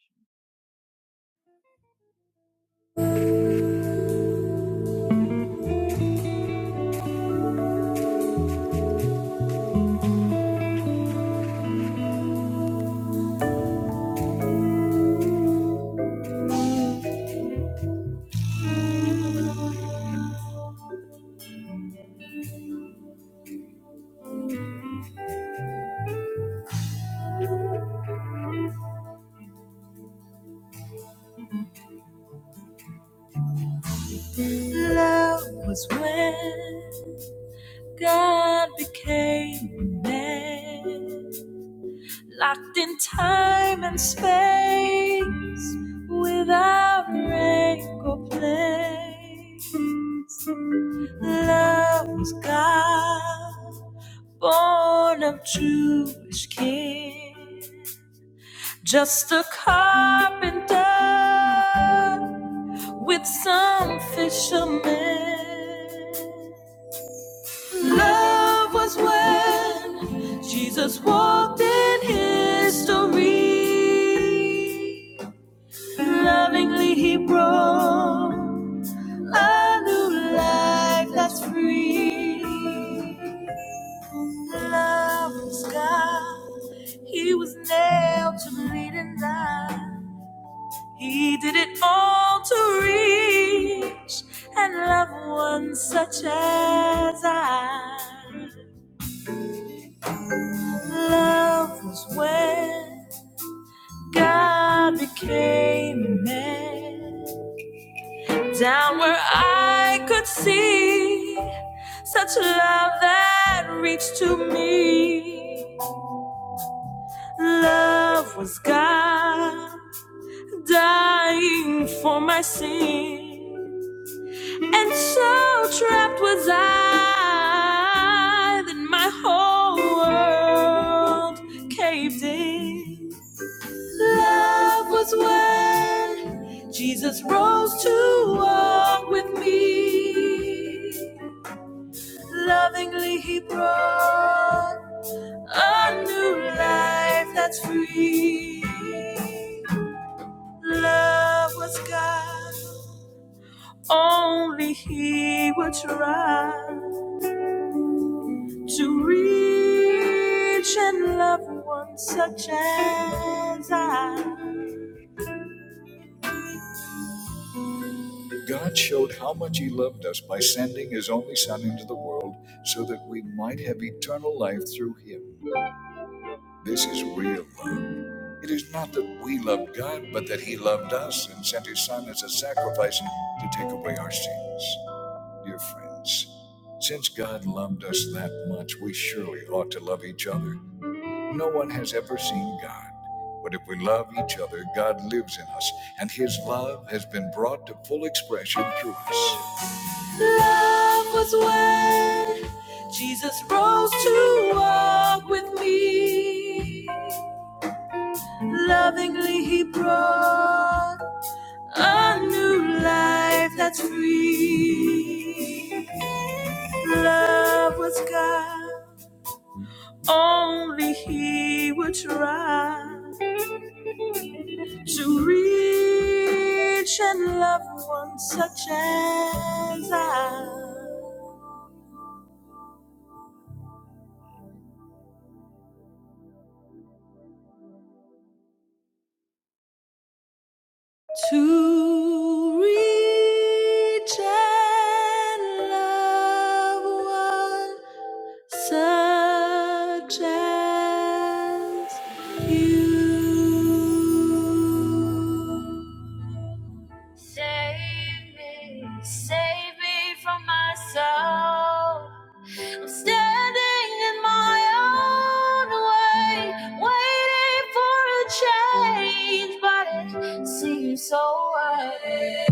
Love was when God became man, locked in time and space without rank or place. Love was God, born of Jewish kin. Just a carpenter with some fishermen. Love was when Jesus walked in history. Lovingly he brought a new life that's free. Love was God, he was nailed to bleeding die. He did it all to reach and love one such as I. Love was when God became a man. Down where I could see such love that reached to me. Love was God dying for my sin. And so trapped was I that my whole world caved in. Love was when Jesus rose to walk with me. Lovingly, he brought a new life that's free. Love was God, only he would try. to reach and love one such as I. God showed how much He loved us by sending His only Son into the world so that we might have eternal life through Him. This is real love. It is not that we loved God, but that He loved us and sent His Son as a sacrifice to take away our sins. Dear friends, since God loved us that much, we surely ought to love each other. No one has ever seen God, but if we love each other, God lives in us, and His love has been brought to full expression through us. Love was when Jesus rose to walk with me. Lovingly, He brought a new life that's free. Love was God, only He would try. to reach and love one such as I. To reach and love one such as you. Save me, save me from myself. I'm standing in my own way, waiting for a change, but it seems so right.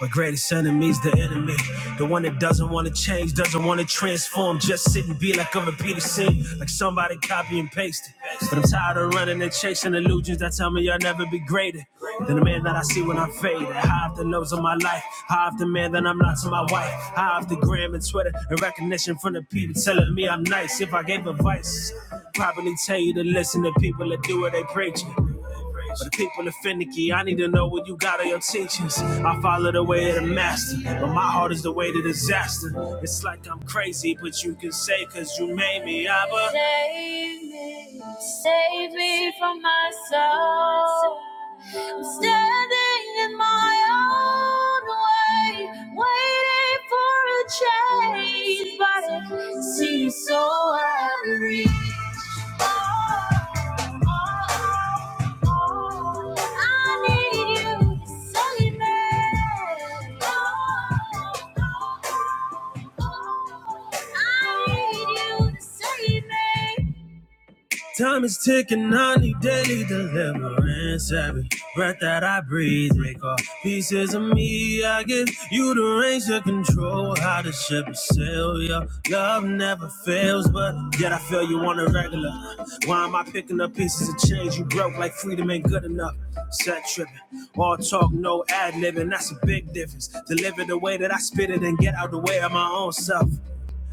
My greatest enemy's the enemy. The one that doesn't want to change, doesn't want to transform. Just sit and be like a repeated scene, like somebody copy and pasted. But I'm tired of running and chasing illusions that tell me I'll never be greater than the man that I see when I fade. High off the lows of my life, high off the man that I'm not to my wife, high off the gram and Twitter and recognition from the people telling me I'm nice. If I gave advice, probably tell you to listen to people that do what they preach. But the people that I need to know what you got of your teachings. I follow the way of the master, but my heart is the way to disaster. It's like I'm crazy, but you can say, cause you made me Abba. Save me, save me from myself. I'm standing in my own way, waiting for a change, but it seems so hard to reach. I need you to Save me. Time is ticking, I need daily deliverance. Every breath that I breathe, make all pieces of me. I give you the reins to control how the ship is sail. Your love never fails, but yet I feel you on a regular. Why am I picking up pieces of change you broke like freedom ain't good enough? Set tripping, all talk, no ad libbing. That's a big difference. Deliver the way that I spit it and get out the way of my own self.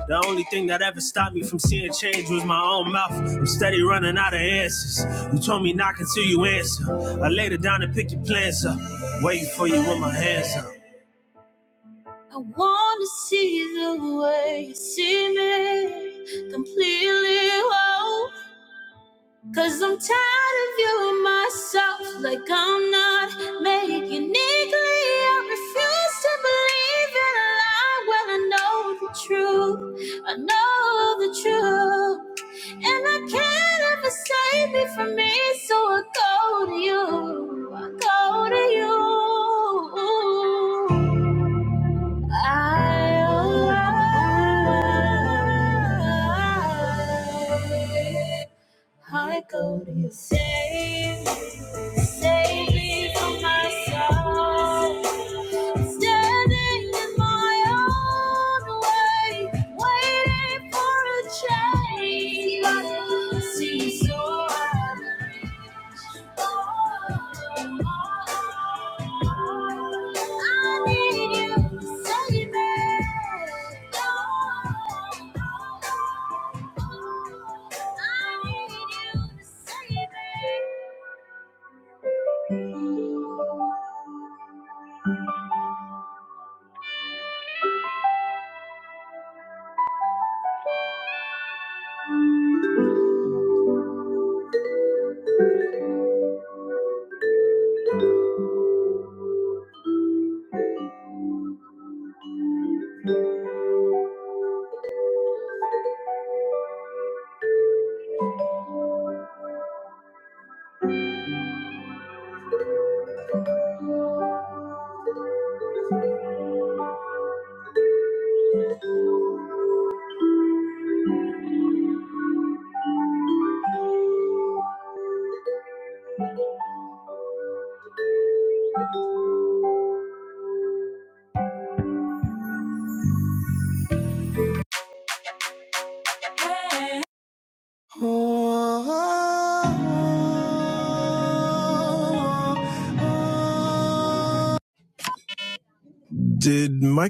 The only thing that ever stopped me from seeing change was my own mouth. I'm steady running out of answers. You told me knock until you answer. I laid it down and pick your plans up. Waiting for you with my hands up. I wanna see the way you see me completely. whole. Cause I'm tired of viewing myself like I'm not made uniquely. I refuse to believe in a lie when I know the truth. I know the truth. And I can't ever save me from me, so I go to you. I go to you. I, oh, I, I go to you. Save, save me from myself. Standing in my own way, waiting for a change. I See, you so I I need you to save me. I need you to save me. Did my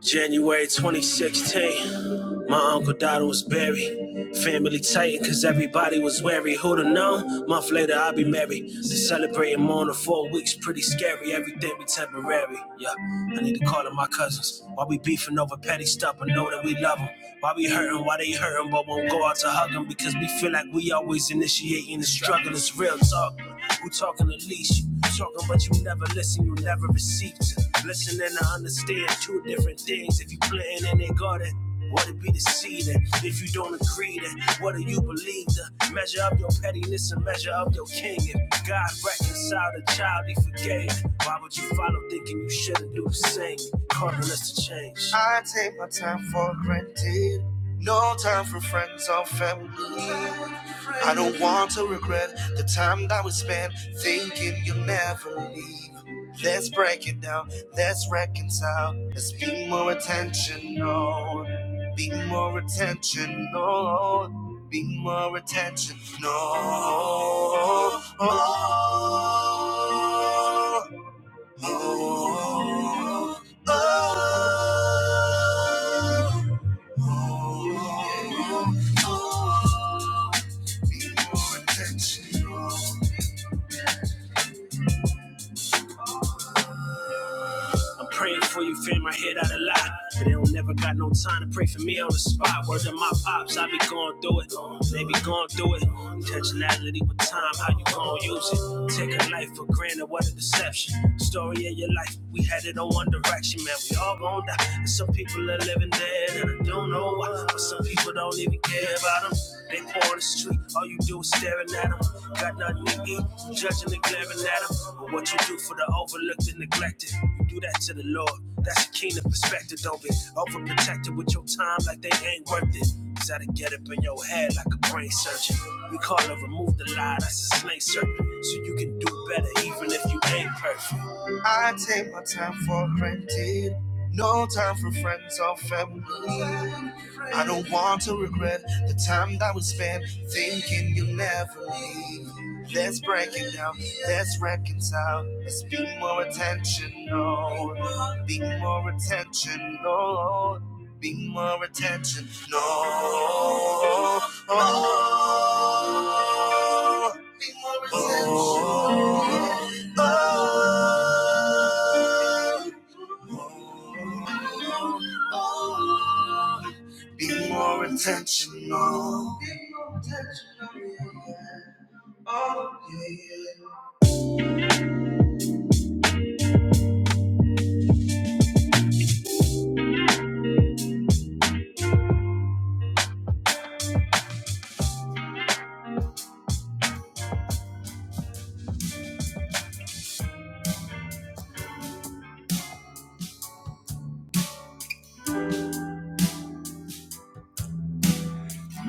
January 2016, my uncle Dada was buried. Family tightened cause everybody was wary. Who'd have known? Month later I'll be married. They celebrating more than four weeks, pretty scary. Everything be temporary. Yeah, I need to call up my cousins. Why we beefing over petty stuff, I know that we love them. Why we hurting, why they hurting, but won't go out to hug them because we feel like we always initiating the struggle. It's real talk. Who talking to leash you? Talking but you never listen, you never receive. Listen and I understand two different things. If you planting and they got it. What it be to see that if you don't agree that what do you believe that? measure up your pettiness and measure up your king if God reconciled a child he forgave why would you follow thinking you shouldn't do the same calling us to change I take my time for granted no time for friends or family I don't want to regret the time that we spend thinking you'll never leave. Let's break it down. Let's reconcile. Let's be more intentional. Be more intentional. Be more intentional. Oh, oh, oh, oh, oh, oh, oh, more intentional. I'm praying for you, fam. I hear that a lot. But they don't never got no time to pray for me on the spot. Word to my pops, I be going through it. They be going through it. Intentionality with time, how you gon' use it? Taking life for granted, what a deception. Story of your life, we had it on one direction, man. We all gon' die. And some people are living dead, and I don't know why. But some people don't even care about them. They pour on the street, all you do is staring at them. Got nothing to eat, judging and glaring at them. But what you do for the overlooked and neglected, you do that to the Lord. That's a kingdom perspective, don't be overprotected with your time like they ain't worth it. Cause I done get up in your head like a brain surgeon. We call it remove the lie, that's a snake serpent. So you can do better even if you ain't perfect. I take my time for granted. No time for friends or family. I don't want to regret the time that we spent thinking you never leave. Let's break it down, let's reconcile. Let's be more intentional. Be more intentional. Be more intentional. Oh, Be more intentional. Be more intentional. Be more intentional, yeah. Oh, yeah.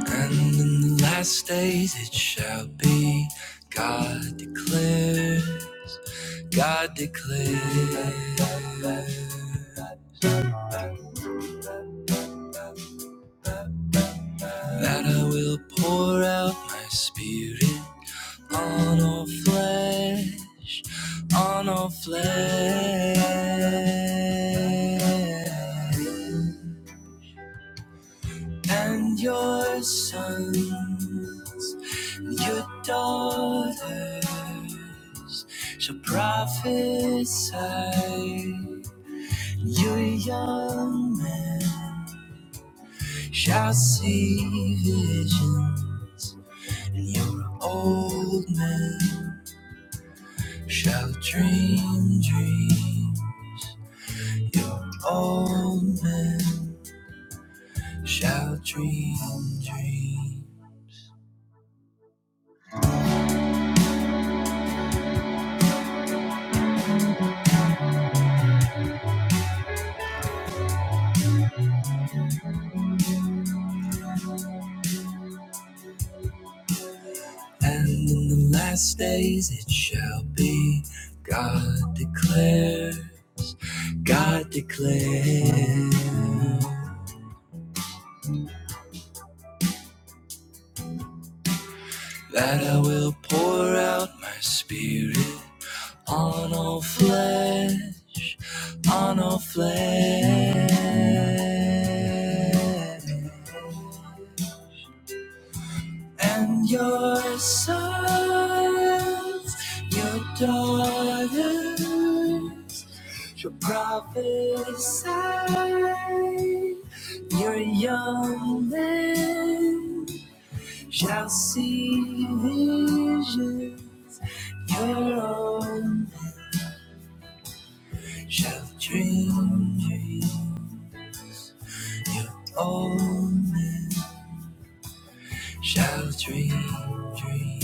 yeah. And in the last days it shall be God declares, God declares that I will pour out my spirit on all flesh, on all flesh. and your sons and your daughters shall prophesy. and Your young men shall see visions, and your old men shall dream dreams. Your old men shall dream dreams. And in the last days it shall be, God declares, God declares, that I will pour out my spirit on all flesh, on all flesh. And your sons, your daughters to prophesy. Your young men shall see vision. Your old shall dream, dream. Your old shall dream, dream.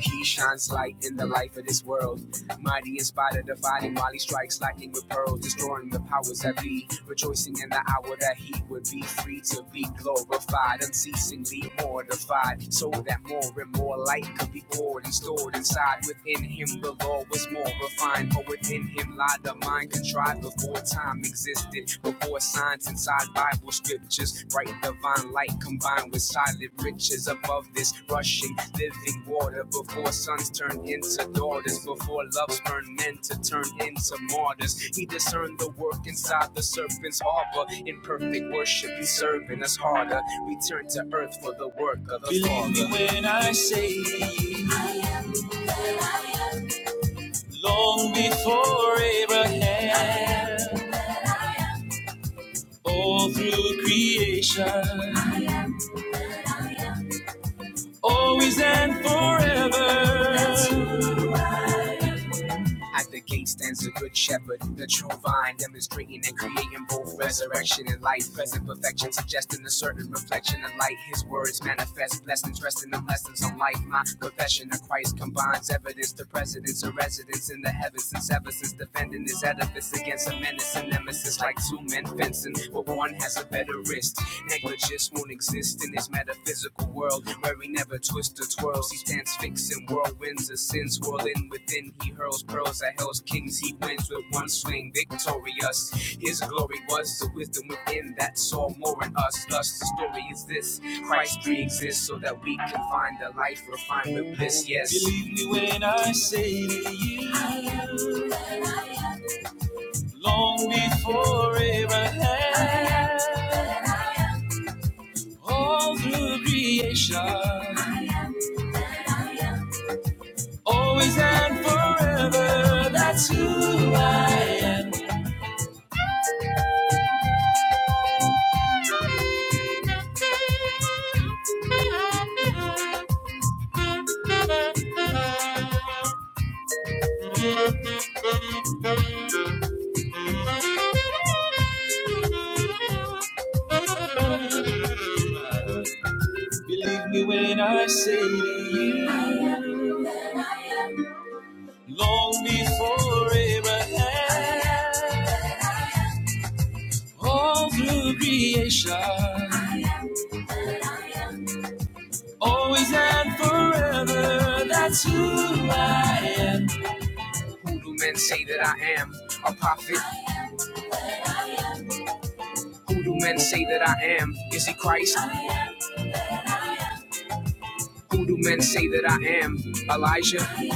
He shines light in the life of this world. Mighty in spite of dividing while he strikes lightning with pearls, destroying the powers that be. Rejoicing in the hour that he would be free to be glorified, unceasingly mortified, so that more and more light could be poured and stored inside. Within him, the law was more refined, for within him lied the mind contrived before time existed, before signs inside by scriptures, bright divine light combined with solid riches above this rushing living water. Before sons turn into daughters, before loves burn men to turn into martyrs, he discerned the work inside the serpent's harbor. In perfect worship, he's serving us harder. Return to earth for the work of the Believe Father. Believe me when I say, long before Abraham, all through creation. always and forever. At the gate stands a good shepherd, the true vine, demonstrating and creating both resurrection and life, present perfection, suggesting a certain reflection of light. His words manifest blessings, resting them lessons on life. My confession of Christ combines evidence to precedence of residence in the heavens since ever since defending his edifice against a menace and nemesis like two men fencing, but one has a better wrist. Negligence won't exist in his metaphysical world where he never twists or twirls. He stands fixing whirlwinds of sins whirling within. He hurls pearls at hell's kings. He wins with one swing, victorious. His glory was the wisdom within that saw more in us. Thus, the story is this Christ pre exists so that we can find the life refined with bliss. Yes. Believe won't be ahead, always and forever. That's who I am. Believe me when I say to you. long before Abraham. All through Grisha. Who do men say that I am? A prophet? Who do men say that I am? Is he Christ? Who do men say that I am? Elijah? I am.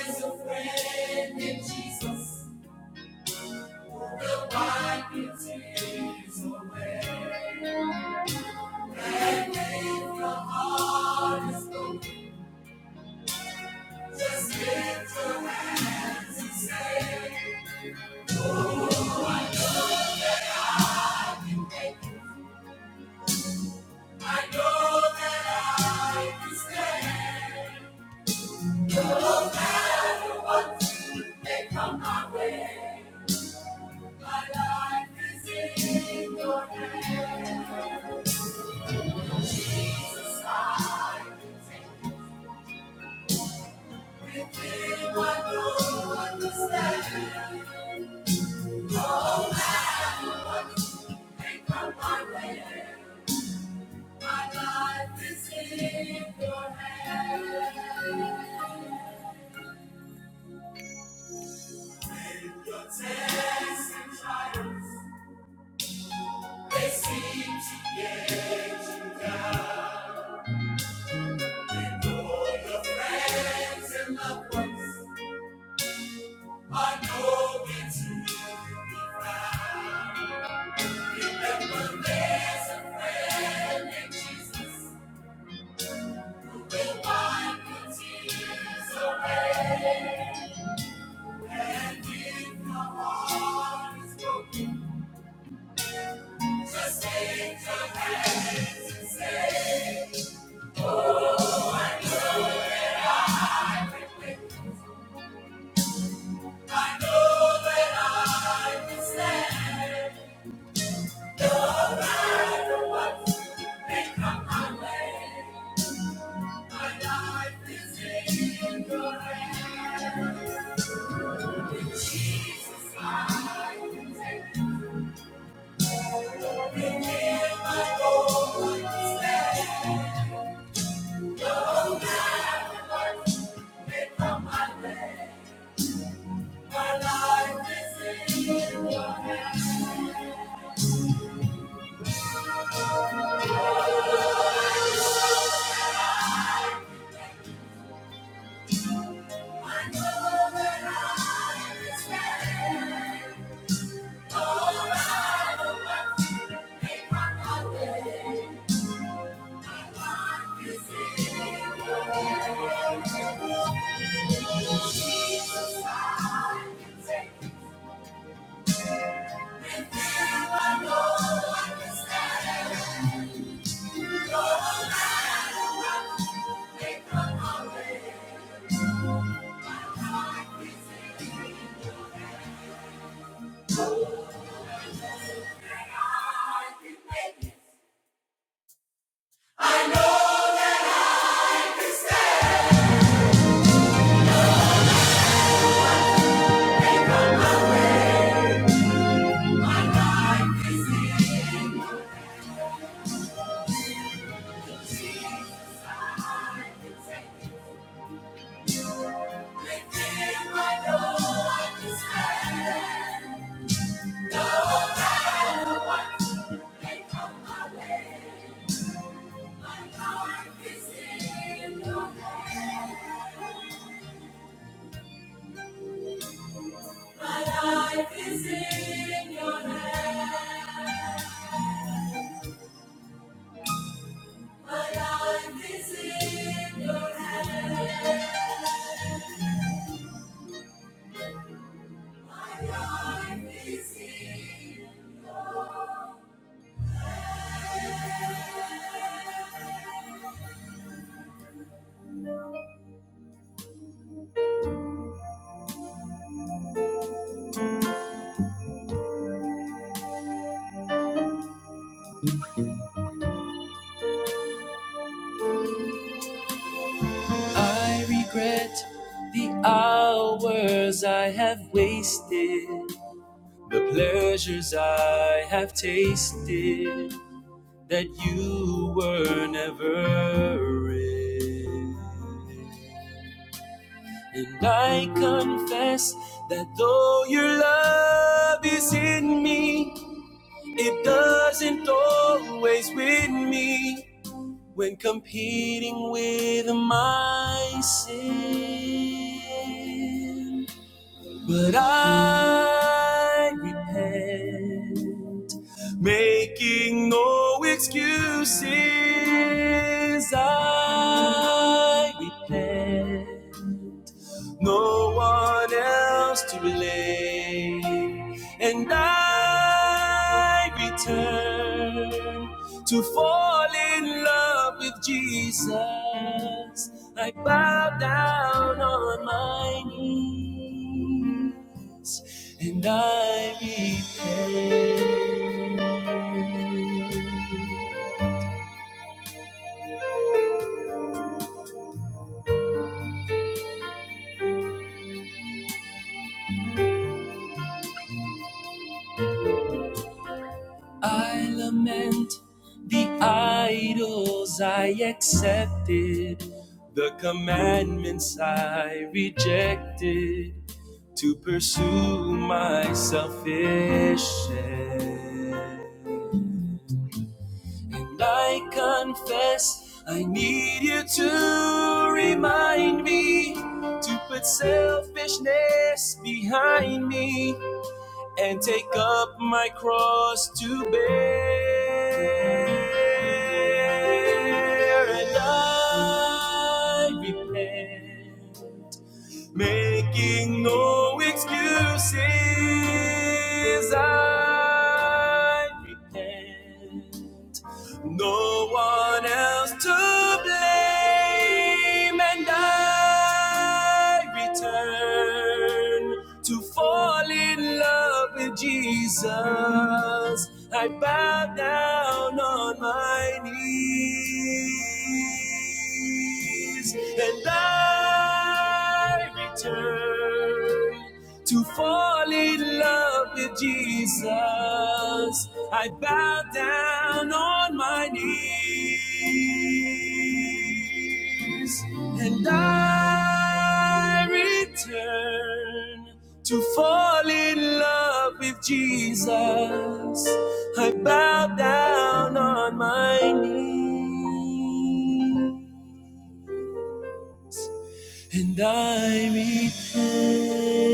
the friend of Jesus. Life is easy way. Life is easy. I don't understand. Come my way. My life is in your hand. In your tests and trials, they seem to ignore your friends and loved ones. I know it's you. There's a friend named Jesus. Just take me here, my Lord. My life is in your hands. Stand around Make my way. My life is in your hands. Jesus, I can take. I know I can stand. I regret the hours I have wasted, the pleasures I have tasted. that you were never in. And I confess that though your love is in me, it doesn't always win me when competing with my sin. But I repent. Making no excuses, I repent. No one else to blame, and I return to fall in love with Jesus. I bow down on my knees, and I repent. I lament the idols I accepted, the commandments I rejected to pursue my selfishness. And I confess I need you to remind me to put selfishness behind me and take up my cross to bear. And I repent, making no excuses. I repent. No one else to blame, and I return to fall in love with Jesus. I bow down on my knees, and I return to fall in love with Jesus. I bow down on my knees and I return to fall in love with Jesus. I bow down on my knees and I repent.